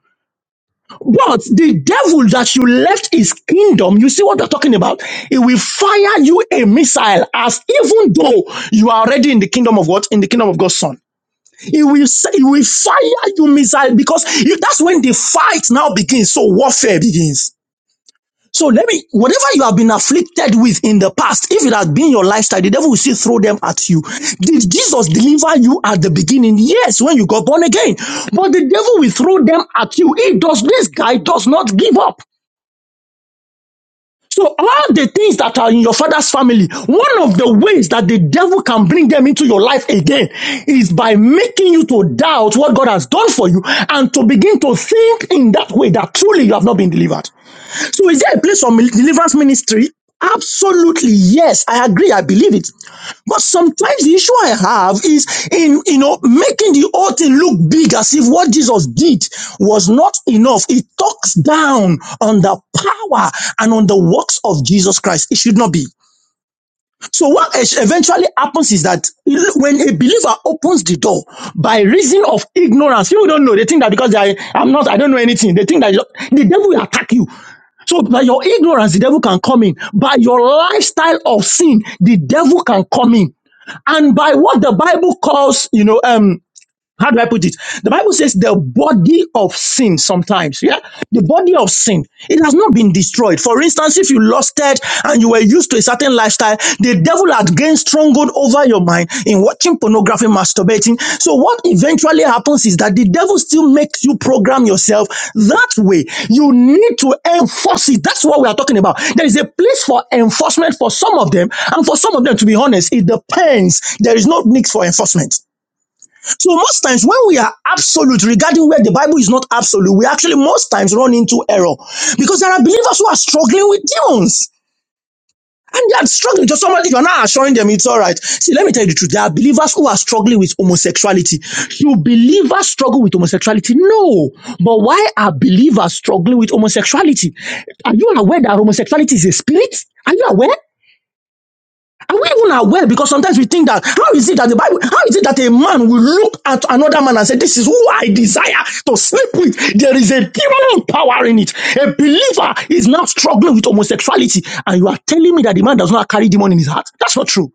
[SPEAKER 3] But the devil that you left his kingdom, you see what I'm talking about? It will fire you a missile as even though you are already in the kingdom of God, in the kingdom of God's son. He will say, he will fire you missile because you, that's when the fight now begins. So warfare begins. So let me, whatever you have been afflicted with in the past, if it had been your lifestyle, the devil will still throw them at you. Did Jesus deliver you at the beginning? Yes, when you got born again. But the devil will throw them at you. He does, this guy does not give up. So, all the things that are in your father's family, one of the ways that the devil can bring them into your life again is by making you to doubt what God has done for you and to begin to think in that way that truly you have not been delivered. So is there a place for mil- deliverance ministry? Absolutely, yes. I agree. I believe it. But sometimes the issue I have is in you know making the whole thing look big as if what Jesus did was not enough. It talks down on the power and on the works of Jesus Christ. It should not be. So what eventually happens is that when a believer opens the door by reason of ignorance, people don't know. They think that because I, I'm not, I don't know anything. They think that the devil will attack you. So by your ignorance, the devil can come in. By your lifestyle of sin, the devil can come in. And by what the Bible calls, you know, um. How do I put it? The Bible says the body of sin sometimes, yeah? The body of sin, it has not been destroyed. For instance, if you lusted and you were used to a certain lifestyle, the devil had gained stronghold over your mind in watching pornography, masturbating. So what eventually happens is that the devil still makes you program yourself that way. You need to enforce it. That's what we are talking about. There is a place for enforcement for some of them. And for some of them, to be honest, it depends. There is no need for enforcement. So most times when we are absolute regarding where the Bible is not absolute, we actually most times run into error because there are believers who are struggling with demons. And they are struggling. Just somebody, you're not assuring them it's all right. See, let me tell you the truth. There are believers who are struggling with homosexuality. Do believers struggle with homosexuality? No. But why are believers struggling with homosexuality? Are you aware that homosexuality is a spirit? Are you aware? Are we even aware? Because sometimes we think that how is it that the Bible, how is it that a man will look at another man and say, This is who I desire to sleep with? There is a demonic power in it. A believer is now struggling with homosexuality, and you are telling me that the man does not carry demon in his heart. That's not true.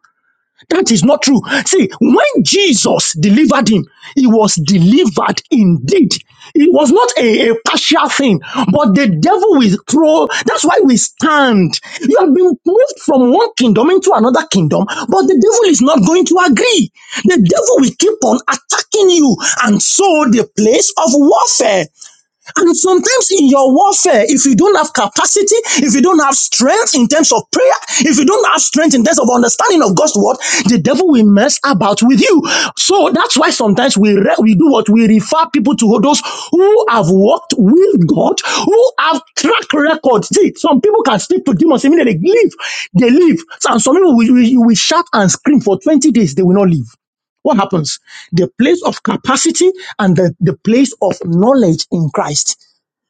[SPEAKER 3] That is not true. See, when Jesus delivered him, he was delivered indeed. It was not a, a partial thing, but the devil will throw. That's why we stand. You have been moved from one kingdom into another kingdom, but the devil is not going to agree. The devil will keep on attacking you, and so the place of warfare. And sometimes in your warfare, if you don't have capacity, if you don't have strength in terms of prayer, if you don't have strength in terms of understanding of God's word, the devil will mess about with you. So that's why sometimes we re- we do what we refer people to those who have walked with God, who have track records. See, some people can speak to demons immediately they leave, they leave. And some people will, will, will shout and scream for 20 days, they will not leave what happens? The place of capacity and the, the place of knowledge in Christ.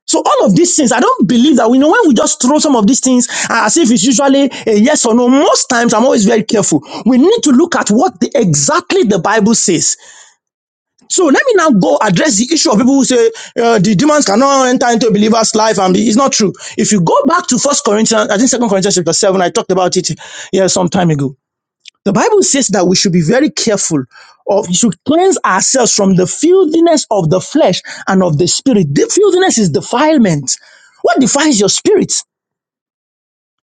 [SPEAKER 3] So all of these things, I don't believe that we know when we just throw some of these things uh, as if it's usually a yes or no. Most times, I'm always very careful. We need to look at what the, exactly the Bible says. So let me now go address the issue of people who say uh, the demons cannot enter into a believer's life, and be, it's not true. If you go back to First Corinthians, I think Second Corinthians chapter seven, I talked about it yeah some time ago. The Bible says that we should be very careful of we should cleanse ourselves from the filthiness of the flesh and of the spirit. The filthiness is defilement. What defiles your spirit?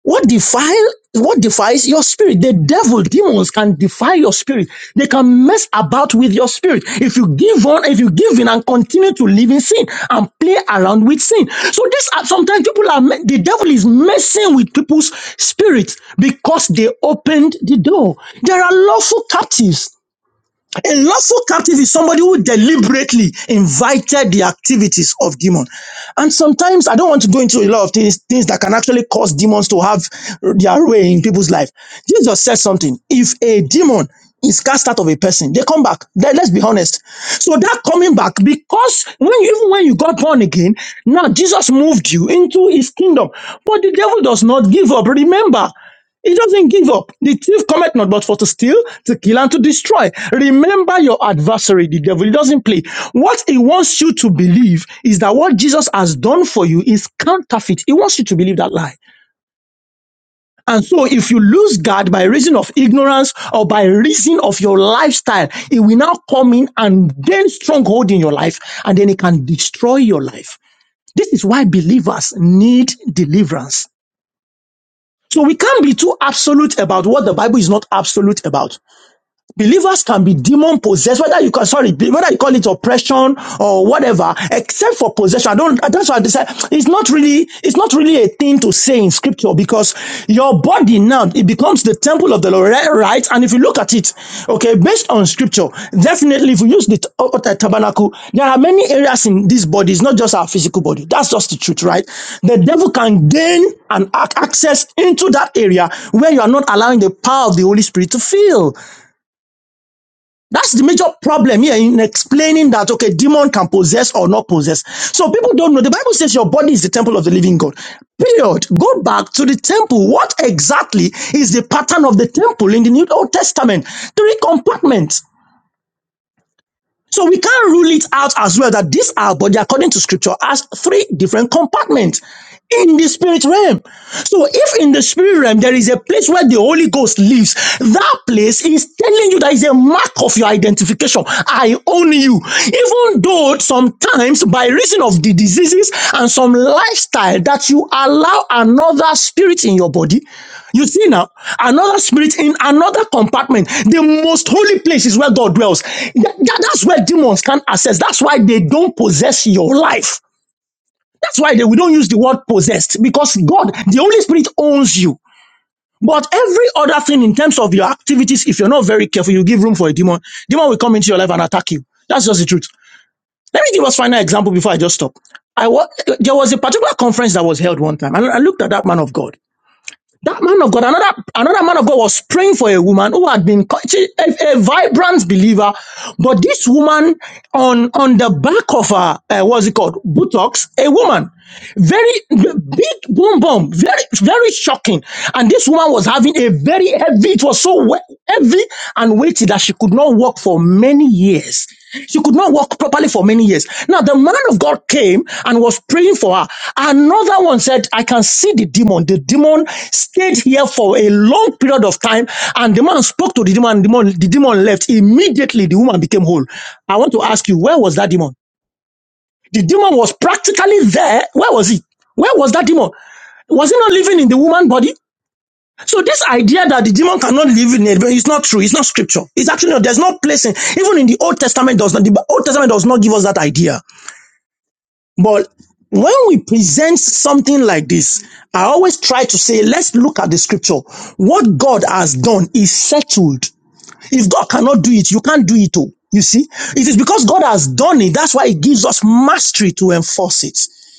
[SPEAKER 3] What defile what defies your spirit? The devil, demons can defy your spirit. They can mess about with your spirit. If you give on, if you give in and continue to live in sin and play around with sin. So this are sometimes people are me- the devil is messing with people's spirits because they opened the door. There are lawful captives. A lawful captive is somebody who deliberately invited the activities of demons. And sometimes I don't want to go into a lot of things, things that can actually cause demons to have their way in people's life. Jesus said something. If a demon is cast out of a person, they come back. Let- Let's be honest. So that coming back, because when you, even when you got born again, now Jesus moved you into his kingdom. But the devil does not give up. Remember, he doesn't give up. The thief cometh not but for to steal, to kill, and to destroy. Remember your adversary, the devil. He doesn't play. What he wants you to believe is that what Jesus has done for you is counterfeit. He wants you to believe that lie. And so, if you lose God by reason of ignorance or by reason of your lifestyle, it will now come in and gain stronghold in your life, and then it can destroy your life. This is why believers need deliverance. So we can't be too absolute about what the Bible is not absolute about. Believers can be demon possessed, whether you can sorry, whether you call it oppression or whatever, except for possession. I don't that's why I decide it's not really it's not really a thing to say in scripture because your body now it becomes the temple of the Lord, right? Right? And if you look at it, okay, based on scripture, definitely if we use the t- uh, uh, tabernacle, there are many areas in this body, it's not just our physical body. That's just the truth, right? The devil can gain an ac- access into that area where you are not allowing the power of the Holy Spirit to fill. That's the major problem here in explaining that okay, demon can possess or not possess. So people don't know. The Bible says your body is the temple of the living God. Period. Go back to the temple. What exactly is the pattern of the temple in the New Old Testament? Three compartments. So we can't rule it out as well that this our body, according to scripture, has three different compartments in the spirit realm. So if in the spirit realm there is a place where the Holy Ghost lives, that place is telling you that is a mark of your identification. I own you. Even though sometimes by reason of the diseases and some lifestyle that you allow another spirit in your body you see now, another spirit in another compartment. The most holy place is where God dwells. Th- th- that's where demons can access. That's why they don't possess your life. That's why they, we don't use the word possessed because God, the Holy Spirit, owns you. But every other thing in terms of your activities, if you're not very careful, you give room for a demon. Demon will come into your life and attack you. That's just the truth. Let me give us final example before I just stop. I wa- there was a particular conference that was held one time, and I looked at that man of God. That man of God, another another man of God was praying for a woman who had been a, a vibrant believer, but this woman on on the back of her uh, what's it called buttocks, a woman, very b- big boom boom, very very shocking, and this woman was having a very heavy. It was so we- heavy and weighty that she could not walk for many years. She could not walk properly for many years. Now, the man of God came and was praying for her. Another one said, I can see the demon. The demon stayed here for a long period of time. And the man spoke to the demon. The demon, the demon left. Immediately, the woman became whole. I want to ask you, where was that demon? The demon was practically there. Where was he? Where was that demon? Was he not living in the woman's body? So this idea that the demon cannot live in it, but it's not true. It's not scripture. It's actually not. There's no place in even in the Old Testament does not. The Old Testament does not give us that idea. But when we present something like this, I always try to say, let's look at the scripture. What God has done is settled. If God cannot do it, you can't do it. Oh, you see, it is because God has done it. That's why it gives us mastery to enforce it.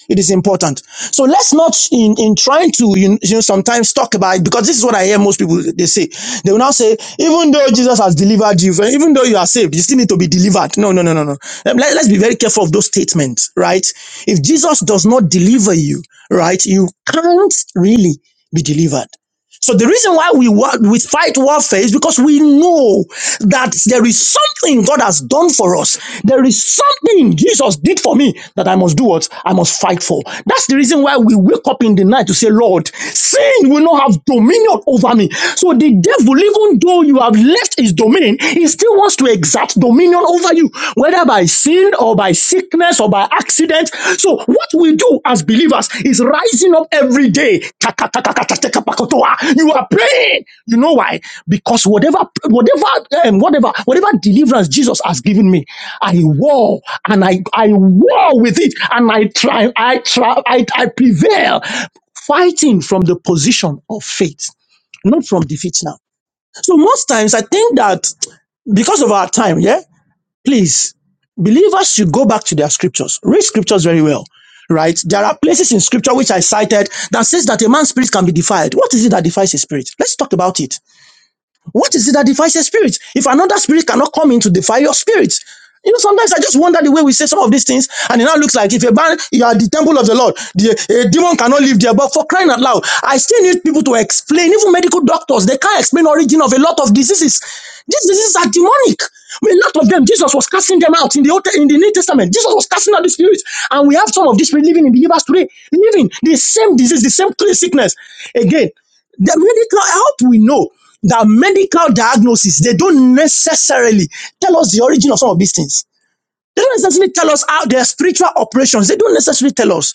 [SPEAKER 3] It is important. So let's not in, in trying to you know sometimes talk about it because this is what I hear most people they say. They will now say, even though Jesus has delivered you, even though you are saved, you still need to be delivered. No, no, no, no, no. let- let's be very careful of those statements, right? If Jesus does not deliver you, right, you can't really be delivered. So the reason why we wa- we fight warfare is because we know that there is something God has done for us. There is something Jesus did for me that I must do what I must fight for. That's the reason why we wake up in the night to say, Lord, sin will not have dominion over me. So the devil, even though you have left his domain, he still wants to exact dominion over you, whether by sin or or by sickness or by accident. So what we do as believers is rising up every day. You are praying. You know why? Because whatever, whatever, um, whatever, whatever deliverance Jesus has given me, I war and I I war with it and I try, I try, I, I prevail, fighting from the position of faith, not from defeat now. So most times I think that because of our time, yeah please, believers should go back to their scriptures. Read scriptures very well, right? There are places in scripture which I cited that says that a man's spirit can be defiled. What is it that defiles his spirit? Let's talk about it. What is it that defies a spirit? If another spirit cannot come in to defy your spirit, you know, sometimes I just wonder the way we say some of these things, and it now looks like if a man, you are the temple of the Lord, the a demon cannot live there. But for crying out loud, I still need people to explain. Even medical doctors, they can't explain the origin of a lot of diseases. These diseases are demonic. I mean, a lot of them, Jesus was casting them out in the Old, in the New Testament. Jesus was casting out the spirits, and we have some of these people living in believers today, living the same disease, the same sickness. Again, the medical help we know that medical diagnosis they don't necessarily tell us the origin of some of these things. They don't necessarily tell us how their spiritual operations. They don't necessarily tell us.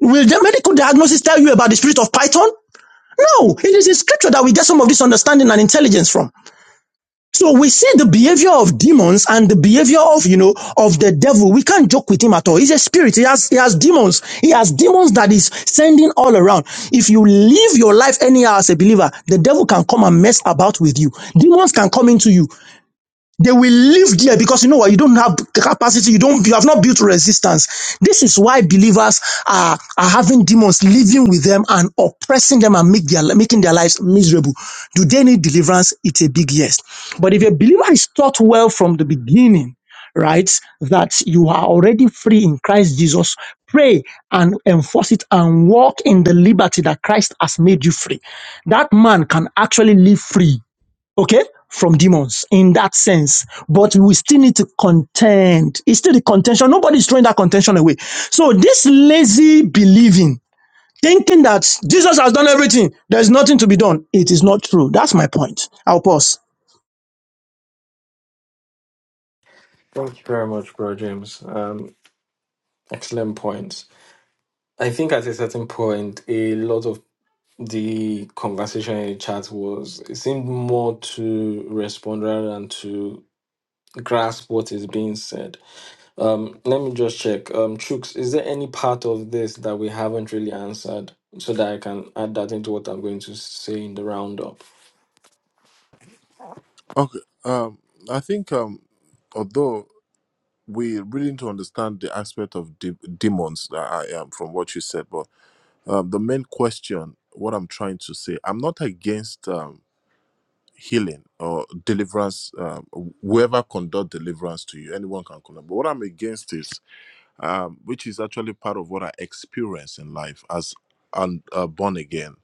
[SPEAKER 3] Will the medical diagnosis tell you about the spirit of Python? No, it is in scripture that we get some of this understanding and intelligence from. So we see the behavior of demons and the behavior of, you know, of the devil. We can't joke with him at all. He's a spirit. He has, he has demons. He has demons that is sending all around. If you live your life anyhow as a believer, the devil can come and mess about with you. Demons can come into you. They will live there because you know what? You don't have the capacity. You don't. You have not built resistance. This is why believers are are having demons living with them and oppressing them and make their making their lives miserable. Do they need deliverance? It's a big yes. But if a believer is taught well from the beginning, right, that you are already free in Christ Jesus, pray and enforce it and walk in the liberty that Christ has made you free. That man can actually live free okay, from demons in that sense. But we still need to contend. It's still the contention. Nobody's throwing that contention away. So this lazy believing, thinking that Jesus has done everything, there's nothing to be done. It is not true. That's my point. I'll pause.
[SPEAKER 1] Thank you very much, Bro James. Um, excellent points. I think at a certain point, a lot of the conversation in chat was it seemed more to respond rather than to grasp what is being said. Um, let me just check. Um, Chooks, is there any part of this that we haven't really answered so that I can add that into what I'm going to say in the roundup?
[SPEAKER 4] Okay. Um, I think um, although we really need to understand the aspect of de- demons that I am from what you said, but um, the main question, what I'm trying to say, I'm not against. Um, healing or deliverance um, whoever conduct deliverance to you anyone can conduct but what i'm against is um, which is actually part of what i experienced in life as and uh, born again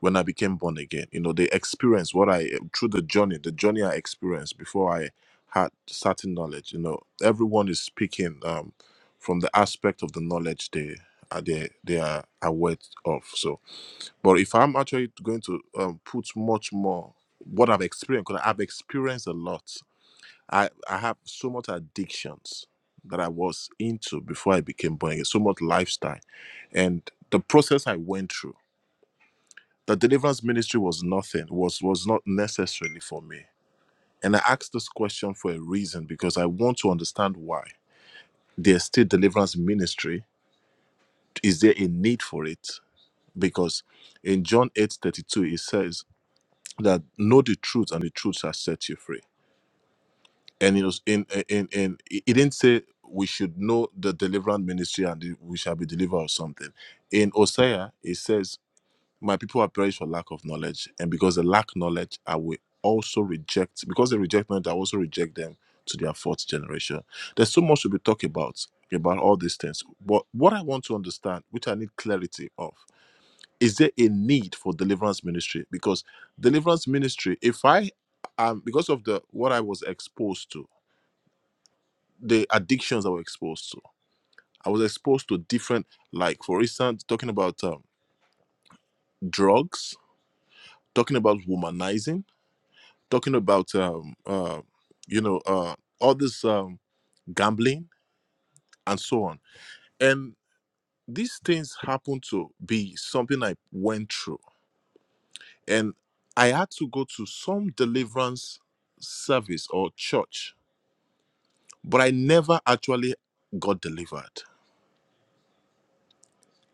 [SPEAKER 4] when i became born again you know the experience what i through the journey the journey i experienced before i had certain knowledge you know everyone is speaking um, from the aspect of the knowledge they uh, they they are aware of so but if I'm actually going to um, put much more what I've experienced, because I've experienced a lot. I, I have so much addictions that I was into before I became born again, so much lifestyle. And the process I went through, the deliverance ministry was nothing, was was not necessarily for me. And I asked this question for a reason because I want to understand why. There's still deliverance ministry. Is there a need for it? Because in John eight thirty two, it says that know the truth and the truth shall set you free. And it was in in in it didn't say we should know the deliverance ministry and the- we shall be delivered or something. In Hosea, it says, "My people are perished for lack of knowledge, and because they lack knowledge, I will also reject. Because they reject knowledge, I also reject them to their fourth generation." There's so much to be talked about about all these things. But what I want to understand, which I need clarity of, is there a need for deliverance ministry because deliverance ministry if i um because of the what i was exposed to the addictions i was exposed to i was exposed to different like for instance talking about um, drugs talking about womanizing talking about um uh you know uh all this um gambling and so on and these things happen to be something i went through and I had to go to some deliverance service or church, but I never actually got delivered.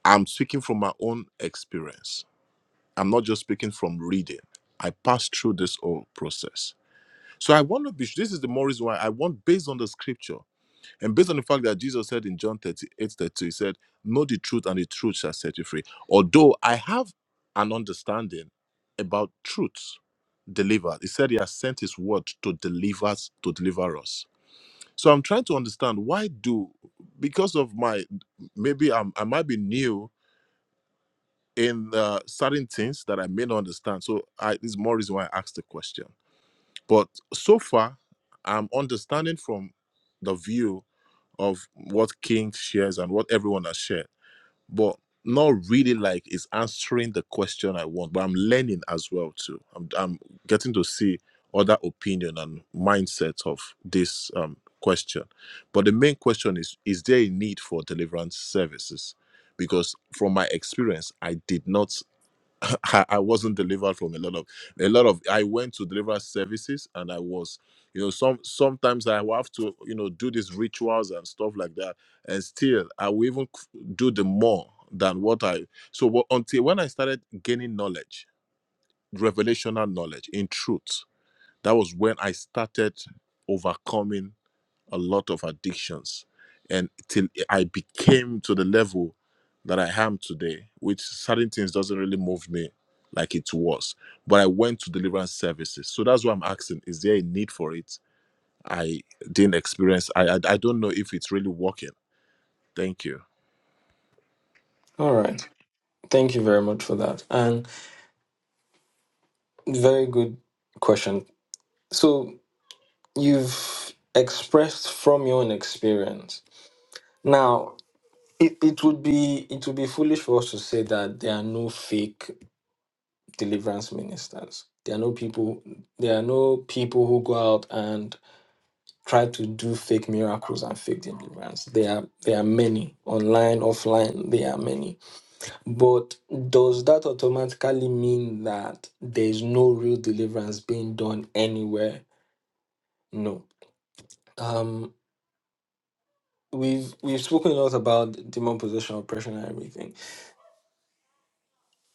[SPEAKER 4] I'm speaking from my own experience. I'm not just speaking from reading. I passed through this whole process. So I want to be this is the more reason why I want based on the scripture. And based on the fact that Jesus said in John 38 thirty-two, he said, Know the truth, and the truth shall set you free. Although I have an understanding about truth delivered, he said he has sent his word to deliver us, to deliver us. So I'm trying to understand why do, because of my, maybe I'm, I might be new in uh, certain things that I may not understand. So I, this is more reason why I asked the question. But so far, I'm understanding from the view of what King shares and what everyone has shared, but not really like it's answering the question I want. But I'm learning as well too. I'm I'm getting to see other opinion and mindsets of this um, question. But the main question is: Is there a need for deliverance services? Because from my experience, I did not. I, I wasn't delivered from a lot of a lot of I went to deliver services and I was you know some sometimes I will have to you know do these rituals and stuff like that and still I will even c- do the more than what I so what, until when I started gaining knowledge revelational knowledge in truth that was when I started overcoming a lot of addictions and till i became to the level that i am today which certain things doesn't really move me like it was but i went to deliverance services so that's why i'm asking is there a need for it i didn't experience i i, I don't know if it's really working thank you
[SPEAKER 1] All right. Thank you very much for that. And very good question. So you've expressed from your own experience. Now, It, it would be it would be foolish for us to say that there are no fake deliverance ministers. There are no people there are no people who go out and try to do fake miracles and fake deliverance. There are there are many online, offline, there are many. But does that automatically mean that there is no real deliverance being done anywhere? No. Um we've we've spoken a lot about demon possession, oppression and everything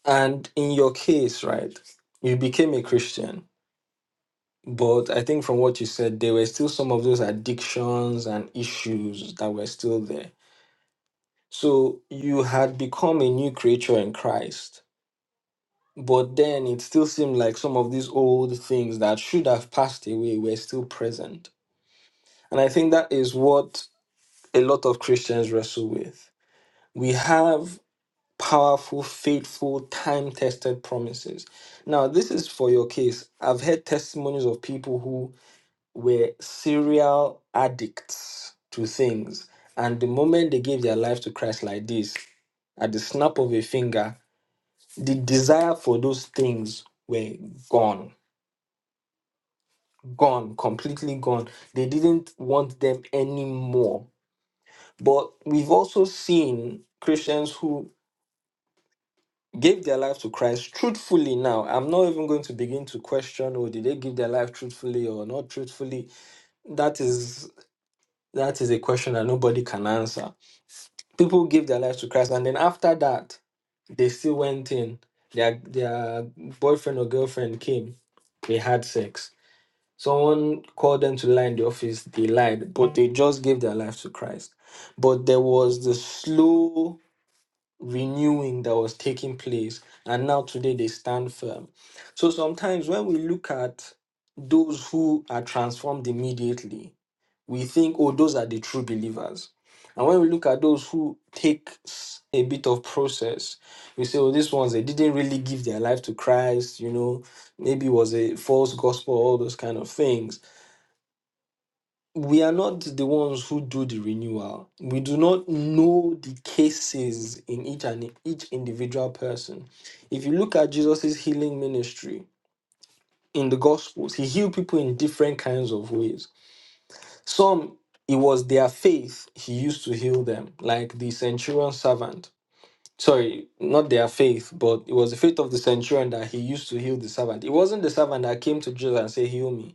[SPEAKER 1] And in your case, right, you became a Christian, but I think from what you said, there were still some of those addictions and issues that were still there. So you had become a new creature in Christ, but then it still seemed like some of these old things that should have passed away were still present. And I think that is what a lot of Christians wrestle with. We have powerful, faithful, time tested promises. Now, this is for your case. I've heard testimonies of people who were serial addicts to things. And the moment they gave their life to Christ like this, at the snap of a finger, the desire for those things were gone, gone, completely gone. They didn't want them anymore. But we've also seen Christians who gave their life to Christ truthfully now. I'm not even going to begin to question or did they give their life truthfully or not truthfully. That is that is a question that nobody can answer. People give their life to Christ and then after that they still went in. Their their boyfriend or girlfriend came. They had sex. Someone called them to lie in the office, they lied, but they just gave their life to Christ. But there was the slow renewing that was taking place and now today they stand firm so sometimes when we look at those who are transformed immediately we think oh those are the true believers and when we look at those who take s- a bit of process we say oh these ones they didn't really give their life to christ you know maybe it was a false gospel all those kind of things we are not the ones who do the renewal. We do not know the cases in each and each individual person. If you look at Jesus' healing ministry in the Gospels, he healed people in different kinds of ways. Some, it was their faith he used to heal them, like the centurion servant. Sorry, not their faith, but it was the faith of the centurion that he used to heal the servant. It wasn't the servant that came to Jesus and said, Heal me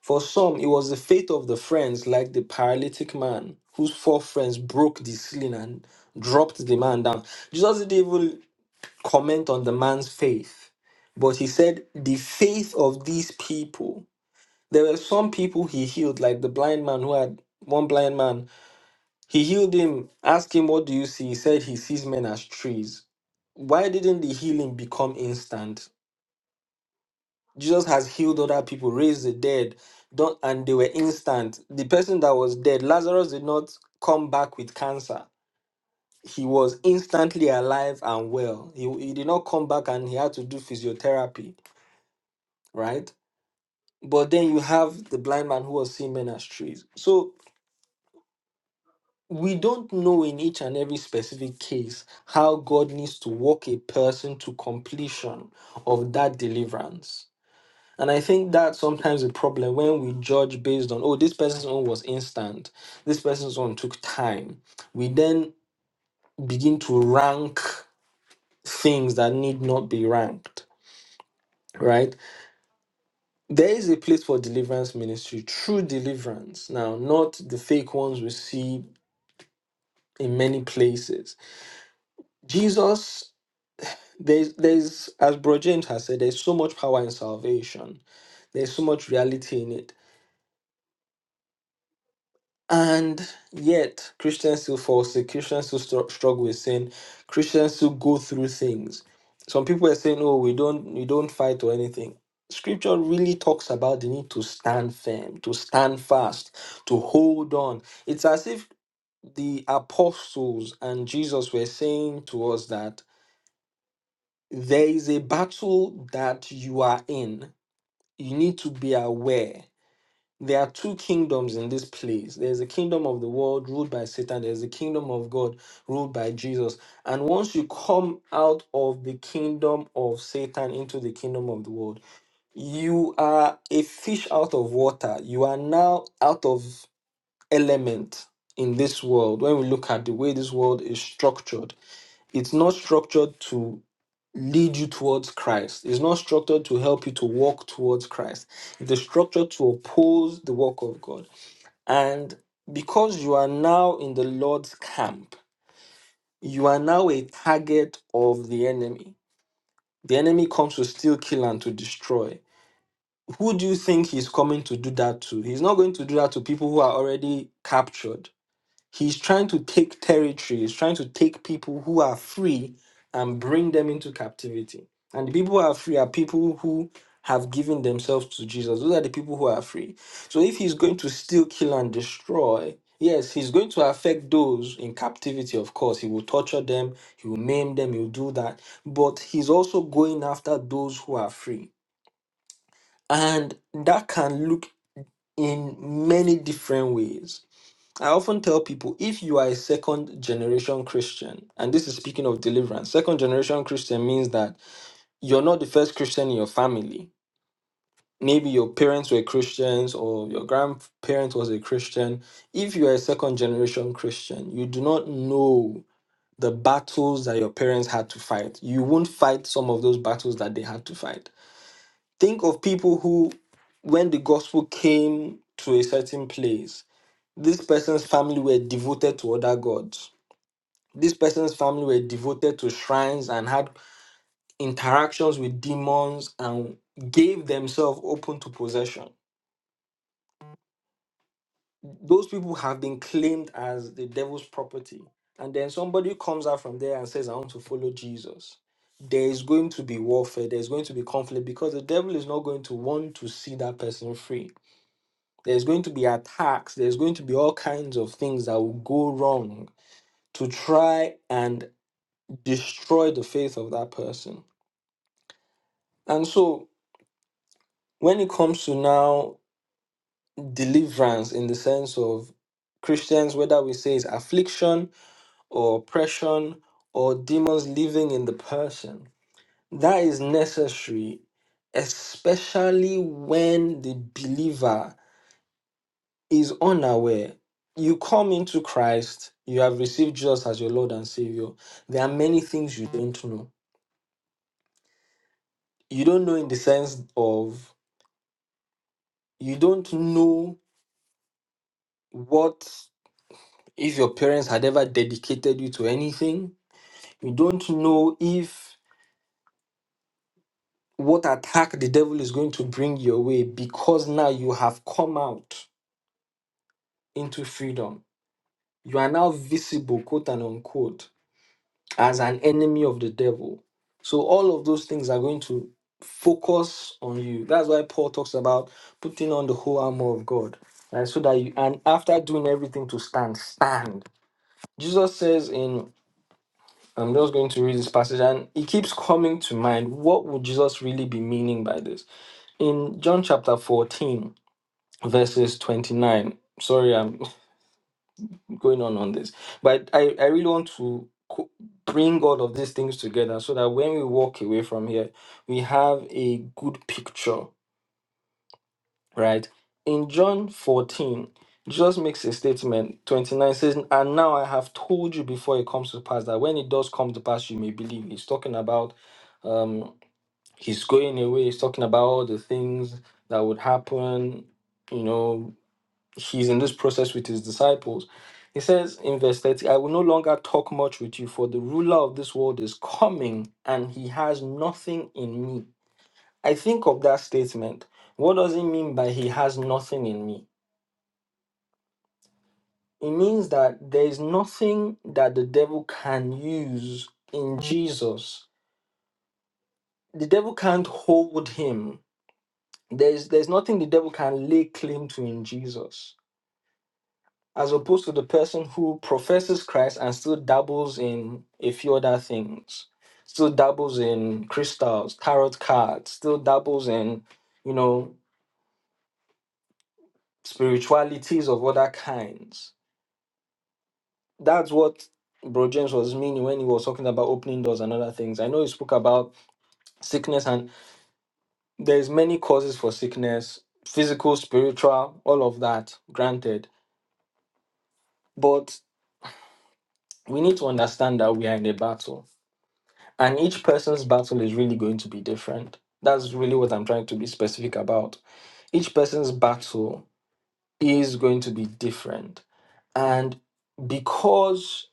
[SPEAKER 1] for some, it was the faith of the friends, like the paralytic man, whose four friends broke the ceiling and dropped the man down. Jesus didn't even comment on the man's faith, but he said, The faith of these people. There were some people he healed, like the blind man who had one blind man. He healed him, asked him, What do you see? He said, He sees men as trees. Why didn't the healing become instant? Jesus has healed other people, raised the dead, don't, and they were instant. The person that was dead, Lazarus did not come back with cancer. He was instantly alive and well. He, he did not come back and he had to do physiotherapy, right? But then you have the blind man who was seeing men as trees. So we don't know in each and every specific case how God needs to walk a person to completion of that deliverance And I think that's sometimes a problem when we judge based on, oh, this person's own was instant, this person's own took time. We then begin to rank things that need not be ranked, right? There is a place for deliverance ministry, true deliverance. Now, not the fake ones we see in many places. Jesus, there's, there's as Bro James has said, there's so much power in salvation, there's so much reality in it. And yet, Christians still fall sick. Christians still stru- struggle with sin. Christians still go through things. Some people are saying, "Oh, we don't, we don't fight or anything." Scripture really talks about the need to stand firm, to stand fast, to hold on. It's as if the apostles and Jesus were saying to us that there is a battle that you are in. You need to be aware. There are two kingdoms in this place. There's a kingdom of the world ruled by Satan. There's a kingdom of God ruled by Jesus. And once you come out of the kingdom of Satan into the kingdom of the world, you are a fish out of water. You are now out of element in this world. When we look at the way this world is structured, it's not structured to lead you towards Christ. It's not structured to help you to walk towards Christ. It is structured to oppose the work of God. And because you are now in the Lord's camp, you are now a target of the enemy. The enemy comes to steal, kill, and to destroy. Who do you think he's coming to do that to? He's not going to do that to people who are already captured He's trying to take territory, he's trying to take people who are free and bring them into captivity. And the people who are free are people who have given themselves to Jesus. Those are the people who are free. So if he's going to steal, kill, and destroy, yes, he's going to affect those in captivity, of course. He will torture them, he will maim them, he will do that. But he's also going after those who are free. And that can look in many different ways I often tell people if you are a second generation Christian, and this is speaking of deliverance, second generation Christian means that you're not the first Christian in your family. Maybe your parents were Christians or your grandparents was a Christian. If you are a second generation Christian, you do not know the battles that your parents had to fight. You won't fight some of those battles that they had to fight. Think of people who, when the gospel came to a certain place, this person's family were devoted to other gods This person's family were devoted to shrines and had interactions with demons and gave themselves open to possession. Those people have been claimed as the devil's property. And then somebody comes out from there and says, I want to follow Jesus. There is going to be warfare, there's going to be conflict because the devil is not going to want to see that person free. There's going to be attacks, there's going to be all kinds of things that will go wrong to try and destroy the faith of that person. And so, when it comes to now deliverance in the sense of Christians, whether we say it's affliction or oppression or demons living in the person, that is necessary, especially when the believer is unaware. You come into Christ, you have received Jesus as your Lord and Savior. There are many things you don't know. You don't know in the sense of you don't know what if your parents had ever dedicated you to anything. You don't know if what attack the devil is going to bring your way because now you have come out into freedom. You are now visible, quote and unquote, as an enemy of the devil. So all of those things are going to focus on you. That's why Paul talks about putting on the whole armor of God. right? so that you and after doing everything to stand, stand. Jesus says in I'm just going to read this passage and it keeps coming to mind. What would Jesus really be meaning by this? In John chapter 14, verses 29, sorry, I'm going on on this, but I, I really want to co- bring all of these things together so that when we walk away from here, we have a good picture, right? In John 14, Jesus makes a statement 29 says, And now I have told you before it comes to pass that when it does come to pass, you may believe. He's talking about. um, he's going away, he's talking about all the things that would happen. You know, he's in this process with his disciples. He says in verse 30, I will no longer talk much with you, for the ruler of this world is coming and he has nothing in me. I think of that statement. What does it mean by he has nothing in me? It means that there is nothing that the devil can use in Jesus. The devil can't hold him There's there's nothing the devil can lay claim to in Jesus, as opposed to the person who professes Christ and still dabbles in a few other things, still dabbles in crystals, tarot cards, still dabbles in, you know, spiritualities of other kinds. That's what Bro James was meaning when he was talking about opening doors and other things. I know he spoke about sickness and there's many causes for sickness, physical, spiritual, all of that, granted. But we need to understand that we are in a battle and each person's battle is really going to be different that's really what i'm trying to be specific about each person's battle is going to be different and because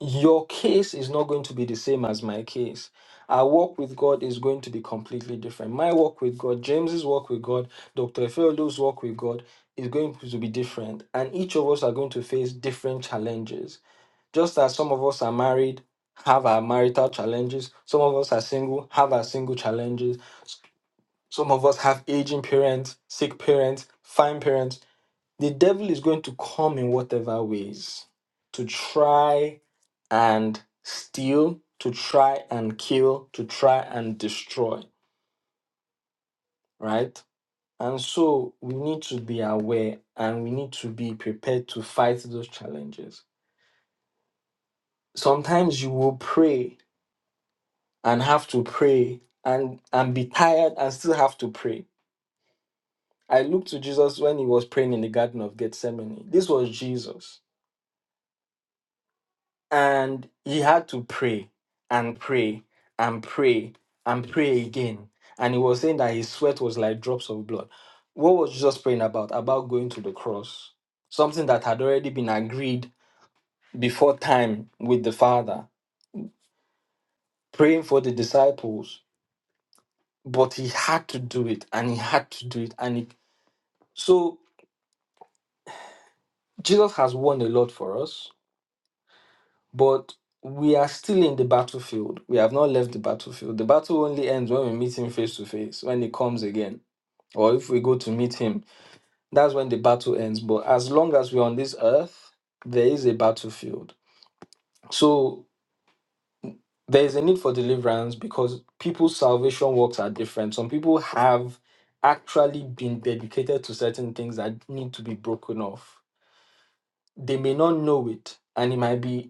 [SPEAKER 1] your case is not going to be the same as my case our walk with god is going to be completely different my walk with god james's walk with god dr Efeolu's walk with god is going to be different and each of us are going to face different challenges just as some of us are married, have our marital challenges, some of us are single, have our single challenges, S- some of us have aging parents, sick parents, fine parents. The devil is going to come in whatever ways to try and steal, to try and kill, to try and destroy, right? And so we need to be aware and we need to be prepared to fight those challenges. Sometimes you will pray and have to pray and and be tired and still have to pray. I look to Jesus when he was praying in the garden of Gethsemane. This was Jesus. And he had to pray and pray and pray and pray again. And he was saying that his sweat was like drops of blood. What was Jesus praying about? About going to the cross. Something that had already been agreed before time with the Father, praying for the disciples, but he had to do it and he had to do it. And he, so Jesus has won a lot for us, but we are still in the battlefield. We have not left the battlefield. The battle only ends when we meet him face to face, when he comes again, or if we go to meet him. That's when the battle ends. But as long as we're on this earth, there is a battlefield. So there is a need for deliverance because people's salvation works are different. Some people have actually been dedicated to certain things that need to be broken off. They may not know it, and it might be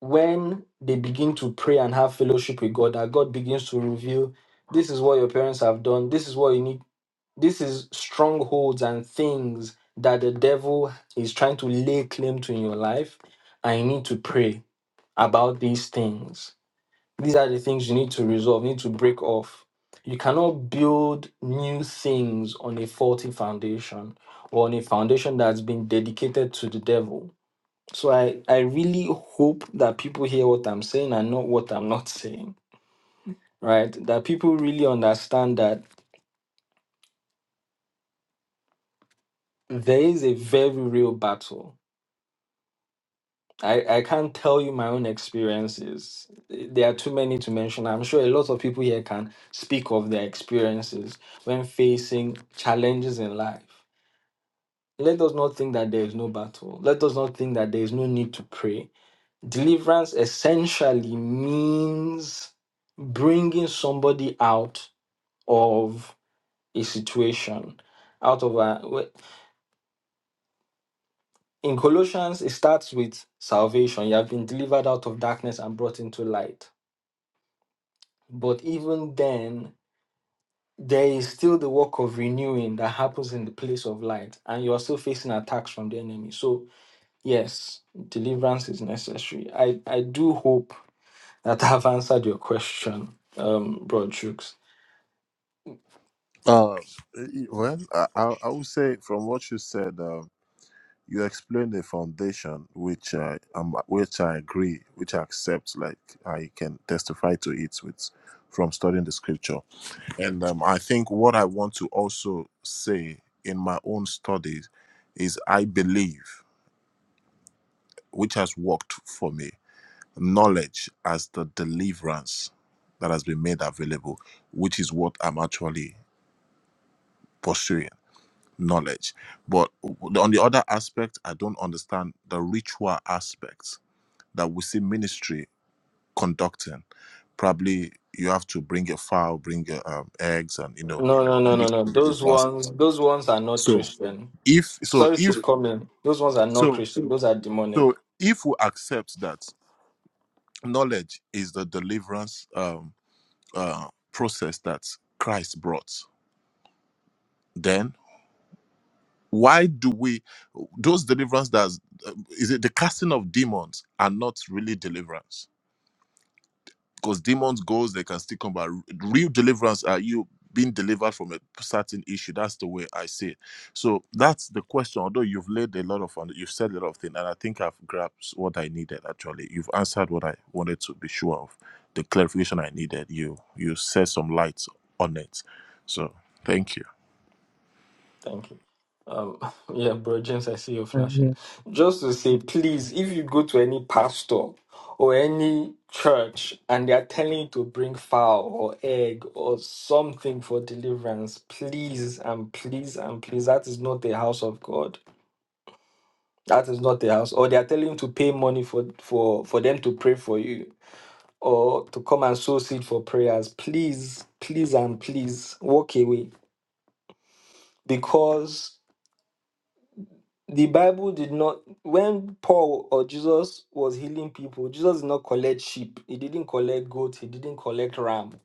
[SPEAKER 1] when they begin to pray and have fellowship with God, that God begins to reveal this is what your parents have done, this is what you need, this is strongholds and things that the devil is trying to lay claim to in your life. And you need to pray about these things. These are the things you need to resolve, you need to break off. You cannot build new things on a faulty foundation or on a foundation that's been dedicated to the devil so I, I really hope that people hear what I'm saying and not what I'm not saying, right? That people really understand that there is a very real battle. I, I can't tell you my own experiences. There are too many to mention. I'm sure a lot of people here can speak of their experiences when facing challenges in life. Let us not think that there is no battle. Let us not think that there is no need to pray. Deliverance essentially means bringing somebody out of a situation out of a w- in colossians it starts with salvation you have been delivered out of darkness and brought into light but even then there is still the work of renewing that happens in the place of light and you are still facing attacks from the enemy so yes deliverance is necessary i i do hope that i've answered your question um Bro Chooks.
[SPEAKER 4] Uh, well, I, I I would say from what you said. you explain the foundation, which I um, which I agree, which I accept. Like I can testify to it with from studying the scripture, and um, I think what I want to also say in my own studies is I believe, which has worked for me, knowledge as the deliverance that has been made available, which is what I'm actually pursuing knowledge but on the other aspect i don't understand the ritual aspect that we see ministry conducting. Probably you have to bring your fowl, bring your um, eggs, and you know,
[SPEAKER 1] no no no
[SPEAKER 4] all
[SPEAKER 1] no
[SPEAKER 4] these
[SPEAKER 1] no
[SPEAKER 4] things is
[SPEAKER 1] those
[SPEAKER 4] that-
[SPEAKER 1] ones those ones are not
[SPEAKER 4] So
[SPEAKER 1] christian
[SPEAKER 4] if so
[SPEAKER 1] Sorry
[SPEAKER 4] if
[SPEAKER 1] to come in. Those ones are not
[SPEAKER 4] so
[SPEAKER 1] Christian. Those are demonic.
[SPEAKER 4] so if we accept that knowledge is the deliverance um, uh, process that Christ brought, then why do we those deliverance that is it the casting of demons are not really deliverance? because demons goes they can still come back real deliverance are you being delivered from a certain issue that's the way i see it so that's the question although you've laid a lot of you've said a lot of things and i think i've grasped what i needed actually you've answered what i wanted to be sure of the clarification i needed you you set some lights on it so thank you
[SPEAKER 1] Thank you. Um, yeah, bro, James, I see you flashing. Just to say, please, if you go to any pastor or any church and they are telling you to bring fowl or egg or something for deliverance, please and please and please, that is not the house of God. That is not the house. Or they are telling you to pay money for for for them to pray for you or to come and sow seed for prayers. Please, please and please walk away because the Bible did not when Paul or Jesus was healing people, Jesus did not collect sheep, he didn't collect goat, he didn't collect ram,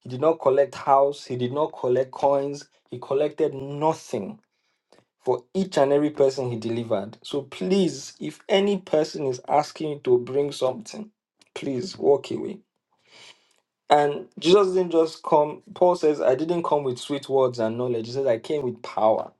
[SPEAKER 1] he did not collect house, he did not collect coins, he collected nothing for each and every person he delivered. So please, if any person is asking you to bring something, please walk away. And Jesus didn't just come, Paul says, I didn't come with sweet words and knowledge. He says, I came with power.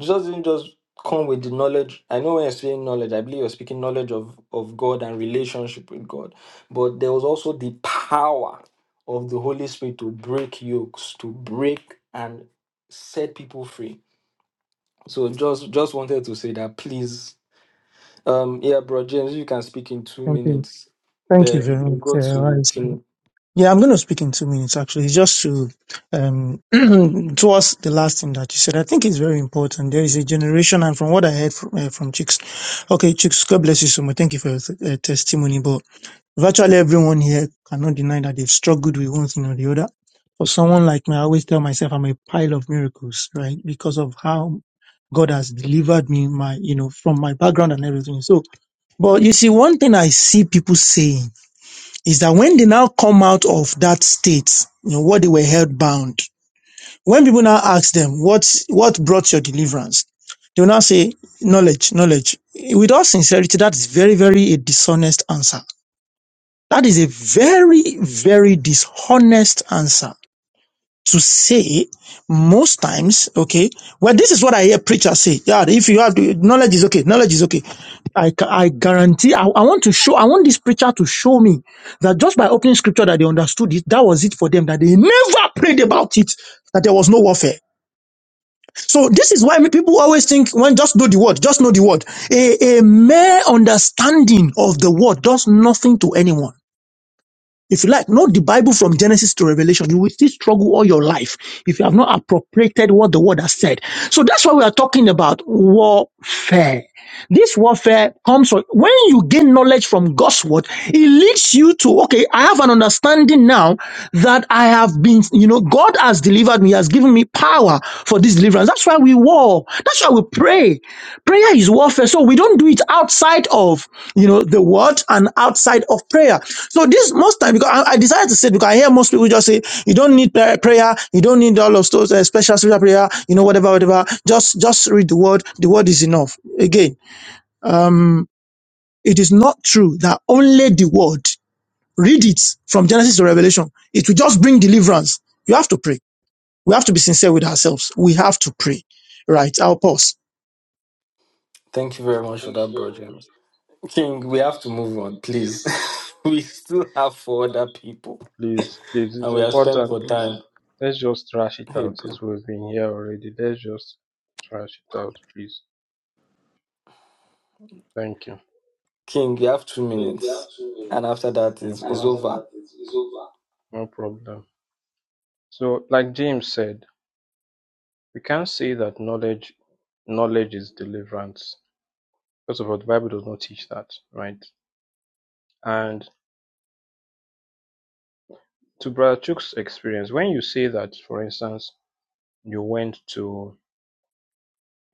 [SPEAKER 1] Jesus didn't just come with the knowledge. I know when you're speaking knowledge, I believe you're speaking knowledge of, of God and relationship with God. But there was also the power of the Holy Spirit to break yokes, to break and set people free. So just just wanted to say that please. Um yeah, bro James, you can speak in two
[SPEAKER 3] Okay.
[SPEAKER 1] minutes.
[SPEAKER 3] Thank you
[SPEAKER 1] Then
[SPEAKER 3] very
[SPEAKER 1] we
[SPEAKER 3] much,
[SPEAKER 1] go
[SPEAKER 3] uh,
[SPEAKER 1] to
[SPEAKER 3] Rice.
[SPEAKER 1] King.
[SPEAKER 3] Yeah, I'm going to speak in two minutes actually, just to, um, towards the last thing that you said. I think it's very important. There is a generation, and from what I heard from, uh, from Chicks, okay, Chicks, God bless you so much. Thank you for your uh, testimony. But virtually everyone here cannot deny that they've struggled with one thing or the other. For someone like me, I always tell myself I'm a pile of miracles, right? Because of how God has delivered me, my, you know, from my background and everything. So, but you see, one thing I see people saying, is that when they now come out of that state, you know, what they were held bound, when people now ask them, what, what brought your deliverance? They will now say, knowledge, knowledge. With all sincerity, that is very, very a dishonest answer. That is a very, very dishonest answer to say most times, okay, well, this is what I hear preachers say. Yeah, if you have the knowledge is okay, knowledge is okay. I, ca- I guarantee, I, I want to show, I want this preacher to show me that just by opening scripture that they understood it, that was it for them, that they never prayed about it, that there was no warfare. So this is why many people always think when just know the word, just know the word. A, a mere understanding of the word does nothing to anyone. If you like, know the Bible from Genesis to Revelation, you will still struggle all your life if you have not appropriated what the word has said. So that's why we are talking about warfare. This warfare comes from when you gain knowledge from God's word, it leads you to, okay, I have an understanding now now that I have been, you know, God has delivered me, has given me power for this deliverance. That's why we war. That's why we pray. Prayer is warfare. So we don't do it outside of, you know, the word and outside of prayer. So this most time, because I, I decided to say, because I hear most people just say, you don't need pra- prayer, you don't need all of those uh, special spiritual prayer, you know, whatever, whatever. Just, just read the word. The word is enough. Again, um, it is not true that only the word Read it from Genesis to Revelation. It will just bring deliverance. You have to pray. We have to be sincere with ourselves. We have to pray. Right. I'll pause.
[SPEAKER 1] Thank you very much for that, bro James. King, we have to move on, please. we still have four other people
[SPEAKER 2] Please, please,
[SPEAKER 1] and we are spent for time.
[SPEAKER 2] let's just trash it
[SPEAKER 1] Hey,
[SPEAKER 2] out
[SPEAKER 1] bro.
[SPEAKER 2] since we've been here already. Let's just trash it out, please. Thank you.
[SPEAKER 1] King, you have two minutes. And after that, it's,
[SPEAKER 2] No,
[SPEAKER 1] it's over.
[SPEAKER 2] no problem. So, like James said, We can't say that knowledge knowledge is deliverance. First of all, the Bible does not teach that, right? And to Brother Chuck's experience, when you say that, for instance, you went to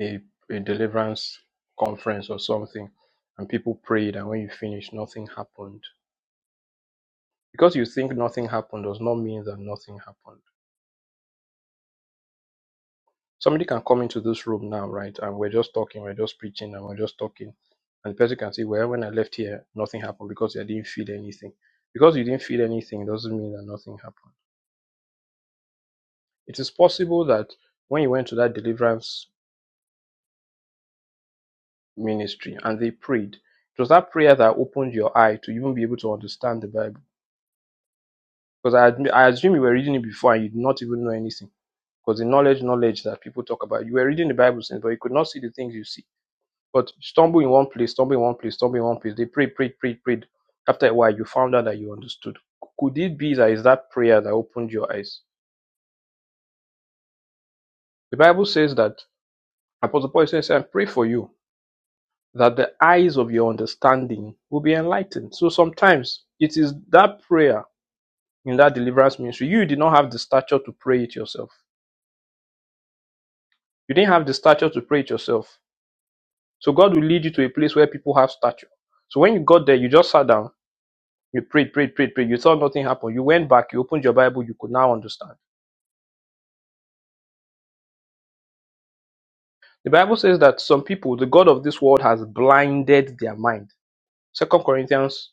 [SPEAKER 2] a, a deliverance conference or something and people prayed and when you finished nothing happened. Because you think nothing happened does not mean that nothing happened. Somebody can come into this room now, right? And we're just talking, we're just preaching, and we're just talking. And the person can say, Well, when I left here, nothing happened because I didn't feel anything. Because you didn't feel anything doesn't mean that nothing happened. It is possible that when you went to that deliverance ministry and they prayed, it was that prayer that opened your eye to even be able to understand the Bible. Because I, admi- I assume you were reading it before and you did not even know anything. Because the knowledge, knowledge that people talk about, you were reading the Bible since, but you could not see the things you see But stumble in one place, stumble in one place, stumble in one place. They prayed, prayed, prayed, prayed. After a while, found out that you understood. Could that is that prayer that opened your eyes. The Bible that apostle sent to you that the eye who is here in that ministry, you did not to pray it yourself. You didn't have the stature to pray it yourself. So God will lead you to a place where people have stature. So when you got there, you just sat down, you prayed, prayed, prayed, prayed. You thought nothing happened. You went back, you opened your Bible, you could now understand. The Bible says that some people, the God of this world has blinded their mind. Second Corinthians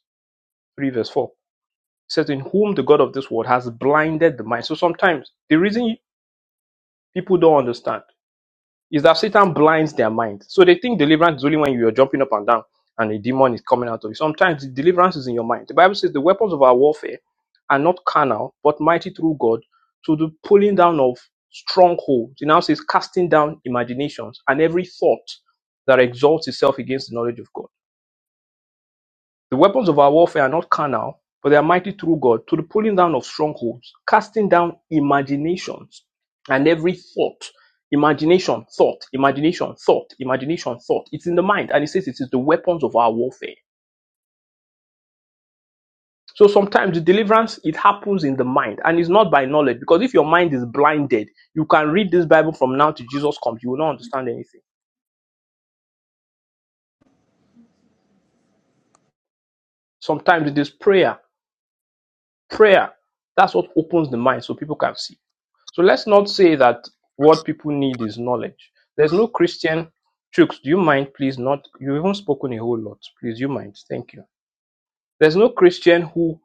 [SPEAKER 2] 3 verse 4 It says in whom the god of this world has blinded the mind so sometimes the reason people don't understand is that satan blinds their mind so they think deliverance is only when you're jumping up and down and a demon is coming out of you sometimes the deliverance is in your mind the bible says the weapons of our warfare are not carnal but mighty through god to the pulling down of strongholds it now says casting down imaginations and every thought that exalts itself against the knowledge of god The weapons of our warfare are not carnal, but they are mighty through God to the pulling down of strongholds, casting down imaginations and every thought. Imagination, thought, imagination, thought, imagination, thought. It's in the mind, and it says it is the weapons of our warfare. So sometimes the deliverance it happens in the mind, and it's not by knowledge. Because if your mind is blinded, you can read this Bible from now to Jesus comes. You will not understand anything. Sometimes it is prayer, prayer. That's what opens the mind, so people can see. So let's not say that what people need is knowledge. There's no Christian Chooks, do you mind, please? Not you haven't spoken a whole lot. Please, you mind. Thank you. There's no Christian who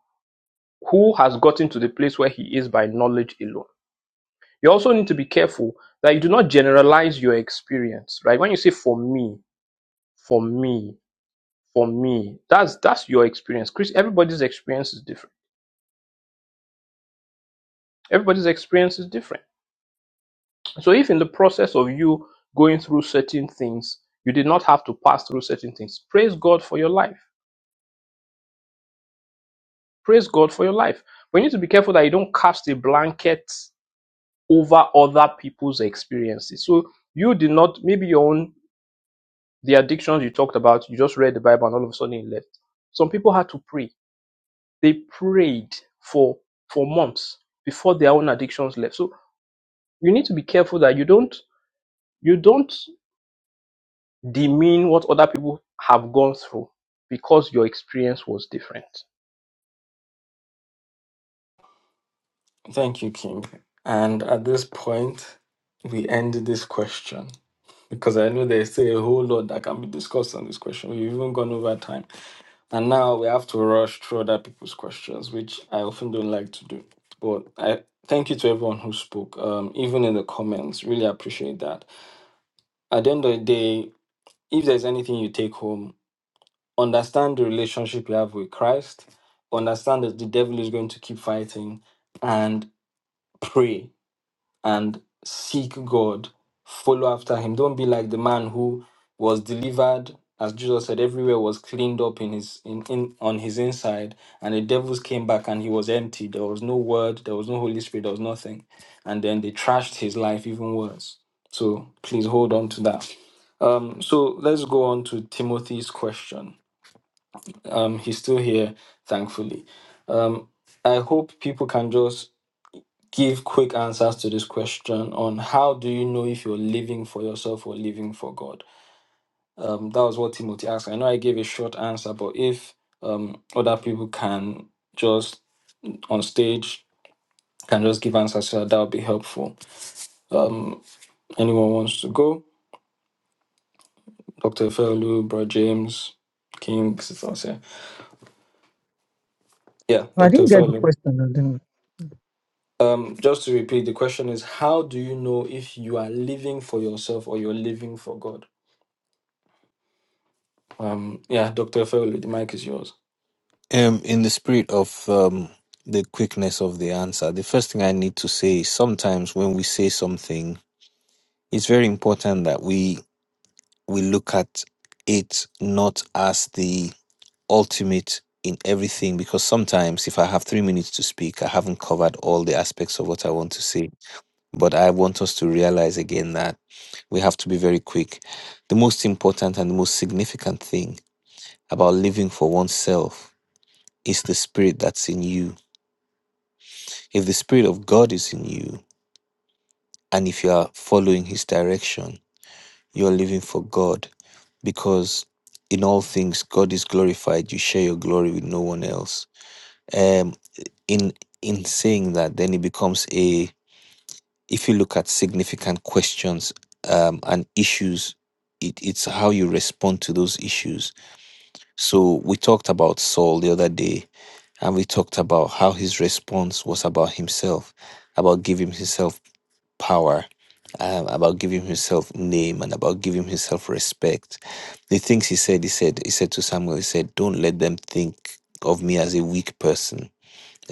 [SPEAKER 2] who has gotten to the place where he is by knowledge alone. You also need to be careful that you do not generalize your experience, right? When you say for me, for me, for me, that's that's your experience. Chris, everybody's experience is different. Everybody's experience is different. So if in the process of you going through certain things, you did not have to pass through certain things, praise God for your life. Praise God for your life. But you need to be careful that you don't cast a blanket over other people's experiences. So you did not, maybe your own, the addictions you talked about, you just read the Bible and all of a sudden it left. Some people had to pray. They prayed for for months before their own addictions left. So you need to be careful that you don't you don't demean what other people have gone through because your experience was different.
[SPEAKER 1] Thank you, King. And at this point, we end this question because I know there's still a whole lot that can be discussed on this question. We've even gone over time. And now we have to rush through other people's questions, which I often don't like to do. But I thank you to everyone who spoke, um, even in the comments. Really appreciate that. At the end of the day, if there's anything you take home, understand the relationship you have with Christ, understand that the devil is going to keep fighting, and pray and seek God, follow after him. Don't be like the man who was delivered, as Jesus said, everywhere was cleaned up in his in, in on his inside, and the devils came back and he was empty. There was no word, there was no Holy Spirit, there was nothing. And then they trashed his life even worse. So please hold on to that. Um, so let's go on to Timothy's question. Um, he's still here, thankfully. Um, I hope people can just give quick answers to this question on how do you know if you're living for yourself or living for God? Um, that was what Timothy asked. I know I gave a short answer, but if um, other people can just on stage can just give answers to that, that would be helpful. Um, anyone wants to go? Dr. Felu, Bro James, King, Sister Ose. Yeah,
[SPEAKER 3] I
[SPEAKER 1] Dr.
[SPEAKER 3] didn't get the
[SPEAKER 1] Felu.
[SPEAKER 3] question. I didn't.
[SPEAKER 1] Um, just to repeat, the question is how do you know if you are living for yourself or you're living for God? Um, yeah, Dr. Efeolu, the mic is yours.
[SPEAKER 5] Um, in the spirit of um, the quickness of the answer, the first thing I need to say is sometimes when we say something, it's very important that we we look at it not as the ultimate in everything because sometimes if I have three minutes to speak, I haven't covered all the aspects of what I want to say. But I want us to realize again that we have to be very quick. The most important and the most significant thing about living for oneself is the spirit that's in you. If the spirit of God is in you, and if you are following his direction, you're living for God because in all things God is glorified. You share your glory with no one else. Um. in in saying that then it becomes a if you look at significant questions um, and issues it, it's how you respond to those issues so we talked about saul the other day and we talked about how his response was about himself about giving himself power um, about giving himself name and about giving himself respect the things he said he said he said to samuel he said don't let them think of me as a weak person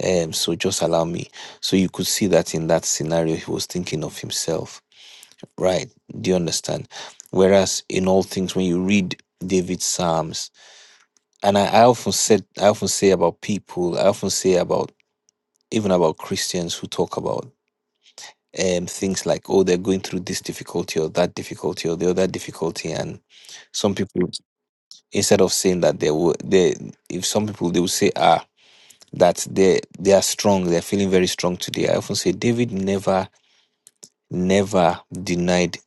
[SPEAKER 5] um, so just allow me. So you could see that in that scenario, he was thinking of himself, right? Do you understand? Whereas in all things, when you read David's Psalms, and I, I often said, I often say about people, I often say about even about Christians who talk about um things like, oh, they're going through this difficulty or that difficulty or the other difficulty, and some people instead of saying that they would, they if some people they would say, ah. that they they are strong. They're feeling very strong today. I often say David never never denied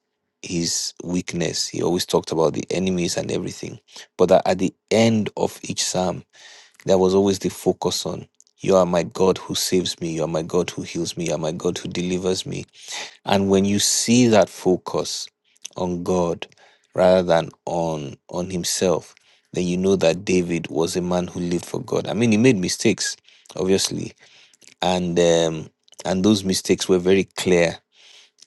[SPEAKER 5] his weakness. He always talked about the enemies and everything, but that at the end of each psalm, there was always the focus on. You are my God who saves me. You are my God who heals me. You are my God who delivers me. And when you see that focus on God rather than on on himself, then you know that David was a man who lived for God. I mean, he made mistakes, obviously and um, and those mistakes were very clear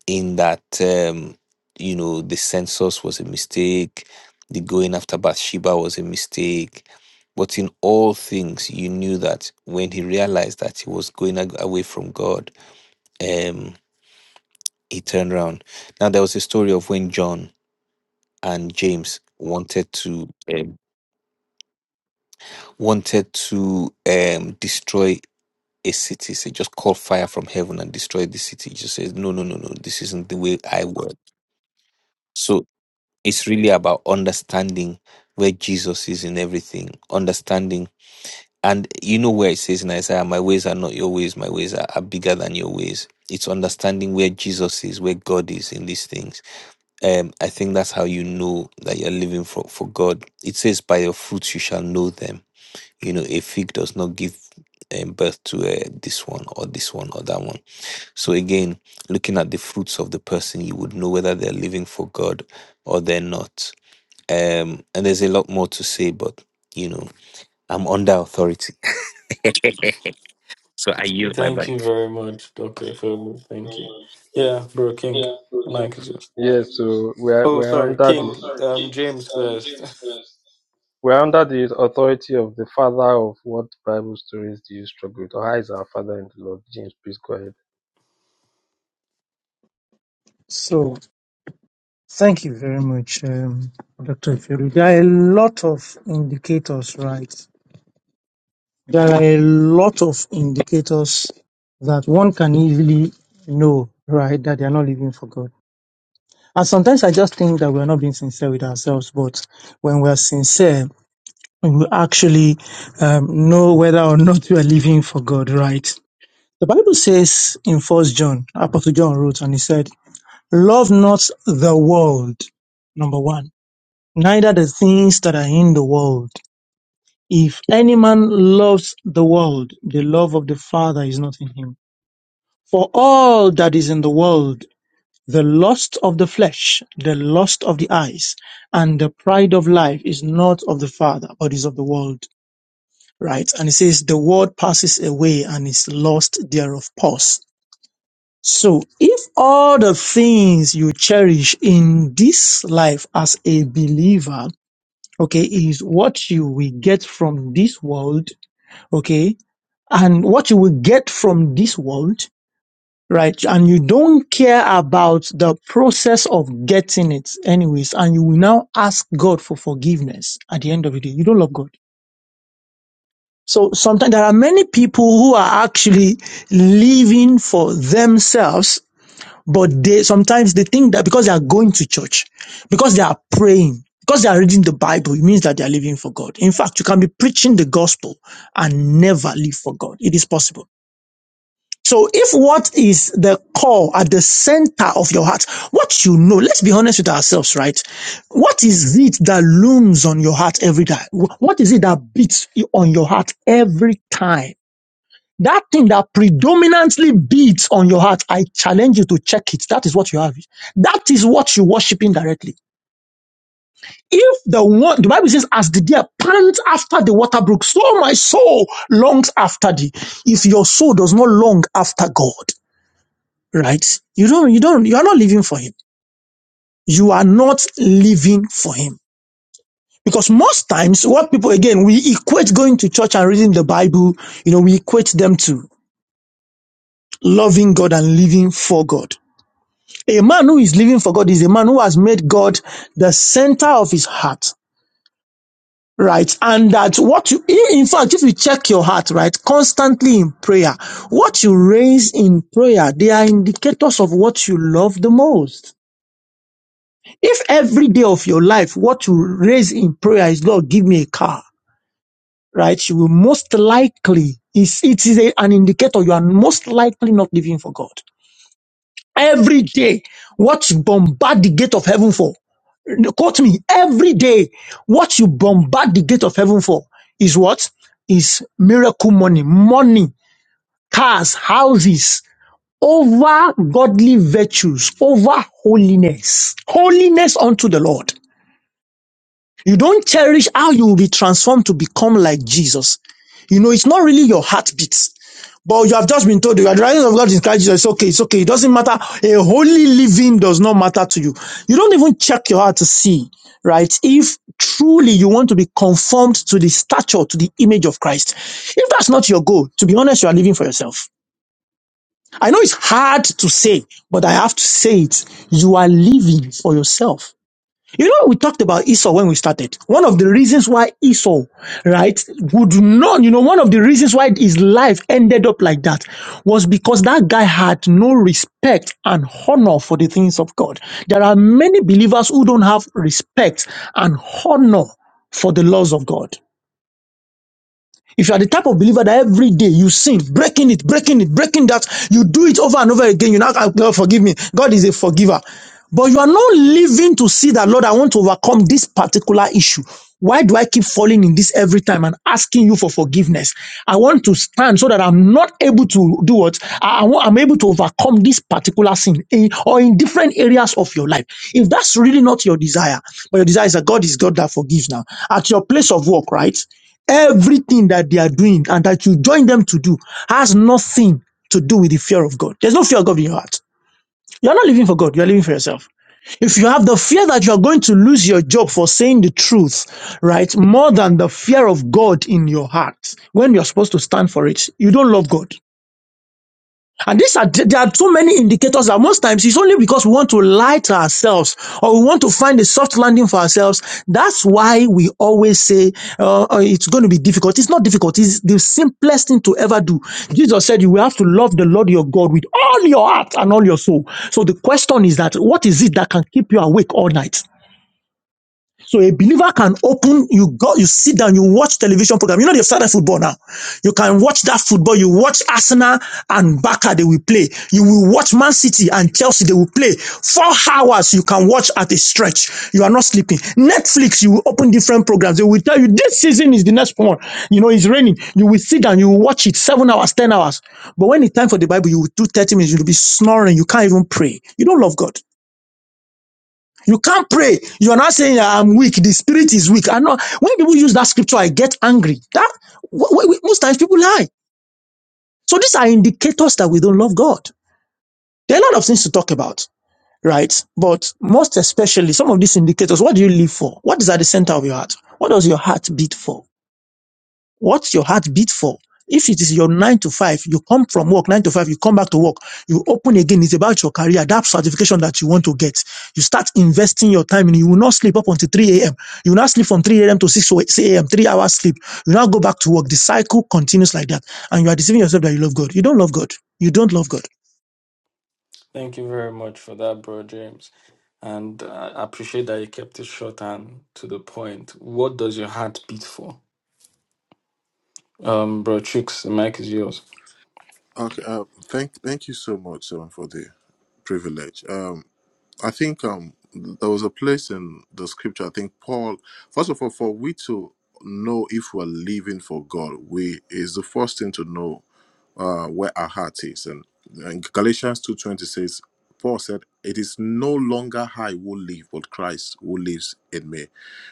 [SPEAKER 5] in that um, you know the census was a mistake, the going after Bathsheba was a mistake, but in all things you knew that when he realized that he was going ag- away from God, um, he turned around. Now there was a story of when John and James wanted to um, wanted to um, destroy a city, say just call fire from heaven and destroy the city. He Just says, No, no, no, no, this isn't the way I work. So it's really about understanding where Jesus is in everything, understanding and you know where it says in Isaiah, My ways are not your ways, my ways are, are bigger than your ways. It's understanding where Jesus is, where God is in these things. Um, I think that's how you know that you're living for, for God. It says, By your fruits you shall know them. You know, a fig does not give um, birth to uh, this one or this one or that one so again, looking at the fruits of the person, you would know whether they're living for God or they're not. Um, and there's a lot more to say, but you know, I'm under authority, so I yield my
[SPEAKER 1] Thank
[SPEAKER 5] mic.
[SPEAKER 1] you very much, Dr. Efeolu. Thank you. Yeah, bro, King, mic is yours.
[SPEAKER 2] We're,
[SPEAKER 1] Oh,
[SPEAKER 2] we're
[SPEAKER 1] sorry,
[SPEAKER 2] under
[SPEAKER 1] King, um, James first.
[SPEAKER 2] we're under the authority of the father of what Bible stories do you struggle with? Or how is our father in the Lord? James, please go ahead.
[SPEAKER 3] So thank you very much, um, Dr. Ifiru. There are a lot of indicators, right? There are a lot of indicators that one can easily know, right, that they are not living for God. And sometimes I just think that we are not being sincere with ourselves, but when we are sincere, we will actually um, know whether or not we are living for God, right? The Bible says in First John, Apostle John wrote, and he said, "Love not the world, number one, neither the things that are in the world. If any man loves the world, the love of the Father is not in him. For all that is in the world." The lust of the flesh, the lust of the eyes, and the pride of life is not of the Father, but is of the world right? And it says, the world passes away and is lost thereof pause. So if all the things you cherish in this life as a believer, okay, is what you will get from this world, okay, and what you will get from this world, right? And you don't care about the process of getting it anyways, and you will now ask God for forgiveness at the end of the day. You don't love God So sometimes there are many people who are actually living for themselves, but they sometimes they think that because they are going to church, because they are praying, because they are reading the Bible, it means that they are living for God. In fact, you can be preaching the gospel and never live for God. It is possible. So if what is the core at the center of your heart, what you know, let's be honest with ourselves, right? What is it that looms on your heart every day? What is it that beats on your heart every time? That thing that predominantly beats on your heart, I challenge you to check it. That is what you have. That is what you're worshiping directly. If the one, the Bible says, as the deer pants after the water brook, so my soul longs after thee. If your soul does not long after God, right? You don't, you don't, you are not living for Him. You are not living for Him. Because most times, what people, again, we equate going to church and reading the Bible, you know, we equate them to loving God and living for God. A man who is living for God is a man who has made God the center of his heart, right? And that what you, in fact, if you check your heart, right, constantly in prayer, what you raise in prayer, they are indicators of what you love the most. If every day of your life, what you raise in prayer is, Lord, give me a car, right? You will most likely, it's, it is a, an indicator you are most likely not living for God. Every day, what you bombard the gate of heaven for, quote me, every day, what you bombard the gate of heaven for is what? Is miracle money, money, cars, houses, over godly virtues, over holiness, holiness unto the Lord. You don't cherish how you will be transformed to become like Jesus. You know, it's not really your heartbeat. But you have just been told the righteousness of God is Christ Jesus. It's okay. It's okay. It doesn't matter. A holy living does not matter to you. You don't even check your heart to see, right? If truly you want to be conformed to the stature, to the image of Christ. If that's not your goal, to be honest, you are living for yourself. I know it's hard to say, but I have to say it. You are living for yourself. You know, we talked about Esau when we started. One of the reasons why Esau, right, would not, you know, one of the reasons why his life ended up like that was because that guy had no respect and honor for the things of God. There are many believers who don't have respect and honor for the laws of God. If you are the type of believer that every day you sin, breaking it, breaking it, breaking that, you do it over and over again, you now, "Ah, God forgive me. God is a forgiver. But you are not living to see that, Lord, I want to overcome this particular issue. Why do I keep falling in this every time and asking you for forgiveness? I want to stand so that I'm not able to do what I, I want, I'm able to overcome this particular sin in, or in different areas of your life. If that's really not your desire, but your desire is that God is God that forgives now. At your place of work, right? Everything that they are doing and that you join them to do has nothing to do with the fear of God. There's no fear of God in your heart. You're not living for God, you're living for yourself. If you have the fear that you are going to lose your job for saying the truth, right, more than the fear of God in your heart, when you're supposed to stand for it, you don't love God. And these are there are too many indicators that most times it's only because we want to lie to ourselves or we want to find a soft landing for ourselves. That's why we always say uh, uh, it's going to be difficult. It's not difficult. It's the simplest thing to ever do. Jesus said you will have to love the Lord your God with all your heart and all your soul. So the question is that what is it that can keep you awake all night? So a believer can open, you go, you sit down, you watch television program. You know, they've started football now. You can watch that football. You watch Arsenal and Barca, they will play. You will watch Man City and Chelsea, they will play. Four hours you can watch at a stretch. You are not sleeping. Netflix, you will open different programs. They will tell you this season is the next one. You know, it's raining. You will sit down, you will watch it seven hours, 10 hours. But when it's time for the Bible, you will do 30 minutes. You'll be snoring. You can't even pray. You don't love God. You can't pray. You're not saying "Yeah, I'm weak. The spirit is weak. I know when people use that scripture, I get angry. That wh- wh- most times people lie. So these are indicators that we don't love God. There are a lot of things to talk about, right? But most especially some of these indicators, what do you live for? What is at the center of your heart? What does your heart beat for? What's your heart beat for? If it is your nine to five, you come from work, nine to five, you come back to work, you open again, it's about your career, that certification that you want to get. You start investing your time and you will not sleep up until 3 a.m. You will not sleep from 3 a.m. to 6 a.m., three hours sleep. You now go back to work. The cycle continues like that. And you are deceiving yourself that you love God. You don't love God. You don't love God.
[SPEAKER 1] Thank you very much for that, bro, James. And uh, I appreciate that you kept it short and to the point. What does your heart beat for? Um, bro, Chicks, the mic is yours.
[SPEAKER 4] Okay. Uh, thank thank you so much, um, for the privilege. Um, I think um there was a place in the scripture. I think Paul. First of all, for we to know if we're living for God, we is the first thing to know uh, where our heart is. And, and Galatians 2.20 says, Paul said, it is no longer I who live, but Christ who lives in me.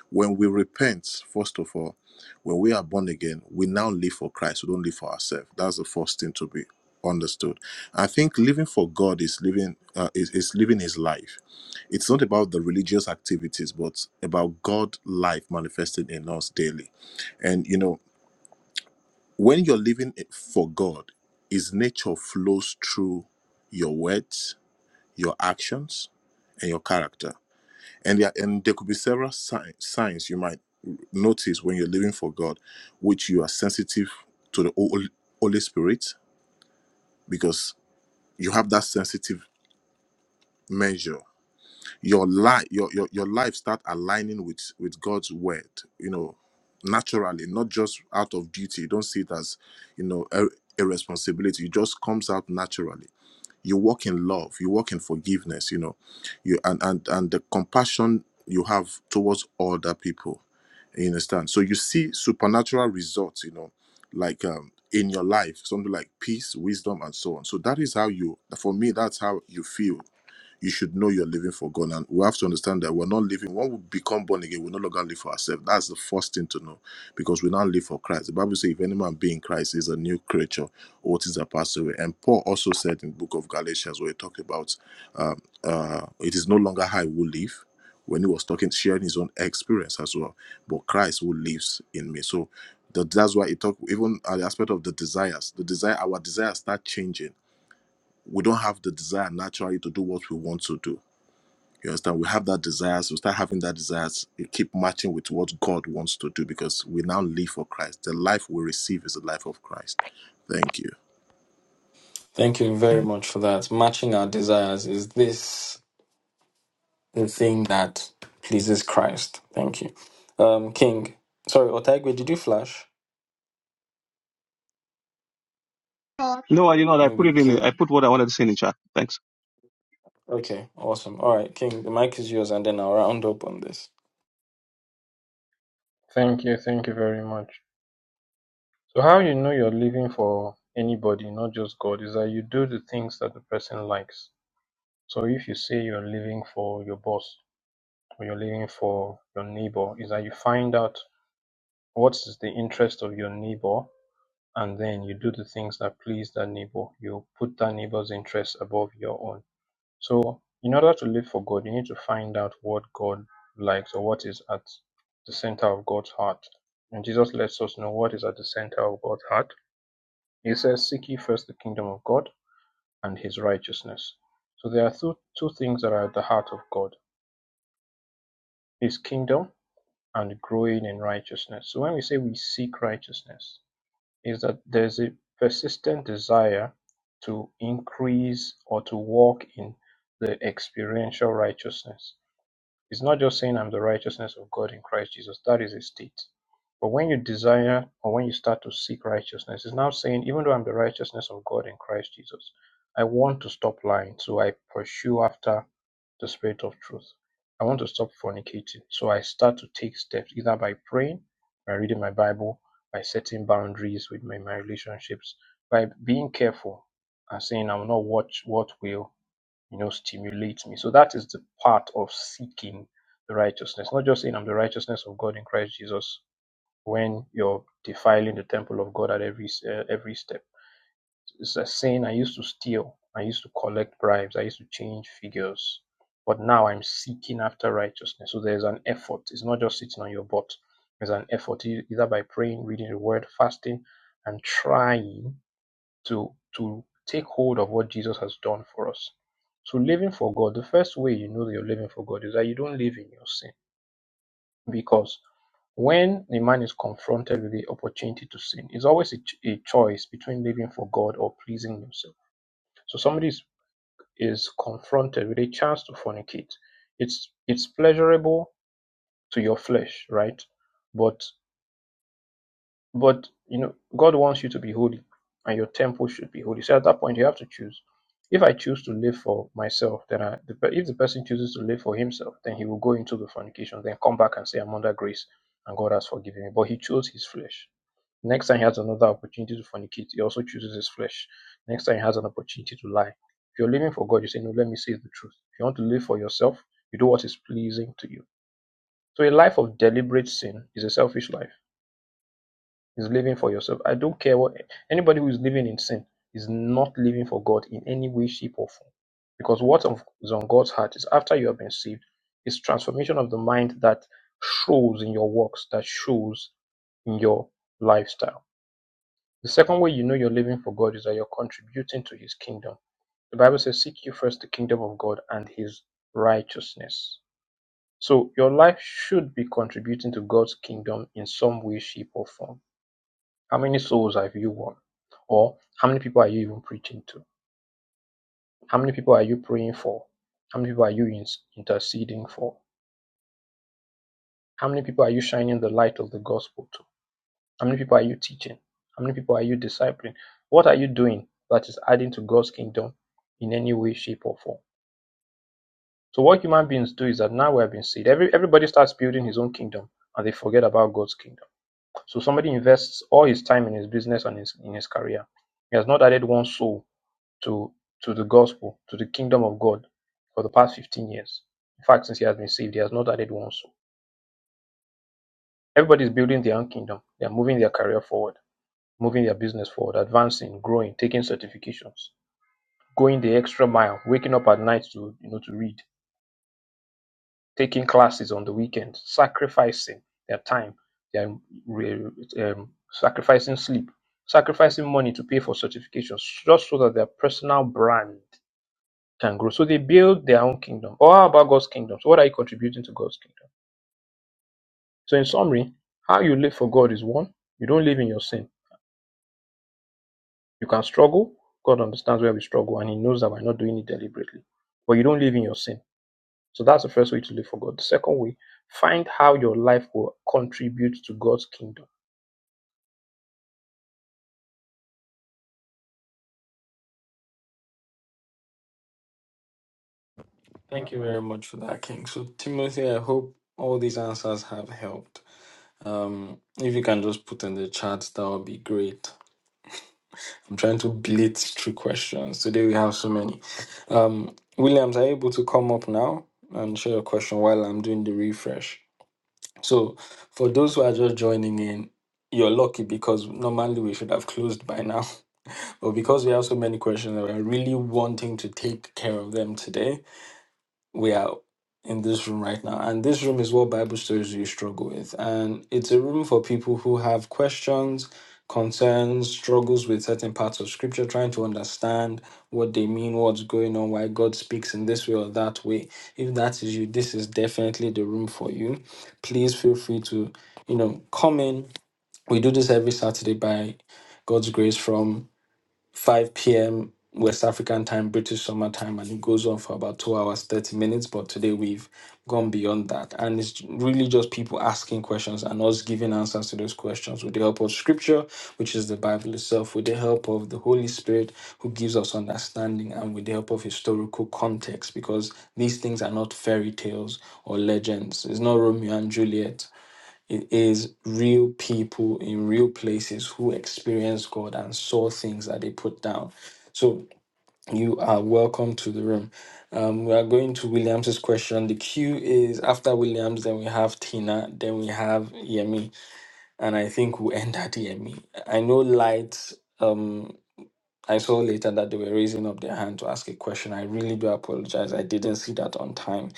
[SPEAKER 4] When we repent, first of all, when we are born again, we now live for Christ. We don't live for ourselves. That's the first thing to be understood. I think living for God is living uh, is, is living His life. It's not about the religious activities, but about God life manifested in us daily. And you know, when you're living it for God, His nature flows through your words, your actions, and your character. And there, and there could be several si- signs you might notice when you're living for God, which you are sensitive to the Hol- Holy Spirit because you have that sensitive measure your life your, your your life start aligning with with god's word you know naturally not just out of duty you don't see it as you know a, a responsibility it just comes out naturally you walk in love you walk in forgiveness you know you and and and the compassion you have towards other people you understand so you see supernatural results you know like um in your life something like peace wisdom and so on so that is how you for me that's how you feel you should know you're living for God. And we have to understand that we're not living, when we become born again, we no longer live for ourselves. That's the first thing to know because we now live for Christ. The Bible says, if any man be in Christ, he is a new creature, all things are passed away. And Paul also said in the book of Galatians, where he talked about um, uh, it is no longer I who live, when he was talking, sharing his own experience as well, but Christ who lives in me. So that, that's why it talk even at the aspect of the desires, the desire, our desires start changing. We don't have the desire naturally to do what we want to do you understand? We have that desires. We start having that desire. It keep matching with what God wants to do because we now live for Christ. The life we receive is the life of Christ. Thank you.
[SPEAKER 1] Thank you very much for that. Matching our desires. Is this the thing that pleases Christ? Thank you. Um, King. Sorry, Otaigwe, did you flash?
[SPEAKER 7] No, you know, I put
[SPEAKER 1] Maybe
[SPEAKER 7] it in. The, I
[SPEAKER 1] King.
[SPEAKER 7] put what I wanted to say in the chat. Thanks.
[SPEAKER 1] Okay, awesome. All right, King, the mic is yours, and then I'll round up on this.
[SPEAKER 2] Thank you, thank you very much. So how you know you're living for anybody, not just God, is that you do the things that the person likes. So if you say you're living for your boss or you're living for your neighbor, is that you find out what is the interest of your neighbor and then you do the things that please that neighbor. You put that neighbor's interest above your own. So, in order to live for God, you need to find out what God likes or what is at the center of God's heart. And Jesus lets us know what is at the center of God's heart. He says, Seek ye first the kingdom of God and his righteousness. So, there are two, two things that are at the heart of God his kingdom and growing in righteousness. So, when we say we seek righteousness, is that there is a persistent desire to increase or to walk in the experiential righteousness. It's not just saying I'm the righteousness of God in Christ Jesus. That is a state. But when you desire or when you start to seek righteousness, it's now saying, even though I'm the righteousness of God in Christ Jesus, I want to stop lying. So I pursue after the spirit of truth. I want to stop fornicating. So I start to take steps either by praying, by reading my Bible, by setting boundaries with my, my relationships, by being careful and saying, I will not watch what will you know, stimulates me. So that is the part of seeking the righteousness, not just saying I'm the righteousness of God in Christ Jesus when you're defiling the temple of God at every uh, every step. It's a saying I used to steal, I used to collect bribes, I used to change figures, but now I'm seeking after righteousness. So there's an effort. It's not just sitting on your butt. There's an effort e- either by praying, reading the word, fasting, and trying to to take hold of what Jesus has done for us. So living for God, the first way you know that you're living for God is that you don't live in your sin. Because when a man is confronted with the opportunity to sin, it's always a, ch- a choice between living for God or pleasing himself. So somebody is, is confronted with a chance to fornicate. It's it's pleasurable to your flesh, right? But But you know, God wants you to be holy, and your temple should be holy. So at that point, you have to choose. If I choose to live for myself, then I, the, if the person chooses to live for himself, then he will go into the fornication, then come back and say, "I'm under grace, and God has forgiven me." But he chose his flesh. Next time he has another opportunity to fornicate, he also chooses his flesh. Next time he has an opportunity to lie. If you're living for God, you say, "No, let me say the truth." If you want to live for yourself, you do what is pleasing to you. So a life of deliberate sin is a selfish life is living for yourself. I don't care what anybody who is living in sin is not living for God in any way, shape, or form. Because what is on God's heart is after you have been saved, is transformation of the mind that shows in your works, that shows in your lifestyle. The second way you know you're living for God is that you're contributing to his kingdom. The Bible says, Seek you first the kingdom of God and his righteousness. So your life should be contributing to God's kingdom in some way, shape, or form. How many souls have you won? Or how many people are you even preaching to? How many people are you praying for? How many people are you interceding for? How many people are you shining the light of the gospel to? How many people are you teaching? How many people are you discipling? What are you doing that is adding to God's kingdom in any way, shape, or form? So what human beings do is that now we have been saved. Every, everybody starts building his own kingdom and they forget about God's kingdom. So somebody invests all his time in his business and his, in his career. He has not added one soul to to the gospel, to the kingdom of God for the past 15 years. In fact, since he has been saved, he has not added one soul. Everybody is building their own kingdom. They are moving their career forward, moving their business forward, advancing, growing, taking certifications, going the extra mile, waking up at night to you know to read, taking classes on the weekend, sacrificing their time, they're um, sacrificing sleep, sacrificing money to pay for certifications, just so that their personal brand can grow. So they build their own kingdom. Or how about God's kingdom? So what are you contributing to God's kingdom? So in summary, how you live for God is one, you don't live in your sin. You can struggle. God understands where we struggle and He knows that we're not doing it deliberately. But you don't live in your sin. So that's the first way to live for God. The second way, find how your life will contribute to God's kingdom.
[SPEAKER 1] Thank you very much for that, King. So, Timothy, I hope all these answers have helped. Um, if you can just put in the chat, that would be great. I'm trying to blitz through questions. Today we have so many. Um, Williams, are you able to come up now and share your question while I'm doing the refresh? So, for those who are just joining in, you're lucky because normally we should have closed by now. But because we have so many questions and we're really wanting to take care of them today, we are in this room right now and this room is what bible stories you struggle with and it's a room for people who have questions concerns struggles with certain parts of scripture trying to understand what they mean what's going on why god speaks in this way or that way if that is you this is definitely the room for you please feel free to you know come in we do this every saturday by god's grace from 5 p.m. West African time, British summer time, and it goes on for about two hours, 30 minutes. But today we've gone beyond that. And it's really just people asking questions and us giving answers to those questions with the help of scripture, which is the Bible itself, with the help of the Holy Spirit, who gives us understanding, and with the help of historical context, because these things are not fairy tales or legends. It's not Romeo and Juliet. It is real people in real places who experienced God and saw things that they put down. So you are welcome to the room. Um, we are going to Williams's question. The queue is after Williams, then we have Tina, then we have Yemi, and I think we end at Yemi. I know Light. Um, I saw later that they were raising up their hand to ask a question. I really do apologize. I didn't see that on time.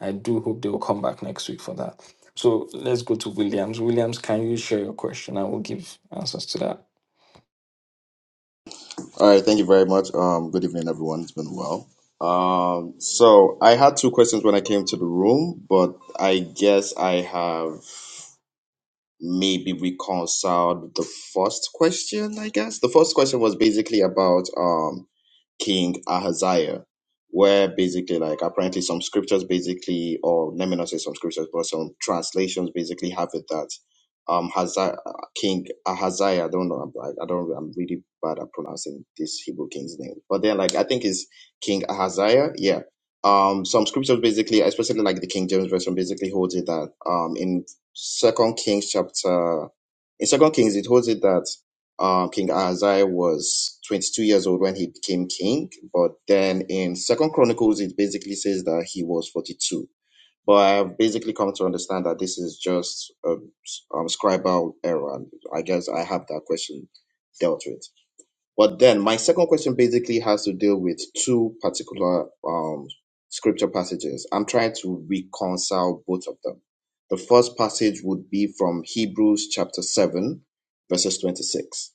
[SPEAKER 1] I do hope they will come back next week for that. So let's go to Williams. Williams, can you share your question? I will give answers to that.
[SPEAKER 8] All right, thank you very much. Um, good evening, everyone. It's been well. Um, so I had two questions when I came to the room, but I guess I have maybe reconciled the first question. I guess the first question was basically about um King Ahaziah, where basically, like, apparently some scriptures basically, or let me not say some scriptures, but some translations basically have it that um, Haza- King Ahaziah, I don't know, I, I don't, I'm really bad at pronouncing this Hebrew king's name, but then, like, I think it's King Ahaziah, yeah. Um, some scriptures basically, especially like the King James version, basically holds it that um, in Second Kings chapter, in Second Kings, it holds it that uh, king Ahaziah was 22 years old when he became king, but then in Second Chronicles it basically says that he was 42. But I have basically come to understand that this is just a um, scribal error. I guess I have that question dealt with. But then my second question basically has to deal with two particular um, scripture passages. I'm trying to reconcile both of them. The first passage would be from Hebrews chapter 7, verses 26,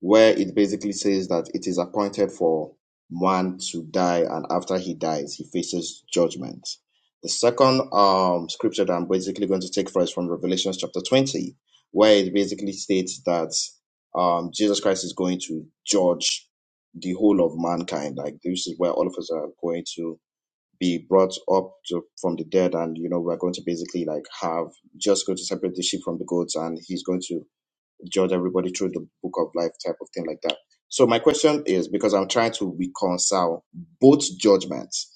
[SPEAKER 8] where it basically says that it is appointed for man to die, and after he dies, he faces judgment. The second um, scripture that I'm basically going to take first from Revelation chapter 20, where it basically states that um, Jesus Christ is going to judge the whole of mankind. Like this is where all of us are going to be brought up to, from the dead, and you know we're going to basically like have just going to separate the sheep from the goats, and he's going to judge everybody through the book of life type of thing like that. So my question is because I'm trying to reconcile both judgments,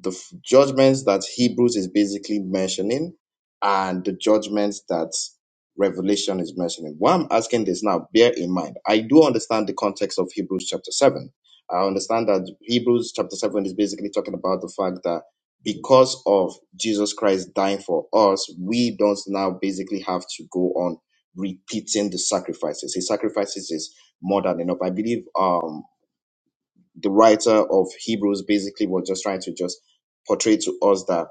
[SPEAKER 8] the f- judgments that Hebrews is basically mentioning and the judgments that Revelation is mentioning. Why I'm asking this now, bear in mind, I do understand the context of Hebrews chapter 7. I understand that Hebrews chapter 7 is basically talking about the fact that because of Jesus Christ dying for us, we don't now basically have to go on repeating the sacrifices. His sacrifices is more than enough. I believe um the writer of Hebrews basically was just trying to just portray to us that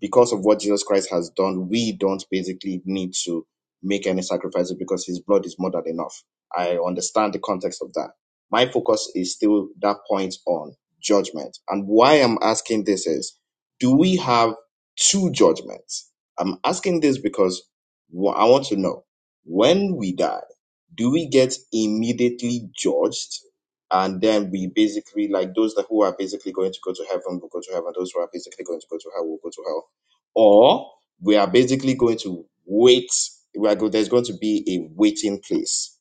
[SPEAKER 8] because of what Jesus Christ has done, we don't basically need to make any sacrifices because his blood is more than enough. I understand the context of that. My focus is still that point on judgment. And why I'm asking this is do we have two judgments? I'm asking this because wh- I want to know when we die, do we get immediately judged and then we basically like those that who are basically going to go to heaven will go to heaven those who are basically going to go to hell will go to hell or we are basically going to wait we are go, there's going to be a waiting place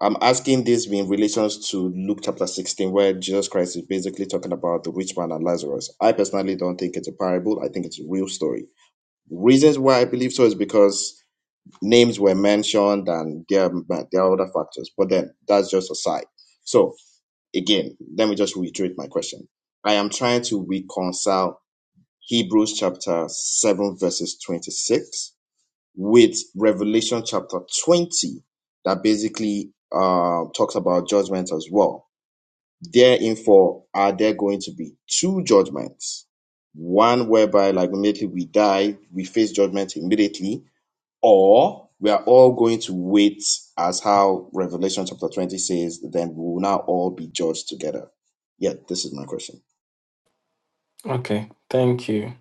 [SPEAKER 8] i'm asking this in relations to luke chapter 16 where jesus christ is basically talking about the rich man and lazarus i personally don't think it's a parable i think it's a real story reasons why i believe so is because names were mentioned and there, are- there are other factors but then that's just aside so Again, let me just reiterate my question. I am trying to reconcile Hebrews chapter 7, verses 26 with Revelation chapter 20 that basically uh, talks about judgment as well. Therefore, are there going to be two judgments? One whereby, like, immediately we die, we face judgment immediately, or we are all going to wait as how Revelation chapter 20 says, then we will now all be judged together. Yeah, this is my question.
[SPEAKER 1] Okay. Thank you.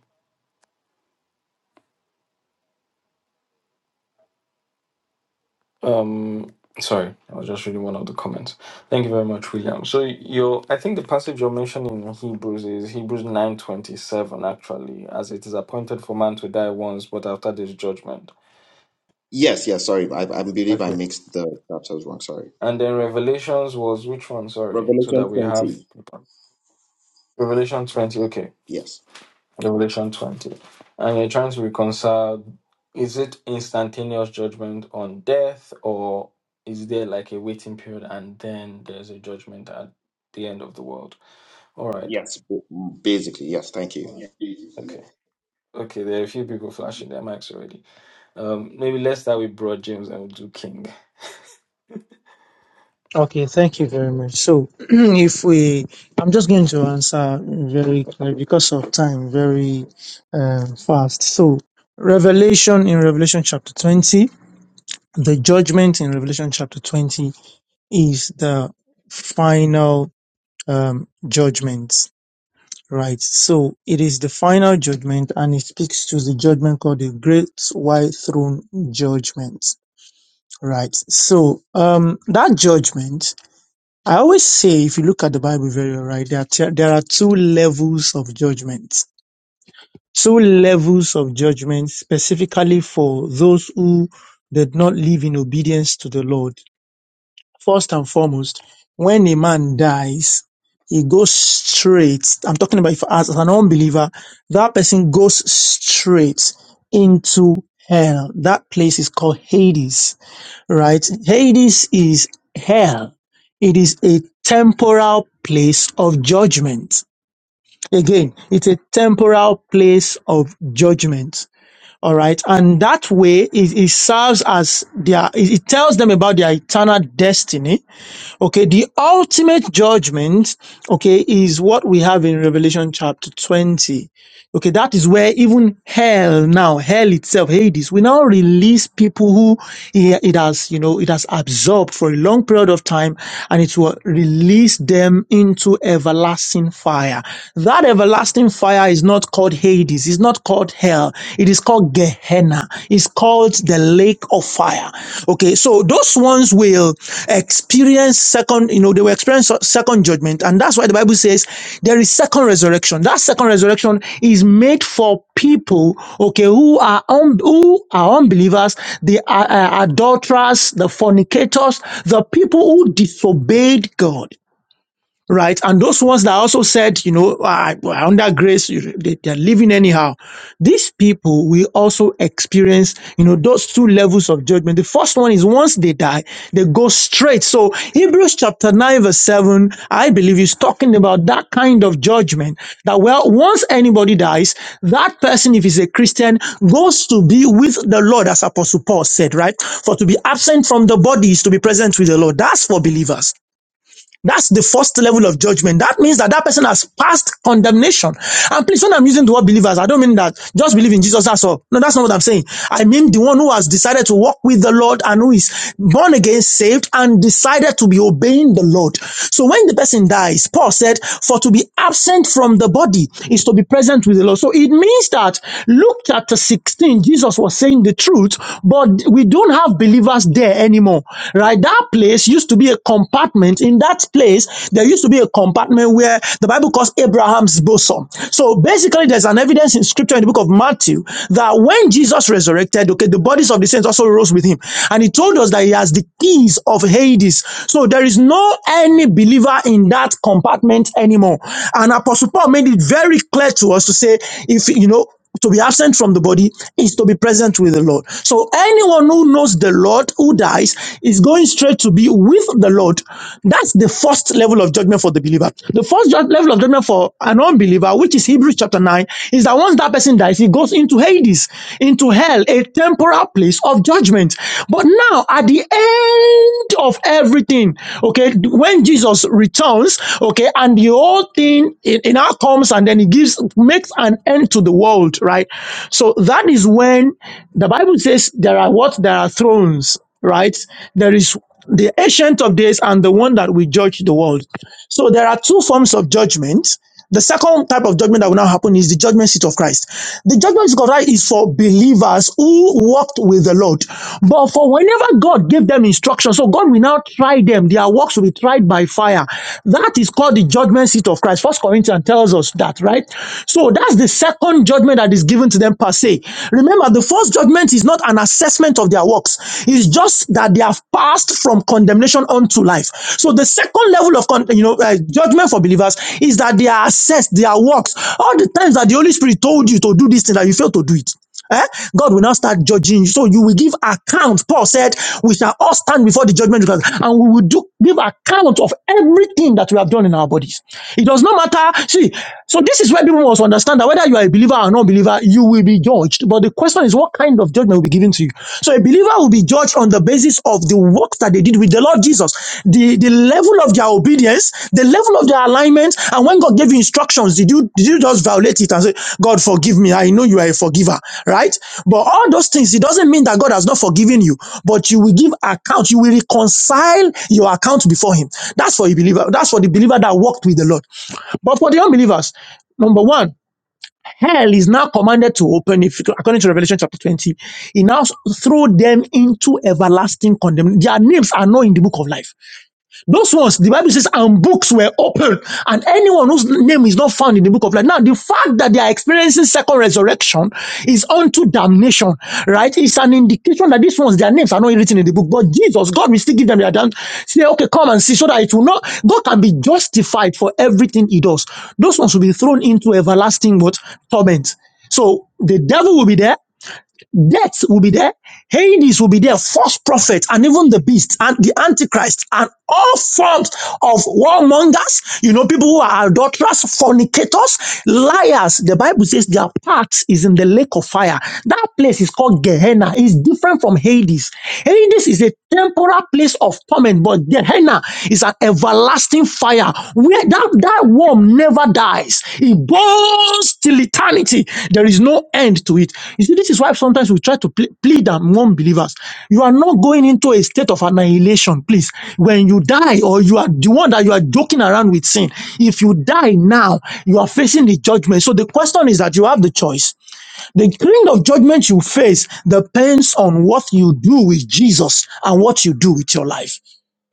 [SPEAKER 1] Um sorry, I was just reading one of the comments. Thank you very much, William. So your I think the passage you're mentioning in Hebrews is Hebrews nine twenty seven actually, as it is appointed for man to die once, but after this judgment.
[SPEAKER 8] Yes, yes, sorry. I, I believe I mixed the chapters wrong. Sorry.
[SPEAKER 1] And then Revelations was which one? Sorry, so that
[SPEAKER 8] Revelation
[SPEAKER 1] we have
[SPEAKER 8] 20.
[SPEAKER 1] Revelation 20. Okay,
[SPEAKER 8] Yes.
[SPEAKER 1] Revelation 20. And you're trying to reconcile is it instantaneous judgment on death, or is there like a waiting period and then there's a judgment at the end of the world? All right,
[SPEAKER 8] Yes. b- Basically, yes. Thank you.
[SPEAKER 1] okay, okay, there are a few people flashing their mics already. Um, maybe let's start with Broad James and we'll do King.
[SPEAKER 3] Okay, thank you very much. So, if we, I'm just going to answer very clearly because of time, very um, fast. So, Revelation in Revelation chapter 20, the judgment in Revelation chapter 20 is the final um, judgment, right? So, it is the final judgment and it speaks to the judgment called the Great White Throne Judgment, right? So, um, that judgment I always say, if you look at the Bible very well, right, there are, t- there are two levels of judgment. Two levels of judgment specifically for those who did not live in obedience to the Lord. First and foremost, when a man dies, he goes straight. I'm talking about if as as an unbeliever, that person goes straight into hell. That place is called Hades, right? Hades is hell. It is a temporal place of judgment. Again, it's a temporal place of judgment all right. And that way it, it serves as their, it it tells them about their eternal destiny. Okay. The ultimate judgment, okay, is what we have in Revelation chapter 20. Okay, that is where even hell now, hell itself, Hades, we now release people who i- it has, you know, it has absorbed for a long period of time and it will release them into everlasting fire. That everlasting fire is not called Hades, it's not called hell, it is called Gehenna, it's called the lake of of fire. Okay, so those ones will experience second, you know, they will experience second judgment, and that's why the Bible says there is second resurrection. That second resurrection is made for people, okay, who are un- who are unbelievers, the uh, uh, adulterers, the fornicators, the people who disobeyed God right? And those ones that also said, you know, "Ah, well, under grace, you- they, they're living anyhow. These people will also experience, you know, those two levels of judgment. The first one is once they die, they go straight. So Hebrews chapter 9 verse 7, I believe is talking about that kind of judgment that, well, once anybody dies, that person, if he's a Christian, goes to be with the Lord, as Apostle Paul said, right? For to be absent from the body is to be present with the Lord. That's for believers. That's the first level of judgment. That means that that person has passed condemnation. And please, when I'm using the word believers, I don't mean that just believe in Jesus, that's all. No, that's not what I'm saying. I mean the one who has decided to walk with the Lord and who is born again, saved, and decided to be obeying the Lord. So when the person dies, Paul said, for to be absent from the body is to be present with the Lord. So it means that Luke chapter 16, Jesus was saying the truth, but we don't have believers there anymore, right? That place place used to be a compartment. In that place, there used to be a compartment where the Bible calls Abraham's bosom. So basically, there's an evidence in scripture in the book of Matthew that when Jesus resurrected, okay, the bodies of the saints also rose with him. And he told us that he has the keys of Hades. So there is no any believer in that compartment anymore. And Apostle Paul made it very clear to us to say, if you know, to be absent from the body is to be present with the Lord. So anyone who knows the Lord who dies is going straight to be with the Lord. That's the first level of judgment for the believer. The first ju- level of judgment for an unbeliever, which is Hebrews chapter 9, is that once that person dies, he goes into Hades, into hell, a temporal place of judgment. But now at the end of everything, okay, when Jesus returns, okay, and the whole thing it, it now comes and then he gives makes an an end to the world, right? So that is when the Bible says there are what? There are thrones, right? There is the ancient of days and the one that will judge the world. So there are two forms of judgment. The second type of judgment that will now happen is the judgment seat of Christ. The judgment seat of Christ is for believers who walked with the Lord. But for whenever God gave them instruction, so God will now try them. Their works will be tried by fire. That is called the judgment seat of Christ. First Corinthians tells us that, right? So that's the second judgment that is given to them per se. Remember, the first judgment is not an assessment of their works. It's just that they have passed from condemnation unto life. So the second level of con- you know uh, judgment for believers is that they are assessed their works. All the times that the Holy Spirit told you to do this thing that you failed to do it. Eh? God will now start judging you. So you will give account. Paul said, We shall all stand before the judgment of God and we will do, give account of everything that we have done in our bodies. It does not matter. See, so this is where people must understand that whether you are a believer or non believer, you will be judged. But the question is, what kind of judgment will be given to you? So a believer will be judged on the basis of the works works that they did with the Lord Jesus, the, the level of their obedience, the level of their alignment, and when God gave you instructions, did you did you just violate it and say, God forgive me? I know you are a forgiver, right? But all those things, it doesn't mean that God has not forgiven you, but you will give account, you will reconcile your account before him. That's for a believer, that's for the believer that walked with the Lord. But for the unbelievers, number one hell is now commanded to open if according to revelation chapter 20 he now s- threw them into everlasting condemnation their names are not in the book of life those ones, the Bible says, and books were opened, and anyone whose name is not found in the book of life. Now, the fact that they are experiencing second resurrection is unto damnation, right? It's an indication that these ones, their names are not written in the book, but Jesus, God will still give them their damn. Say, okay, come and see, so that it will not, God can be justified for everything he does. Those ones will be thrown into everlasting what? Torment. So the devil will be there Death will be there. Hades will be there. False prophets and even the beast and the antichrist and all forms of warmongers. You know, people who are adulterers, fornicators, liars. The Bible says their part is in the lake of fire. That place is called Gehenna. It's different from Hades. Hades is a temporal place of torment, but Gehenna is an everlasting fire where that, that worm never dies. It burns till eternity. There is no end to it. You see, this is why sometimes we try to ple- plead among believers. You are not going into a state of annihilation, please. When you die, or you are the one that you are joking around with sin, if you die now, you are facing the judgment. So the question is that you have the choice the kind of judgment you face depends on what you do with Jesus and what you do with your life.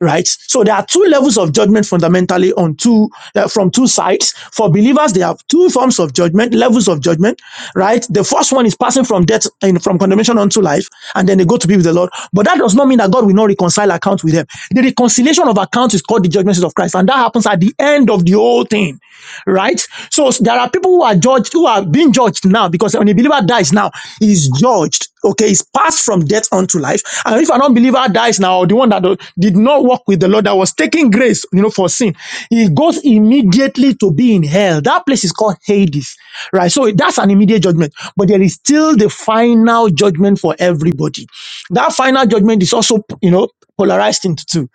[SPEAKER 3] Right? So there are two levels of judgment fundamentally on two, uh, from two sides. For believers, they have two forms of judgment, levels of judgment, right? The first one is passing from death and from condemnation unto life, and then they go to be with the Lord. But that does not mean that God will not reconcile account with them. The reconciliation of account is called the judgment seat of Christ, and that happens at the end of the whole thing right? So there are people who are judged, who are being judged now because when a believer dies now, he's judged. Okay, he's passed from death unto life. And if an unbeliever dies now, or the one that do- did not walk with the Lord, that was taking grace, you know, for sin, he goes immediately to be in hell. That place is called Hades, right? So that's an immediate judgment. But there is still the final judgment for everybody. That final judgment is also, you know, polarized into two.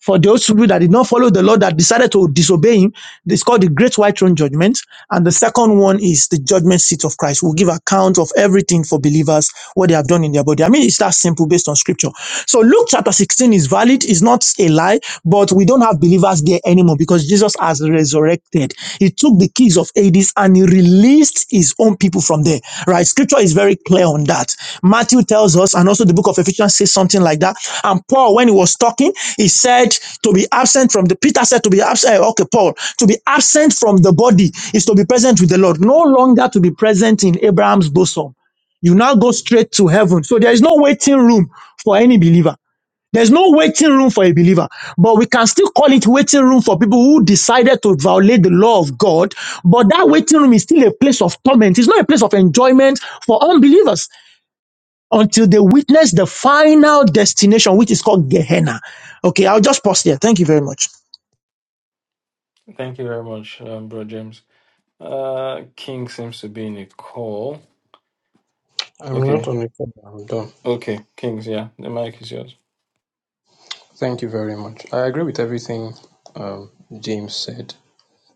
[SPEAKER 3] For those people that did not follow the Lord, that decided to disobey him, it's called the Great White Throne Judgment. And the second one is the judgment seat of Christ. We'll give account of everything for believers, what they have done in their body. I mean, it's that simple based on scripture. So Luke chapter 16 is valid, it's not a lie, but we don't have believers there anymore because Jesus has resurrected. He he took the keys of Hades and he released his own people from there, right? Scripture is very clear on that. Matthew tells us, and also the book of Ephesians says something like that. And Paul, when he was talking, he said to be absent from the, Peter said to be absent, Eh, okay, Paul, to be absent from the body is to be present with the Lord, no longer to be present in Abraham's bosom. You now go straight to heaven. So there is no waiting room for any believer. There's no waiting room for a believer, but we can still call it waiting room for people who decided to violate the law of God. But that waiting room is still a place of torment. It's not a place of enjoyment for unbelievers until they witness the final destination, which is called Gehenna. Okay, I'll just pause there. Thank you very much.
[SPEAKER 1] Thank you very much, um, Broad James. Uh, King seems to be in a call.
[SPEAKER 2] I'm not
[SPEAKER 1] Okay,
[SPEAKER 2] on it. I'm done.
[SPEAKER 1] okay, Kings, yeah, the mic is yours.
[SPEAKER 2] Thank you very much. I agree with everything um, James said.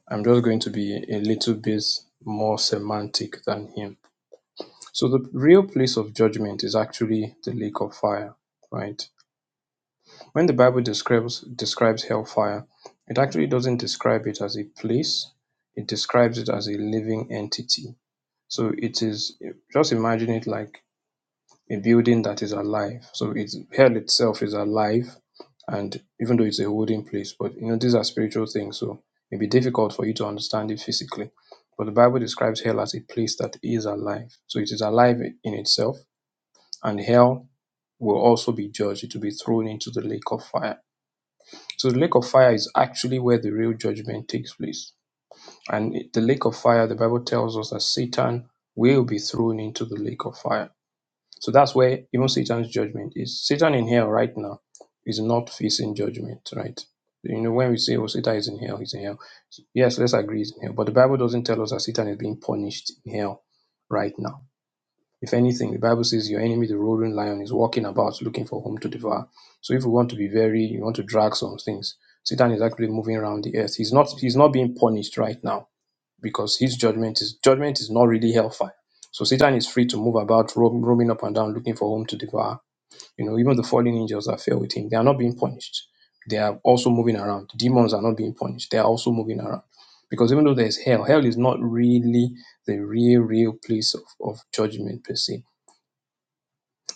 [SPEAKER 2] I'm just going to be a little bit more semantic than him. So the real place of judgment is actually the lake of fire, right? When the Bible describes describes hellfire, it actually doesn't describe it as a place. It describes it as a living entity. So it is just imagine it like a building that is alive. So it's hell itself is alive and even though it's a holding place, but you know these are spiritual things, so it'd be difficult for you to understand it physically. But the Bible describes hell as a place that is alive. So it is alive in itself and hell will also be judged to be thrown into the lake of fire. So the lake of fire is actually where the real judgment takes place. And the lake of fire, the Bible tells us that Satan will be thrown into the lake of fire. So that's where even Satan's judgment is. Satan in hell right now is not facing judgment, right? You know, when we say, oh, Satan is in hell, he's in hell. Yes, let's agree he's in hell. But the Bible doesn't tell us that Satan is being punished in hell right now if anything, the Bible says your enemy, the roaring lion, is walking about looking for whom to devour. So if we want to be very, you want to drag some things, Satan is actually moving around the earth. He's not he's not being punished right now because his judgment is judgment is not really hellfire. So Satan is free to move about, roam, roaming up and down, looking for whom to devour. You know, even the fallen angels that fell with him, they are not being punished. They are also moving around. Demons are not being punished. They are also moving around. Because even though there's hell, hell is not really the real, real place of, of judgment per se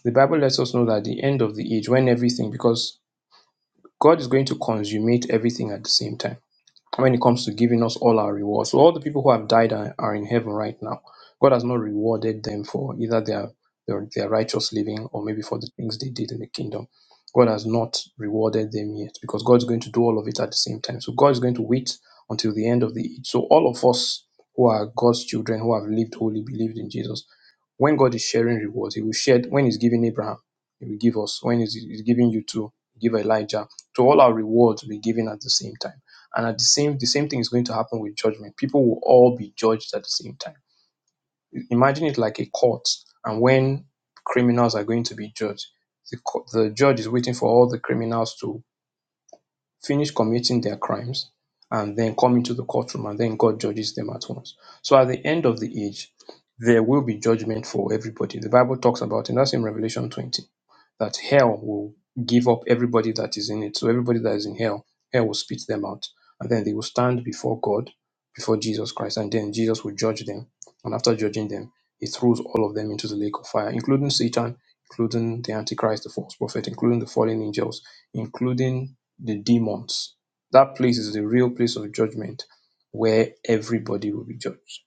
[SPEAKER 2] the Bible lets us know that the end of the age, when everything, because God is going to consummate everything at the same time when it comes to giving us all our rewards. So all the people who have died are, are in heaven right now. God has not rewarded them for either their, their their righteous living or maybe for the things they did in the kingdom. God has not rewarded them yet because God is going to do all of it at the same time. So God is going to wait until the end of the age. So all of us who are God's children, who have lived holy, believed in Jesus, when God is sharing rewards, He will share when He's giving Abraham, He will give us. When He's, he's giving you to give Elijah. to all our rewards will be given at the same time. And at the same the same thing is going to happen with judgment. People will all be judged at the same time. Imagine it like a court, and when criminals are going to be judged, the, co- the judge is waiting for all the criminals to finish committing their crimes, and then come into the courtroom, and then God judges them at once. So at the end of the age, there will be judgment for everybody. The Bible talks about, and that's in Revelation 20, that hell will give up everybody that is in it. So everybody that is in hell, hell will spit them out. And then they will stand before God, before Jesus Christ, and then Jesus will judge them. And after judging them, he throws all of them into the lake of fire, including Satan, including the Antichrist, the false prophet, including the fallen angels, including the demons. That place is the real place of judgment where everybody will be judged.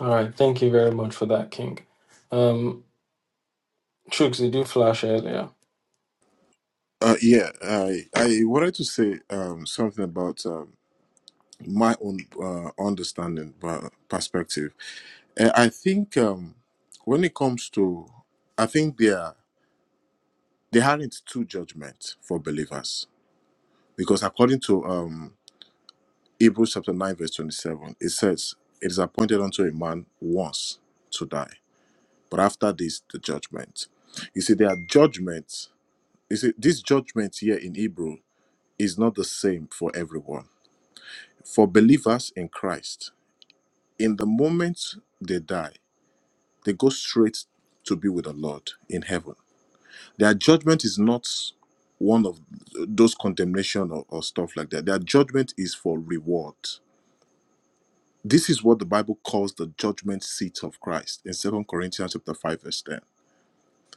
[SPEAKER 1] All right, thank you very much for that, King. Um, Trooks, did you flash earlier?
[SPEAKER 4] Uh, yeah, I I wanted to say um, something about um, my own uh, understanding uh, perspective. Uh, I think um, when it comes to, I think there there aren't two judgments for believers because according to um, Hebrews chapter 9, verse 27, it says, It is appointed unto a man once to die, but after this, the judgment. You see, there are judgments. You see, this judgment here in Hebrew is not the same for everyone. For believers in Christ, in the moment they die, they go straight to be with the Lord in heaven. Their judgment is not one of those condemnation or, or stuff like that. Their judgment is for reward This is what the Bible calls the judgment seat of Christ in Second Corinthians chapter 5 verse 10.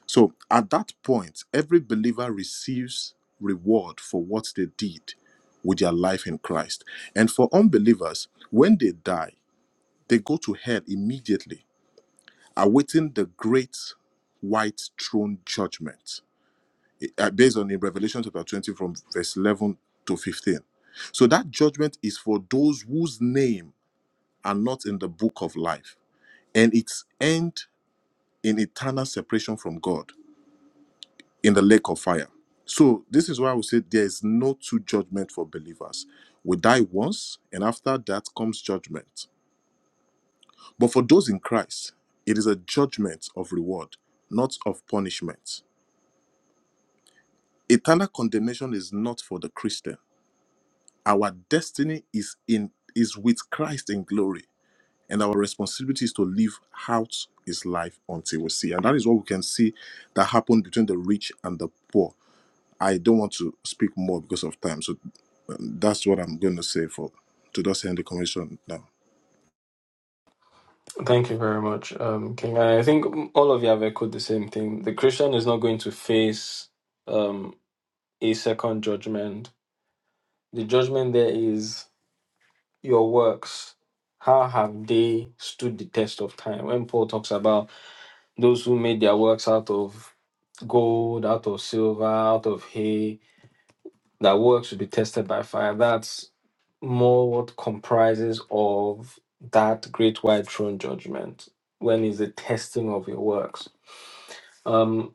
[SPEAKER 4] So at that point, every believer receives reward for what they did with their life in Christ. And for unbelievers, when they die, they go to hell immediately, awaiting the great white throne judgment. Uh, Based on in Revelation chapter 20 from verse 11 to 15. So that judgment is for those whose name are not in the book of life. and its end in eternal separation from God in the lake of fire. So, this is why I would say there is no true judgment for believers. We die once, and after that comes judgment. But for those in Christ, it is a judgment of reward, not of punishment. Eternal condemnation is not for the Christian. Our destiny is in is with Christ in glory. and our responsibility is to live out his life until we see and that is what we can see that happened between the rich and the poor i don't want to speak more because of time so um, that's what i'm going to say for to just end the conversation now
[SPEAKER 1] Thank you very much, um, King. And I think all of you have echoed the same thing. The Christian is not going to face um, a second judgment. The judgment there is your works. How have they stood the test of time? When Paul talks about those who made their works out of gold, out of silver, out of hay, that works will be tested by fire. That's. more what comprises of that great white throne judgment when is the testing of your works. Um,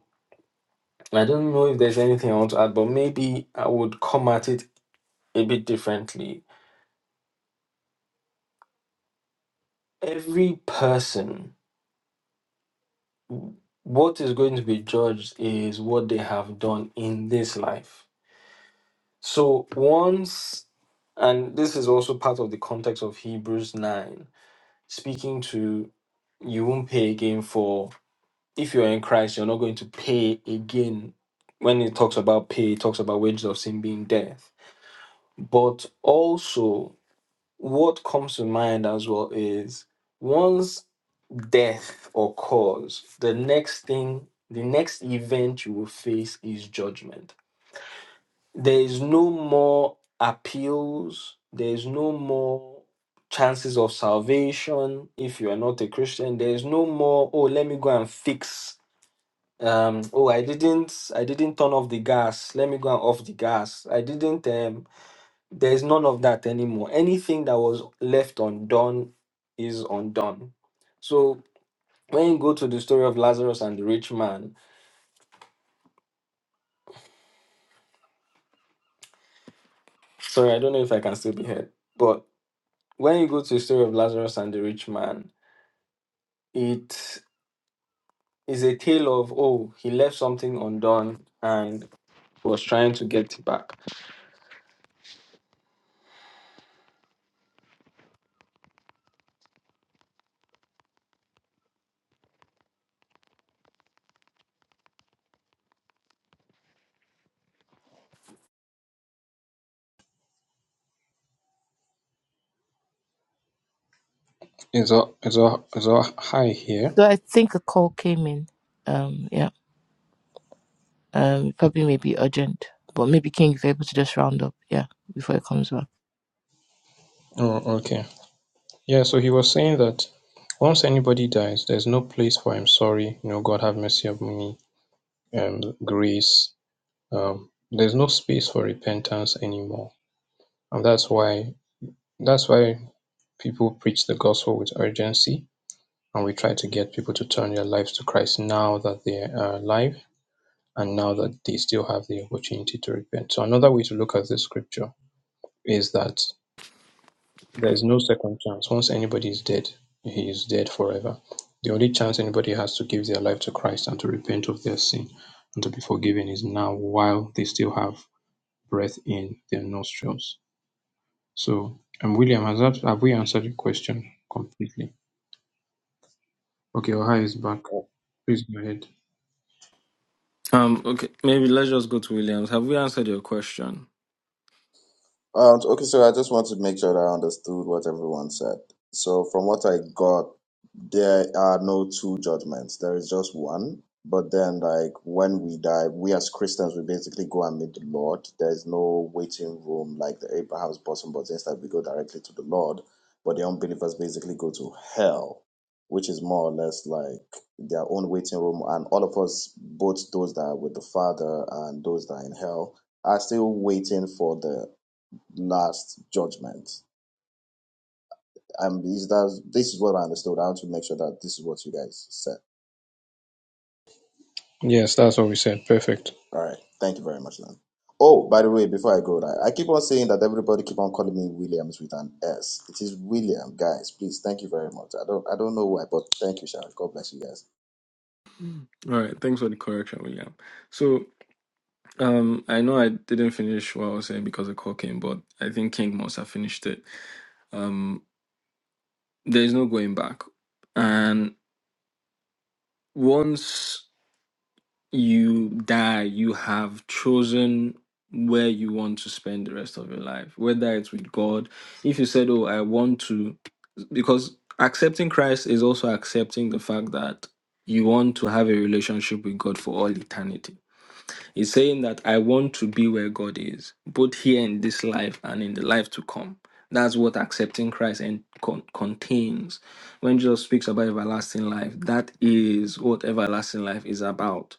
[SPEAKER 1] I don't know if there's anything I want to add, but maybe I would come at it a bit differently. Every person, what is going to be judged is what they have done in this life. So once, and this is also part of the context of Hebrews 9, speaking to you won't pay again for if you're in Christ, you're not going to pay again. When it talks about pay, it talks about wages of sin being death. But also, what comes to mind as well is once death occurs, the next thing, the next event you will face is judgment. There is no more appeals, there is no more chances of salvation if you are not a Christian. There is no more, oh, let me go and fix um oh i didn't i didn't turn off the gas let me go and off the gas i didn't um there's none of that anymore anything that was left undone is undone so when you go to the story of lazarus and the rich man sorry i don't know if i can still be heard but when you go to the story of lazarus and the rich man it is a tale of oh he left something undone and was trying to get it back
[SPEAKER 2] Is all is all is all high here?
[SPEAKER 9] So I think a call came in. Um, yeah. Um, probably maybe urgent, but maybe King, if you're able to just round up, yeah, before it comes back.
[SPEAKER 2] Oh, okay. Yeah, so he was saying that once anybody dies, there's no place for I'm sorry, you know, God have mercy upon me, um, grace. Um, there's no space for repentance anymore. And that's why that's why people preach the gospel with urgency and we try to get people to turn their lives to Christ now that they are alive and now that they still have the opportunity to repent. So another way to look at this scripture is that there is no second chance. Once anybody is dead, he is dead forever. The only chance anybody has to give their life to Christ and to repent of their sin and to be forgiven is now while they still have breath in their nostrils. So, and William, has that have we answered your question completely? Okay, Ohio is back. Please go ahead.
[SPEAKER 1] Um, okay, maybe let's just go to Williams. Have we answered your question?
[SPEAKER 8] Um, so, okay, so I just want to make sure that I understood what everyone said. So, from what I got, there are no two judgments. There is just one. But then, like, when we die, we as Christians, we basically go and meet the Lord. There is no waiting room like the Abraham's bosom, but instead we go directly to the Lord. But the unbelievers basically go to hell, which is more or less like their own waiting room. And all of us, both those that are with the Father and those that are in hell, are still waiting for the last judgment. And these that this is what I understood. I want to make sure that this is what you guys said.
[SPEAKER 2] Yes, that's what we said. Perfect.
[SPEAKER 8] All right. Thank you very much, man. Oh, by the way, before I go, I, I keep on saying that everybody keep on calling me Williams with an S. It is William, guys. Please, thank you very much. I don't, I don't know why, but thank you, Sharon. God bless you guys.
[SPEAKER 1] All right, thanks for the correction, William. So, um, I know I didn't finish what I was saying because the call came, but I think King must have finished it. Um, there's no going back, and once. you die, you have chosen where you want to spend the rest of your life, whether it's with God. If you said, Oh, I want to, because accepting Christ is also accepting the fact that you want to have a relationship with God for all eternity He's saying that I want to be where God is, both here in this life and in the life to come. That's what accepting Christ and con- contains. When Jesus speaks about everlasting life, that is what everlasting life is about.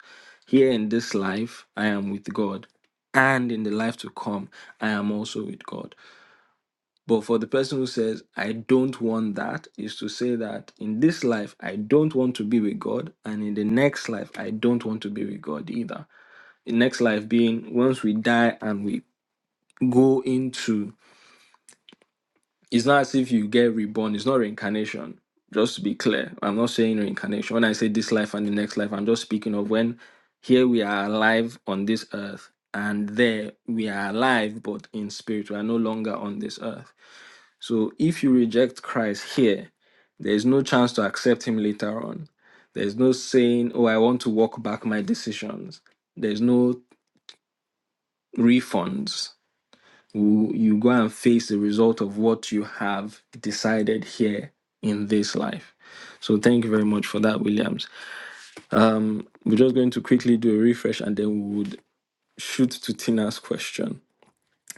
[SPEAKER 1] Here in this life, I am with God, and in the life to come, I am also with God. But for the person who says, I don't want that, is to say that in this life, I don't want to be with God, and in the next life, I don't want to be with God either next life being once we die and we go into it's not as if you get reborn it's not reincarnation just to be clear i'm not saying reincarnation when i say this life and the next life i'm just speaking of when here we are alive on this earth and there we are alive but in spirit we are no longer on this earth so if you reject christ here there is no chance to accept him later on there's no saying oh i want to walk back my decisions there's no refunds you you go and face the result of what you have decided here in this life. So thank you very much for that, Williams. Um, we're just going to quickly do a refresh and then we would shoot to Tina's question.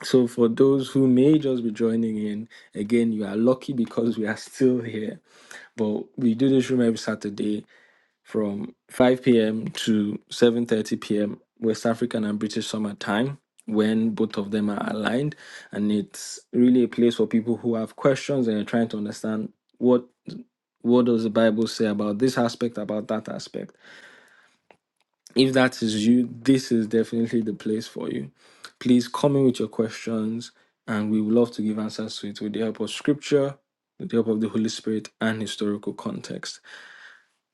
[SPEAKER 1] So for those who may just be joining in, again, you are lucky because we are still here. But we do this room every Saturday from 5 p.m. to 7:30 p.m. West African and British summer time when both of them are aligned and it's really a place for people who have questions and are trying to understand what what does the Bible say about this aspect about that aspect. If that is you, this is definitely the place for you. Please come in with your questions and we would love to give answers to it with the help of scripture, with the help of the Holy Spirit and historical context.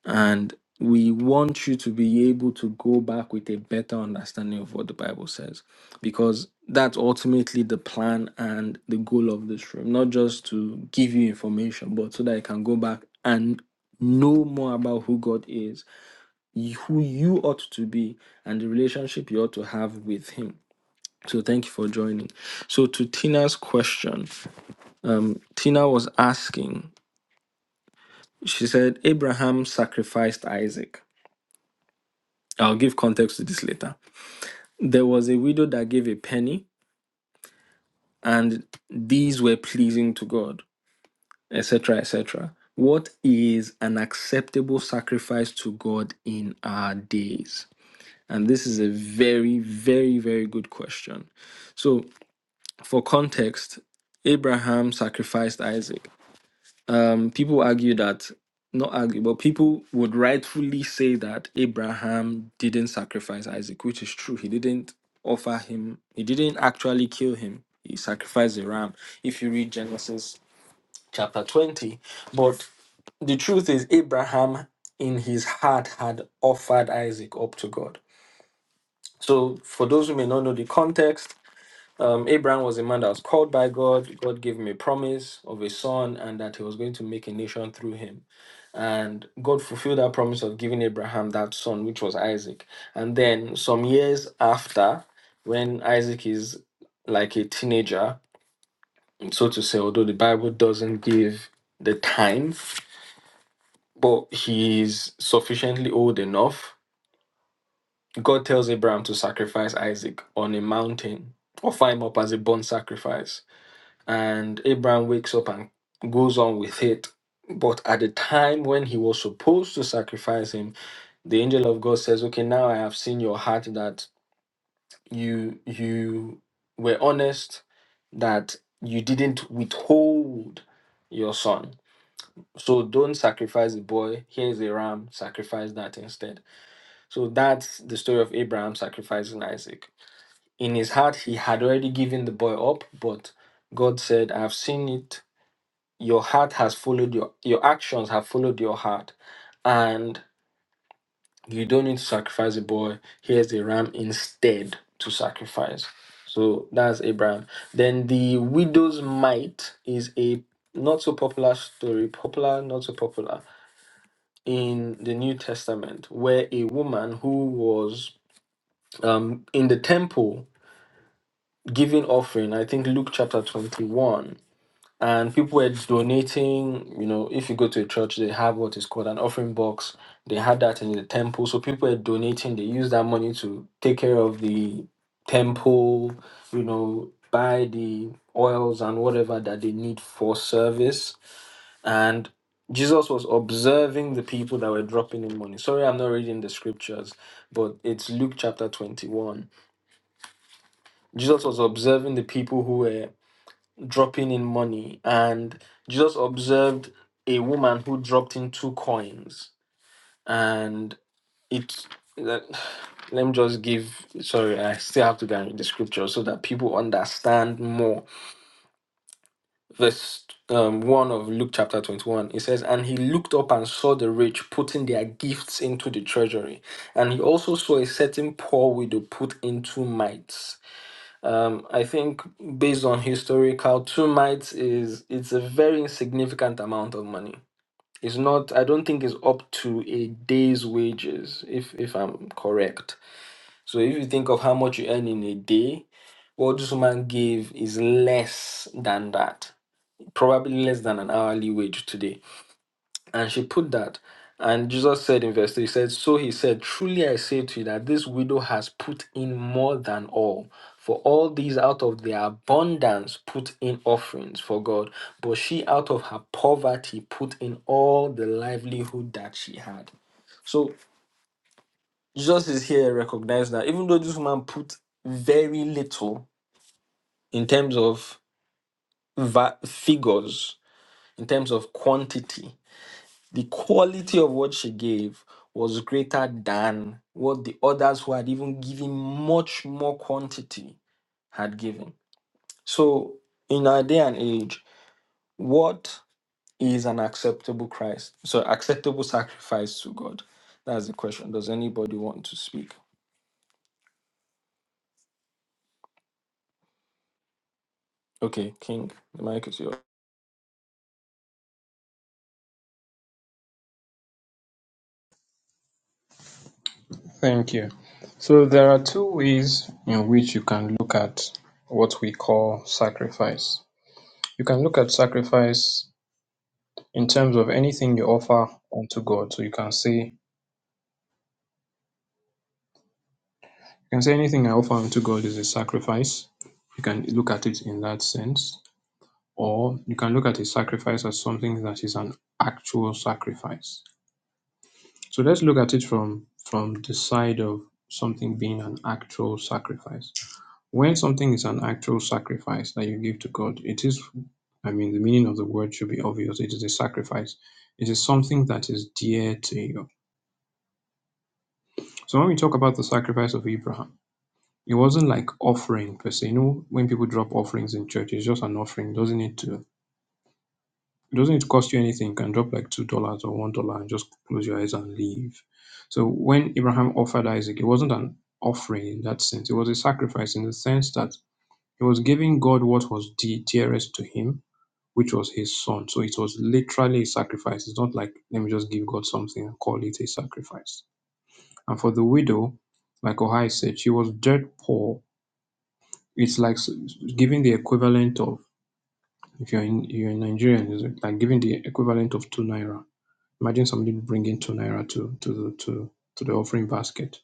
[SPEAKER 1] And we want you to be able to go back with a better understanding of what the Bible says, because that's ultimately the plan and the goal of this room, not just to give you information, but so that you can go back and know more about who God is, y- who you ought to be, and the relationship you ought to have with Him. So thank you for joining. So to Tina's question, um, Tina was asking, she said, Abraham sacrificed Isaac. I'll give context to this later. There was a widow that gave a penny, and these were pleasing to God, etc., etc. What is an acceptable sacrifice to God in our days? And this is a very, very, very good question. So, for context, Abraham sacrificed Isaac. um, people argue that, not argue, but people would rightfully say that Abraham didn't sacrifice Isaac, which is true. He didn't offer him, he didn't actually kill him. He sacrificed a ram, if you read Genesis chapter 20. But the truth is, Abraham in his heart had offered Isaac up to God. So, for those who may not know the context, um, Abraham was a man that was called by God. God gave him a promise of a son and that he was going to make a nation through him and God fulfilled that promise of giving Abraham that son, which was Isaac. And then some years after, when Isaac is like a teenager, so to say, although the Bible doesn't give the time, but he is sufficiently old enough, God tells Abraham to sacrifice Isaac on a mountain or offer him up as a burnt sacrifice. and Abraham wakes up and goes on with it. But at the time when he was supposed to sacrifice him, the angel of God says, "Okay, now I have seen your heart that you you were honest, that you didn't withhold your son. So don't sacrifice the boy. Here is a ram. Sacrifice that instead." So that's the story of Abraham sacrificing Isaac. In his heart, he had already given the boy up, but God said, "I've seen it." your heart has followed your your actions have followed your heart and you don't need to sacrifice a boy here's a ram instead to sacrifice so that's abraham then the widow's mite is a not so popular story popular not so popular in the new testament where a woman who was um in the temple giving offering i think luke chapter 21 and people were donating you know if you go to a church they have what is called an offering box they had that in the temple so people were donating they used that money to take care of the temple you know buy the oils and whatever that they need for service and jesus was observing the people that were dropping in money sorry i'm not reading the scriptures but it's luke chapter 21 jesus was observing the people who were dropping in money. And Jesus observed a woman who dropped in two coins. And it, let let me just give, sorry, I still have to go and read the scripture so that people understand more. Verse um, 1 of Luke chapter 21, it says, And he looked up and saw the rich putting their gifts into the treasury. And he also saw a certain poor widow put in two mites. Um, I think based on historical, two mites is it's a very insignificant amount of money. It's not. I don't think it's up to a day's wages, if if I'm correct. So if you think of how much you earn in a day, what this woman gave is less than that, probably less than an hourly wage today. And she put that. And Jesus said in verse 3, he said, So he said, Truly I say to you that this widow has put in more than all. For all these out of their abundance put in offerings for God. But she out of her poverty put in all the livelihood that she had. So Jesus is here recognizing that even though this woman put very little in terms of va- figures, in terms of quantity, the quality of what she gave was greater than what the others who had even given much more quantity had given. So, in our day and age, what is an acceptable Christ? So, acceptable sacrifice to God. That's the question. Does anybody want to speak? Okay, King, the mic is yours.
[SPEAKER 2] Thank you. So there are two ways in which you can look at what we call sacrifice. You can look at sacrifice in terms of anything you offer unto God. So you can say you can say anything I offer unto God is a sacrifice. You can look at it in that sense. Or you can look at a sacrifice as something that is an actual sacrifice. So let's look at it from from the side of something being an actual sacrifice. When something is an actual sacrifice that you give to God, it is, I mean, the meaning of the word should be obvious. It is a sacrifice, it is something that is dear to you. So when we talk about the sacrifice of Abraham, it wasn't like offering per se. You know, when people drop offerings in church, it's just an offering. Doesn't need to it doesn't need to cost you anything. You can drop like two dollars or one dollar and just close your eyes and leave. So when Abraham offered Isaac, it wasn't an offering in that sense. It was a sacrifice in the sense that he was giving God what was de- dearest to him which was his son. So it was literally a sacrifice. It's not like, let me just give God something and call it a sacrifice. And for the widow, like Ohai said, she was dirt poor. It's like s- giving the equivalent of, if you're in, you're in Nigerian, it's like giving the equivalent of two naira. Imagine somebody bringing two naira to, to, the, to, to the offering basket.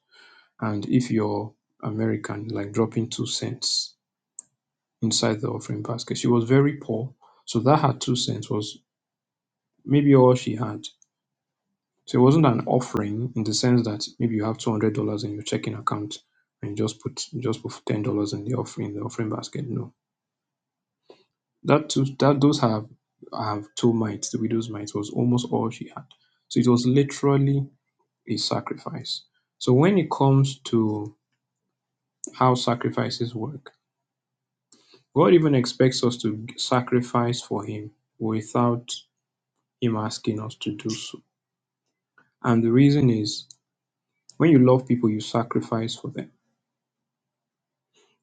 [SPEAKER 2] And if you're American, like dropping two cents inside the offering basket. She was very poor. So that her two cents was maybe all she had So it wasn't an offering in the sense that maybe you have two hundred dollars in your checking account and you just put you just put ten dollars in the offering in the offering basket. No, that too, that those have have two mites. The widow's mite was almost all she had. So it was literally a sacrifice. So when it comes to how sacrifices work, God even expects us to sacrifice for Him without Him asking us to do so. And the reason is when you love people, you sacrifice for them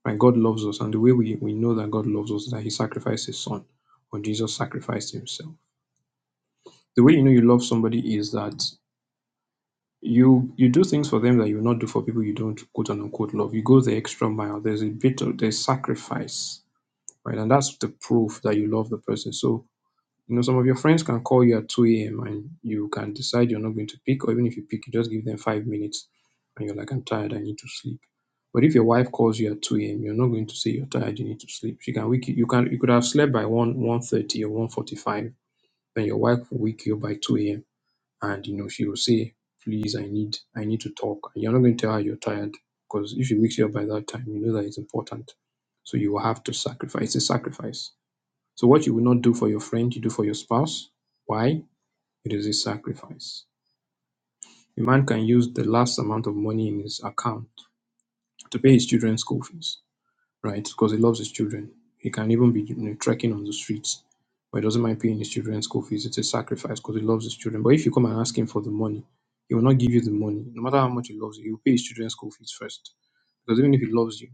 [SPEAKER 2] Right? God loves us, and the way we, we know that God loves us is that He sacrificed His Son, or Jesus sacrificed Himself. The way you know you love somebody is that you you do things for them that you will not do for people you don't quote unquote love. You go the extra mile. There's a bit of there's sacrifice, right? And that's the proof that you love the person. So You know, some of your friends can call you at 2 a.m. and you can decide you're not going to pick, or even if you pick, you just give them five minutes and you're like, I'm tired, I need to sleep. But if your wife calls you at 2 a.m., you're not going to say you're tired, you need to sleep. She can wake you, you can you could have slept by 1 1:30 or 1:45, then your wife will wake you up by 2 a.m. and you know she will say, Please, I need I need to talk. And you're not going to tell her you're tired, because if she wakes you up by that time, you know that it's important. So you will have to sacrifice. It's a sacrifice so what you will not do for your friend, you do for your spouse. Why? It is a sacrifice. A man can use the last amount of money in his account to pay his children's school fees, right? Because he loves his children. He can even be you know, trekking on the streets, but he doesn't mind paying his children's school fees. It's a sacrifice because he loves his children. But if you come and ask him for the money, he will not give you the money. No matter how much he loves you, he will pay his children's school fees first. Because even if he loves you,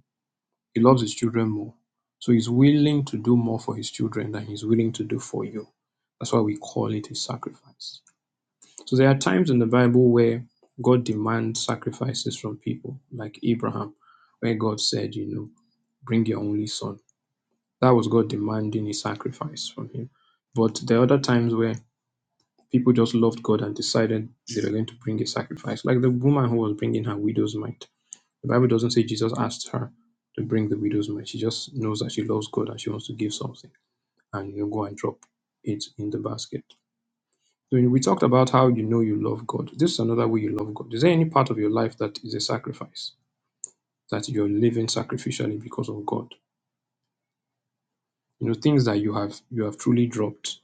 [SPEAKER 2] He loves his children more. So he's willing to do more for his children than he's willing to do for you. That's why we call it a sacrifice. So there are times in the Bible where God demands sacrifices from people, like Abraham, where God said, you know, bring your only son. That was God demanding a sacrifice from him. But there are other times where people just loved God and decided they were going to bring a sacrifice, like the woman who was bringing her widow's mite the Bible doesn't say Jesus asked her to bring the widow's mite. She just knows that she loves God and she wants to give something and you know go and drop it in the basket. So we talked about how you know you love God. This is another way you love God. Is there any part of your life that is a sacrifice that you're living sacrificially because of God? You know things that you have you have truly dropped.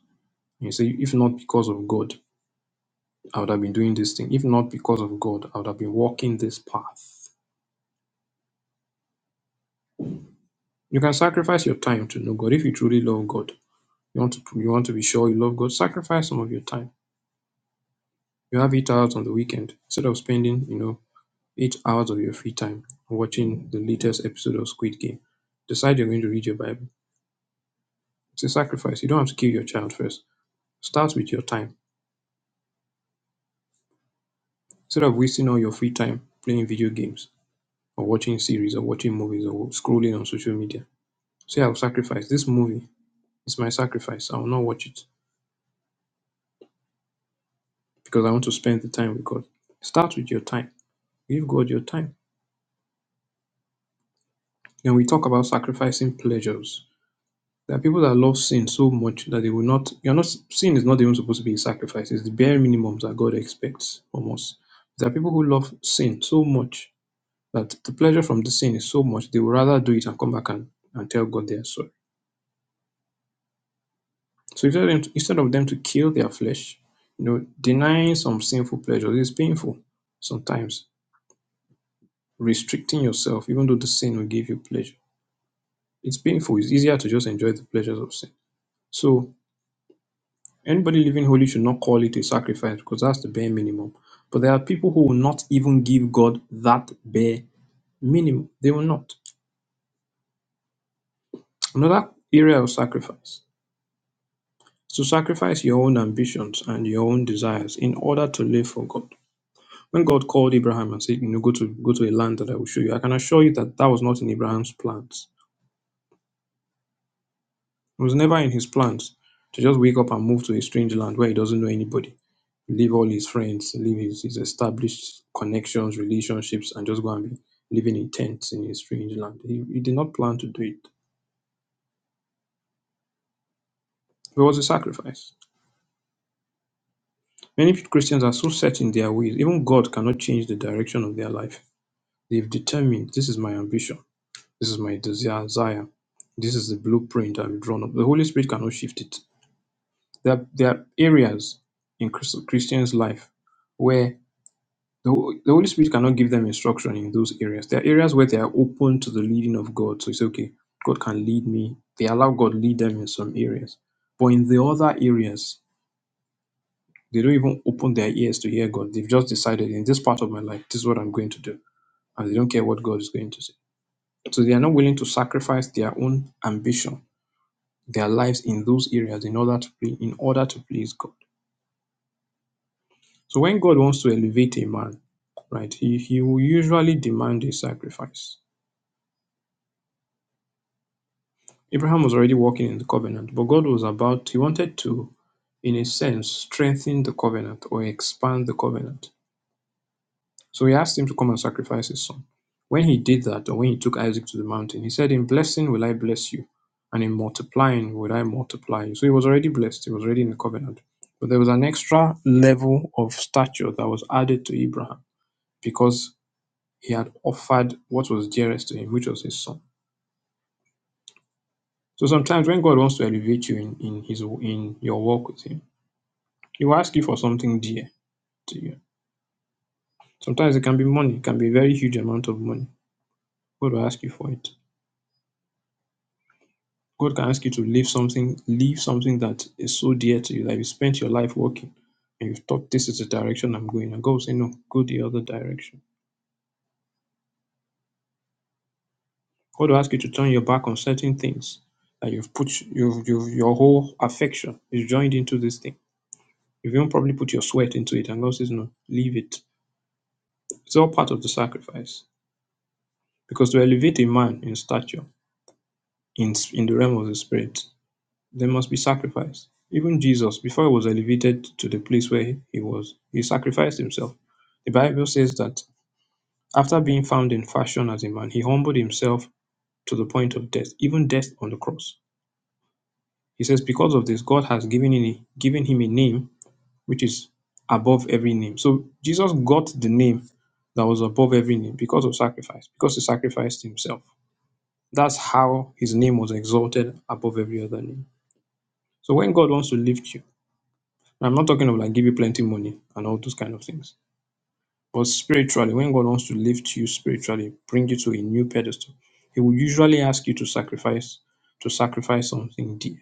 [SPEAKER 2] You say, if not because of God, I would have been doing this thing. If not because of God, I would have been walking this path. You can sacrifice your time to know God if you truly love God You want to you want to be sure you love God, sacrifice some of your time. You have eight hours on the weekend instead of spending, you know, eight hours of your free time watching the latest episode of Squid Game. Decide you're going to read your Bible. It's a sacrifice. You don't have to kill your child first. Start with your time. Instead of wasting all your free time playing video games or watching series or watching movies or scrolling on social media. Say I'll sacrifice this movie. It's my sacrifice. I will not watch it because I want to spend the time with God. Start with your time. Give God your time and we talk about sacrificing pleasures. There are people that love sin so much that they will not, you're not, sin is not even supposed to be a sacrifice. It's the bare minimum that God expects from us. There are people who love sin so much that the pleasure from the sin is so much, they would rather do it and come back and, and tell God they are sorry. So instead of, them to, instead of them to kill their flesh, you know, denying some sinful pleasures is painful sometimes. Restricting yourself, even though the sin will give you pleasure, it's painful. It's easier to just enjoy the pleasures of sin. So Anybody living holy should not call it a sacrifice because that's the bare minimum. But there are people who will not even give God that bare minimum. They will not. Another area of sacrifice is to sacrifice your own ambitions and your own desires in order to live for God. When God called Abraham and said, "You know, go to go to a land that I will show you," I can assure you that that was not in Abraham's plans. It was never in his plans to just wake up and move to a strange land where he doesn't know anybody leave all his friends, leave his, his established connections, relationships, and just go and be living in tents in a strange land. He, he did not plan to do it. It was a sacrifice. Many Christians are so set in their ways, even God cannot change the direction of their life. They've determined this is my ambition, this is my desire, this is the blueprint I've drawn up. The Holy Spirit cannot shift it. There, are- there are areas in Chris- Christians' life where The, Hol- the Holy Spirit cannot give them instruction in those areas. There are areas where they are open to the leading of God. So it's okay. God can lead me. They allow God lead them in some areas. But in the other areas, they don't even open their ears to hear God. They've just decided in this part of my life, this is what I'm going to do. And they don't care what God is going to say. So they are not willing to sacrifice their own ambition, their lives in those areas in order to ple- in order to please God. So when God wants to elevate a man, right, he, he will usually demand a sacrifice Abraham was already walking in the covenant, but God was about, he wanted to, in a sense, strengthen the covenant or expand the covenant. So he asked him to come and sacrifice his son. When he did that, or when he took Isaac to the mountain, he said, In blessing will I bless you, and in multiplying will I multiply you. So he was already blessed, he was already in the covenant. But there was an extra level of stature that was added to Abraham because he had offered what was dearest to him, which was his son. So sometimes when God wants to elevate you in, in his in your walk with him, He will ask you for something dear to you. Sometimes it can be money, it can be a very huge amount of money. God will ask you for it. God can ask you to leave something, leave something that is so dear to you that you spent your life working and you've thought this is the direction I'm going. And God will say, No, go the other direction. God will ask you to turn your back on certain things that you've put you've, you've your whole affection is joined into this thing. You've even probably put your sweat into it, and God says, No, leave it. It's all part of the sacrifice. Because to elevate a man in stature, in, in the realm of the spirit, there must be sacrifice. Even Jesus, before he was elevated to the place where he he was, he sacrificed himself. The Bible says that after being found in fashion as a man, he humbled himself to the point of death, even death on the cross. He says, Because of this, God has given, in, given him a name which is above every name. So Jesus got the name that was above every name because of sacrifice, because he sacrificed himself. That's how his name was exalted above every other name. So when God wants to lift you, I'm not talking of like give you plenty money and all those kind of things, but spiritually, when God wants to lift you spiritually, bring you to a new pedestal, He will usually ask you to sacrifice, to sacrifice something dear.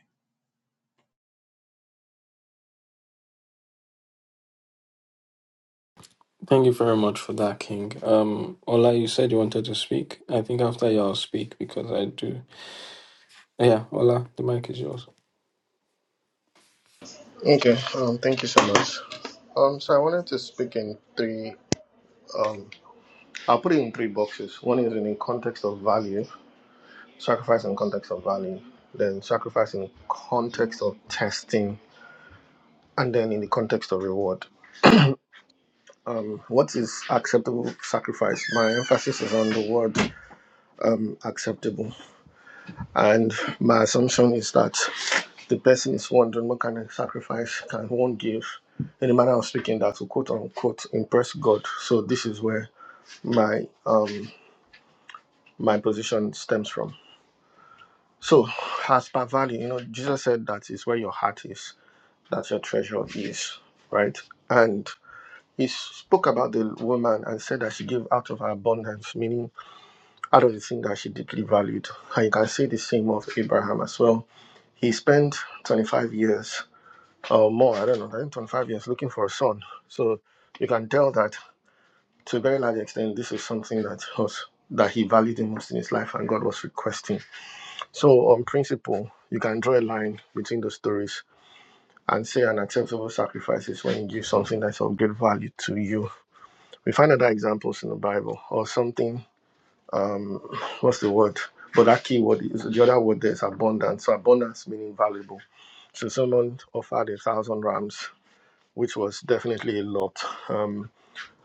[SPEAKER 1] Thank you very much for that, King. Um, Ola, you said you wanted to speak. I think after you, I'll speak because I do. Yeah, Ola, the mic is yours.
[SPEAKER 10] Okay, um, thank you so much. Um, so I wanted to speak in three. Um, I'll put it in three boxes. One is in the context of value, sacrifice in context of value, then sacrifice in context of testing, and then in the context of reward. Um, what is acceptable sacrifice? My emphasis is on the word um, acceptable, and my assumption is that the person is wondering what kind of sacrifice can one give in the manner of speaking that will quote unquote impress God. So this is where my um my position stems from. So as per value, you know, Jesus said that is where your heart is, that's your treasure is, right? And he spoke about the woman and said that she gave out of her abundance, meaning out of the thing that she deeply valued. And you can say the same of Abraham as well. He spent 25 years or more, I don't know, I think 25 years looking for a son. So you can tell that to a very large extent, this is something that was that he valued the most in his life and God was requesting. So, on principle, you can draw a line between those stories and say an acceptable sacrifice is when you give something that's of great value to you. We find other examples in the Bible or something. Um, what's the word? But that key word is the other word there is abundance. So, abundance meaning valuable. So, someone offered a thousand rams, which was definitely a lot. Um.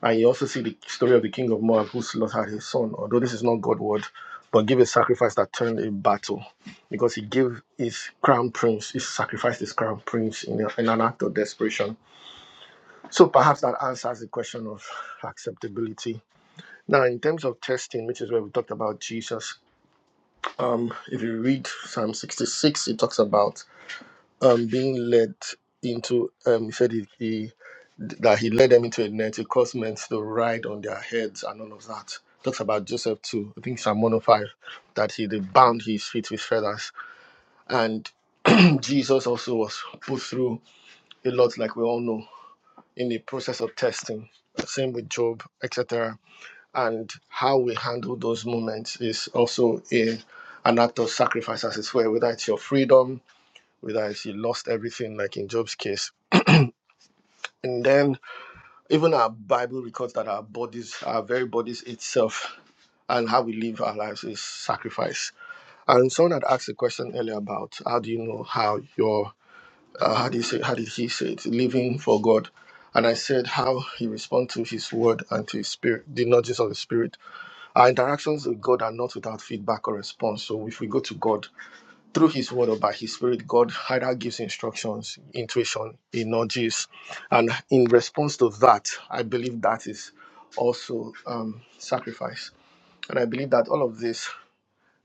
[SPEAKER 10] And you also see the story of the king of Moab who slaughtered his son, although this is not God's word, but give a sacrifice that turned a battle because he gave his crown prince, he sacrificed his crown prince in, a- in an act of desperation. So perhaps that answers the question of acceptability. Now, in terms of testing, which is where we talked about Jesus, um, if you read Psalm 66, it talks about um, being led into, um, he said he, he, that he led them into a net, it caused men to ride on their heads and all of that. Talks about Joseph too, I think Psalm 105, that he they bound his feet with feathers. And Jesus also was put through a lot, like we all know, in the process of testing. Same with Job, etc. And how we handle those moments is also a, an act of sacrifice, as it were, whether it's your freedom, whether it's you lost everything, like in Job's case and then even our bible records that our bodies our very bodies itself and how we live our lives is sacrifice and someone had asked a question earlier about how do you know how your uh, how do you say how did he say it living for god and i said how he responds to his word and to his spirit the nudges of the spirit our interactions with god are not without feedback or response so if we go to god through his word or by his spirit, God either gives instructions, intuition, he nudges. And in response to that, I believe that is also um, sacrifice. And I believe that all of this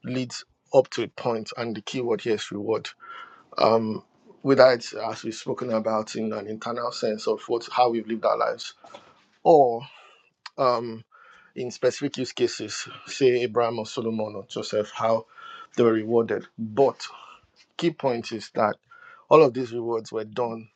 [SPEAKER 10] leads up to a point, and the key word here is reward. Um, whether it's as we've spoken about in an internal sense of what how we've lived our lives, or um, in specific use cases, say Abraham or Solomon or Joseph, how they were rewarded. But key point is that all of these rewards were done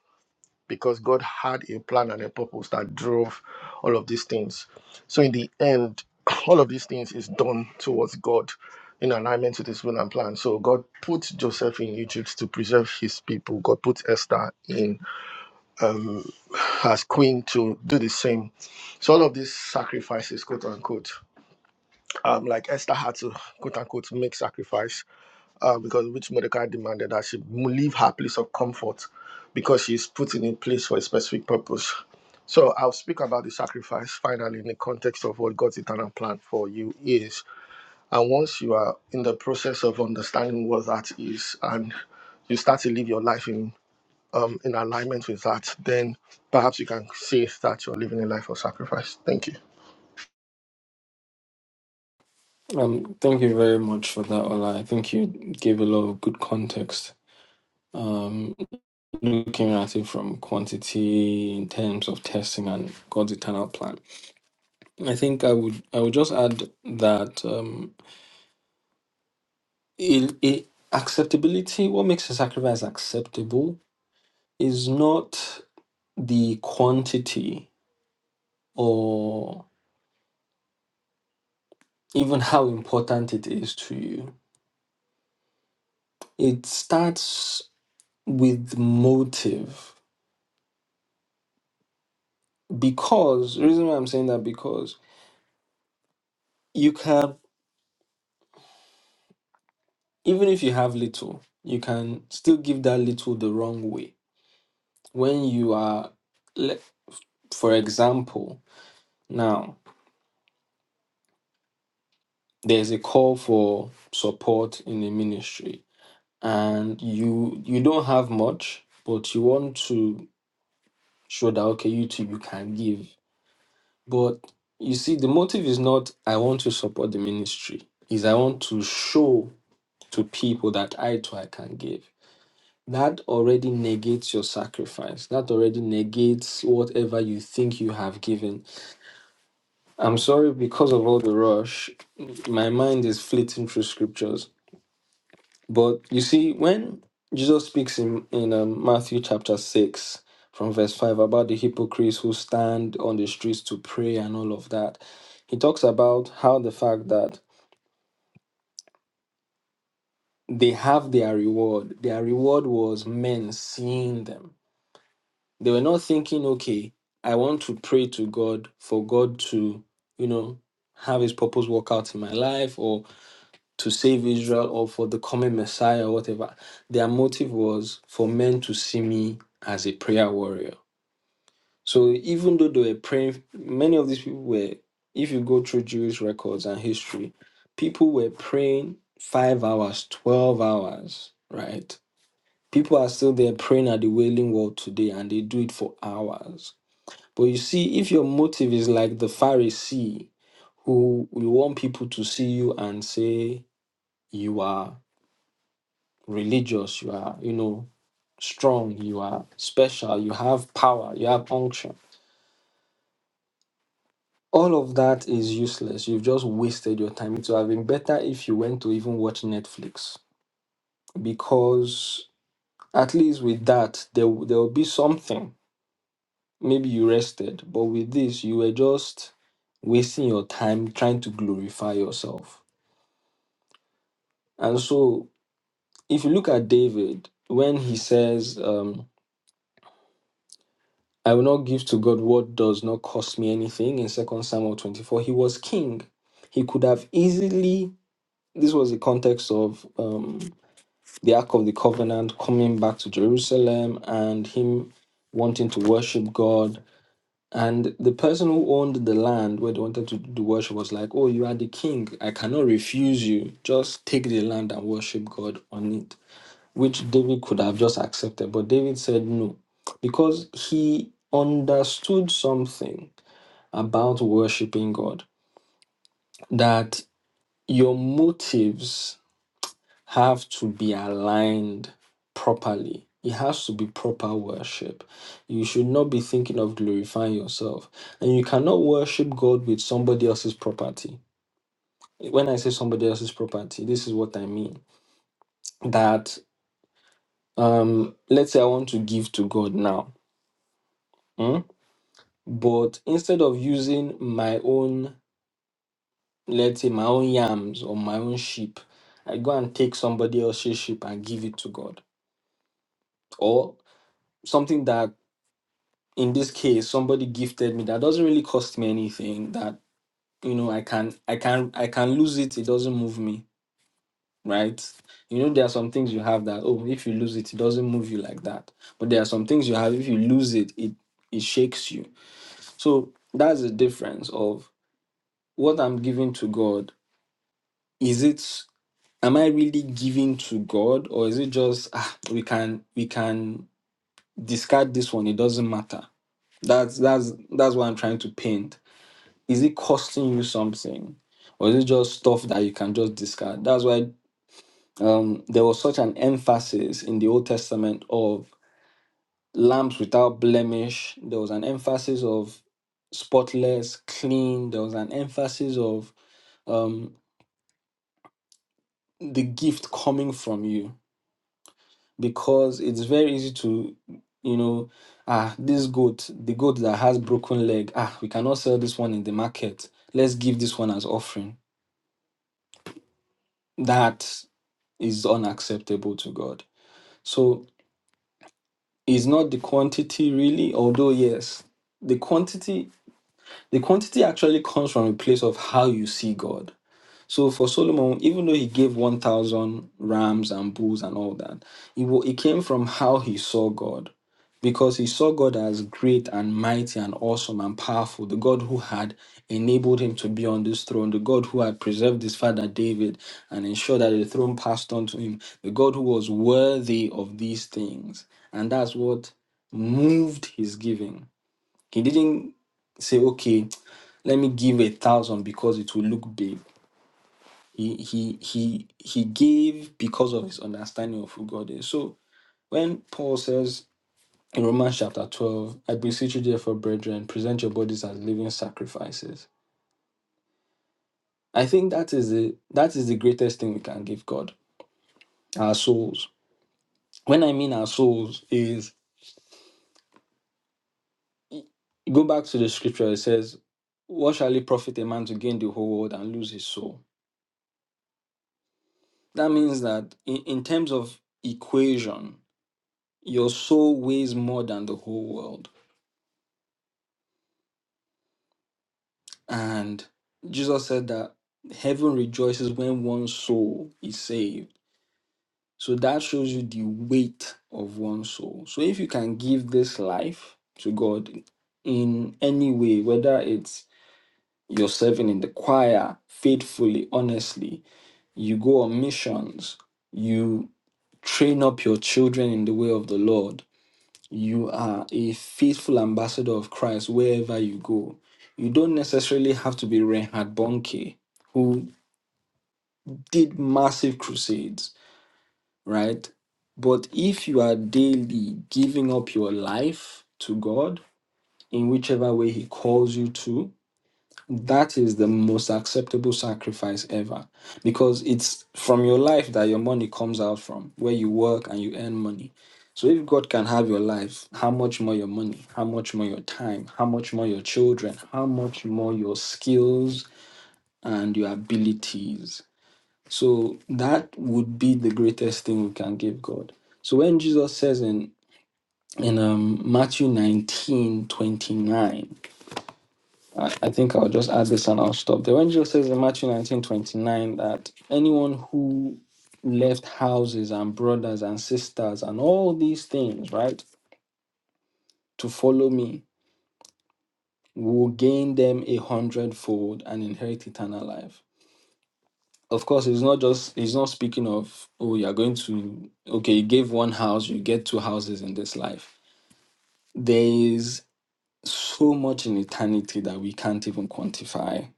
[SPEAKER 10] because God had a plan and a purpose that drove all of these things. So in the end, all of these things is done towards God in alignment to this will and plan. So God put Joseph in Egypt to preserve his people. God put Esther in um, as queen to do the same. So all of these sacrifices, quote unquote, um, like Esther had to quote unquote make sacrifice uh, because which Mordecai demanded that she leave her place of comfort because she is put in a place for a specific purpose. So I'll speak about the sacrifice finally in the context of what God's eternal plan for you is. And once you are in the process of understanding what that is and you start to live your life in um, in alignment with that, then perhaps you can say that you're living a life of sacrifice. Thank you.
[SPEAKER 1] Um, thank you very much for that, Ola. I think you gave a lot of good context. Um, looking at it from quantity in terms of testing and God's eternal plan, I think I would I would just add that um, it, it, acceptability. What makes a sacrifice acceptable is not the quantity or even how important it is to you. It starts with motive Because the reason why I'm saying that because you can even if you have little, you can still give that little the wrong way. When you are, le- for example, now there's a call for support in the ministry, and you you don't have much, but you want to show that okay, you too you can give. But you see, the motive is not I want to support the ministry; is I want to show to people that I too I can give. that already negates your sacrifice. That already negates whatever you think you have given. I'm sorry, because of all the rush, my mind is flitting through scriptures. But you see, when Jesus speaks in, in um, Matthew chapter 6, from verse 5, about the hypocrites who stand on the streets to pray and all of that, he talks about how the fact that they have their reward, their reward was men seeing them They were not thinking, okay, I want to pray to God for God to, you know, have his purpose work out in my life or to save Israel or for the coming Messiah or whatever. Their motive was for men to see me as a prayer warrior. So even though they were praying, many of these people were, if you go through Jewish records and history, people were praying five hours, 12 hours, right? People are still there praying at the Wailing Wall today and they do it for hours. But you see, if your motive is like the Pharisee, who you want people to see you and say you are religious, you are, you know, strong, you are special, you have power, you have unction. All of that is useless. You've just wasted your time. It would have been better if you went to even watch Netflix because at least with that, there, there will be something. Maybe you rested, but with this, you were just wasting your time trying to glorify yourself And so, if you look at David, when he says, um, I will not give to God what does not cost me anything in Second Samuel 24, he was king. He could have easily, this was the context of um, the Ark of the Covenant coming back to Jerusalem and him wanting to worship God. And the person who owned the land where they wanted to do worship was like, Oh, you are the king. I cannot refuse you. Just take the land and worship God on it. which David could have just accepted. But David said no, because he understood something about worshiping God that your motives have to be aligned properly. It has to be proper worship. You should not be thinking of glorifying yourself. And you cannot worship God with somebody else's property. When I say somebody else's property, this is what I mean. That um let's say I want to give to God now. hmm? But instead of using my own, let's say my own yams or my own sheep, I go and take somebody else's sheep and give it to God. Or something that in this case somebody gifted me that doesn't really cost me anything that you know I can I can I can lose it, it doesn't move me, right? You know, there are some things you have that oh if you lose it, it doesn't move you like that. But there are some things you have if you lose it, it it shakes you. So that's the difference of what I'm giving to God is it am i really giving to god or is it just ah, we can we can discard this one it doesn't matter that's that's that's what i'm trying to paint is it costing you something or is it just stuff that you can just discard that's why um there was such an emphasis in the old testament of lambs without blemish there was an emphasis of spotless clean there was an emphasis of um the gift coming from you because it's very easy to you know ah this goat the goat that has broken leg ah we cannot sell this one in the market let's give this one as offering that is unacceptable to god so it's not the quantity really although yes the quantity the quantity actually comes from a place of how you see god So for Solomon, even though he gave 1,000 rams and bulls and all that, it, wa- it came from how he saw God. Because he saw God as great and mighty and awesome and powerful, the God who had enabled him to be on this throne, the God who had preserved his father David and ensured that the throne passed on to him, the God who was worthy of these things. And that's what moved his giving. He didn't say, okay, let me give a thousand because it will look big. He he he he gave because of his understanding of who God is. So when Paul says in Romans chapter 12, I beseech you therefore, brethren, present your bodies as living sacrifices. I think that is the that is the greatest thing we can give God, our souls. When I mean our souls is go back to the scripture, it says, What shall it profit a man to gain the whole world and lose his soul? That means that in, in terms of equation, your soul weighs more than the whole world And Jesus said that heaven rejoices when one soul is saved. So that shows you the weight of one soul. So if you can give this life to God in any way, whether it's you're serving in the choir faithfully, honestly, you go on missions, you train up your children in the way of the Lord, you are a faithful ambassador of Christ wherever you go. You don't necessarily have to be Reinhard Bonnke, who did massive crusades, right? But if you are daily giving up your life to God in whichever way He calls you to, that is the most acceptable sacrifice ever because it's from your life that your money comes out from, where you work and you earn money. So if God can have your life, how much more your money, how much more your time, how much more your children, how much more your skills and your abilities. So that would be the greatest thing we can give God. So when Jesus says in in um, Matthew 19 29. I I think I'll just add this and I'll stop there. When Jesus says in Matthew 19 29 that anyone who left houses and brothers and sisters and all these things, right, to follow me will gain them a hundredfold and inherit eternal life. Of course, it's not just, he's not speaking of, oh, you're going to, okay, you gave one house, you get two houses in this life. There is so much in eternity that we can't even quantify.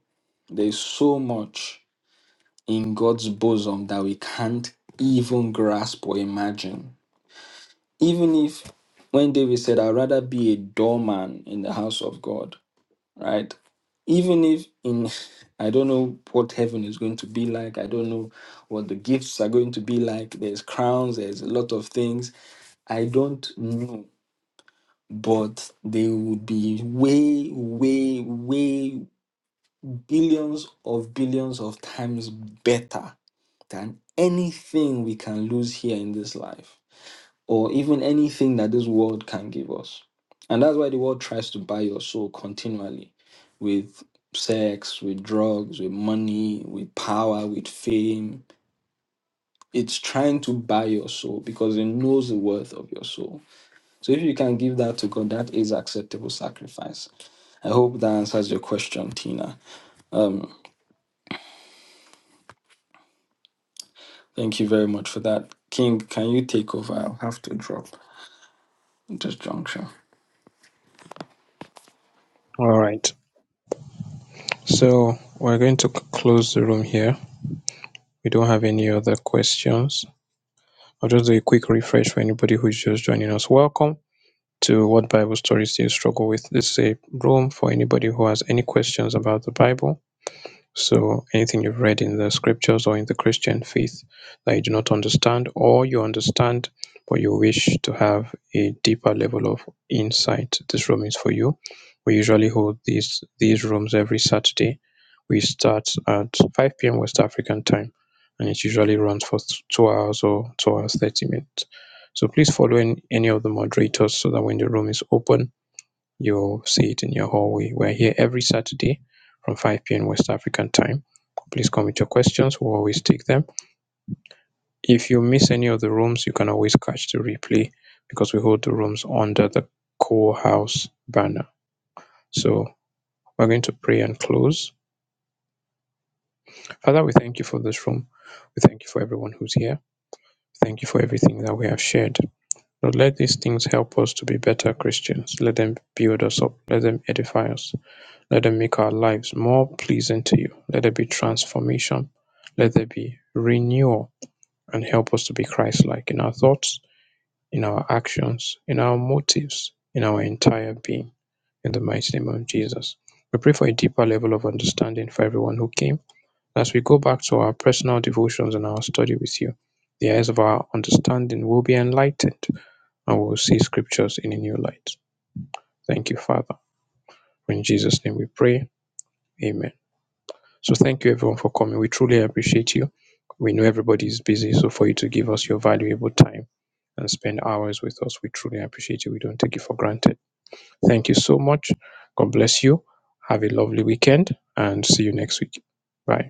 [SPEAKER 1] There is so much in God's bosom that we can't even grasp or imagine. Even if, when David said, I'd rather be a doorman in the house of God, right? Even if in, I don't know what heaven is going to be like, I don't know what the gifts are going to be like, there's crowns, there's a lot of things. I don't know, but they would be way, way, way billions of billions of times better than anything we can lose here in this life, or even anything that this world can give us. And that's why the world tries to buy your soul continually with sex, with drugs, with money, with power, with fame. It's trying to buy your soul because it knows the worth of your soul. So if you can give that to God, that is acceptable sacrifice. I hope that answers your question, Tina. Thank you very much for that. King, can you take over? I'll have to drop at this juncture.
[SPEAKER 2] All right. So we're going to c- close the room here. We don't have any other questions. I'll just do a quick refresh for anybody who's just joining us. Welcome to What Bible Stories Do You Struggle With? This is a room for anybody who has any questions about the Bible So anything you've read in the scriptures or in the Christian faith that you do not understand, or you understand but you wish to have a deeper level of insight, this room is for you. We usually hold these these rooms every Saturday. We start at 5 p.m. West African time, and it usually runs for th- two hours or two hours 30 minutes. So please follow in any of the moderators so that when the room is open, you'll see it in your hallway. We're here every Saturday from 5 p.m. West African time. Please come with your questions. We'll always take them. If you miss any of the rooms, you can always catch the replay because we hold the rooms under the Core House banner. So we're going to pray and close. Father, we thank you for this room. We thank you for everyone who's here. Thank you for everything that we have shared. Lord, let these things help us to be better Christians. Let them build us up. Let them edify us. Let them make our lives more pleasing to you. Let there be transformation. Let there be renewal and help us to be Christ like in our thoughts, in our actions, in our motives, in our entire being. In the mighty name of Jesus. We pray for a deeper level of understanding for everyone who came. As we go back to our personal devotions and our study with you, the eyes of our understanding will be enlightened and we will see scriptures in a new light. Thank you, Father. In Jesus' name we pray. Amen. So thank you everyone for coming. We truly appreciate you. We know everybody is busy, so for you to give us your valuable time and spend hours with us, we truly appreciate you. We don't take it for granted. Thank you so much. God bless you. Have a lovely weekend and see you next week. Bye.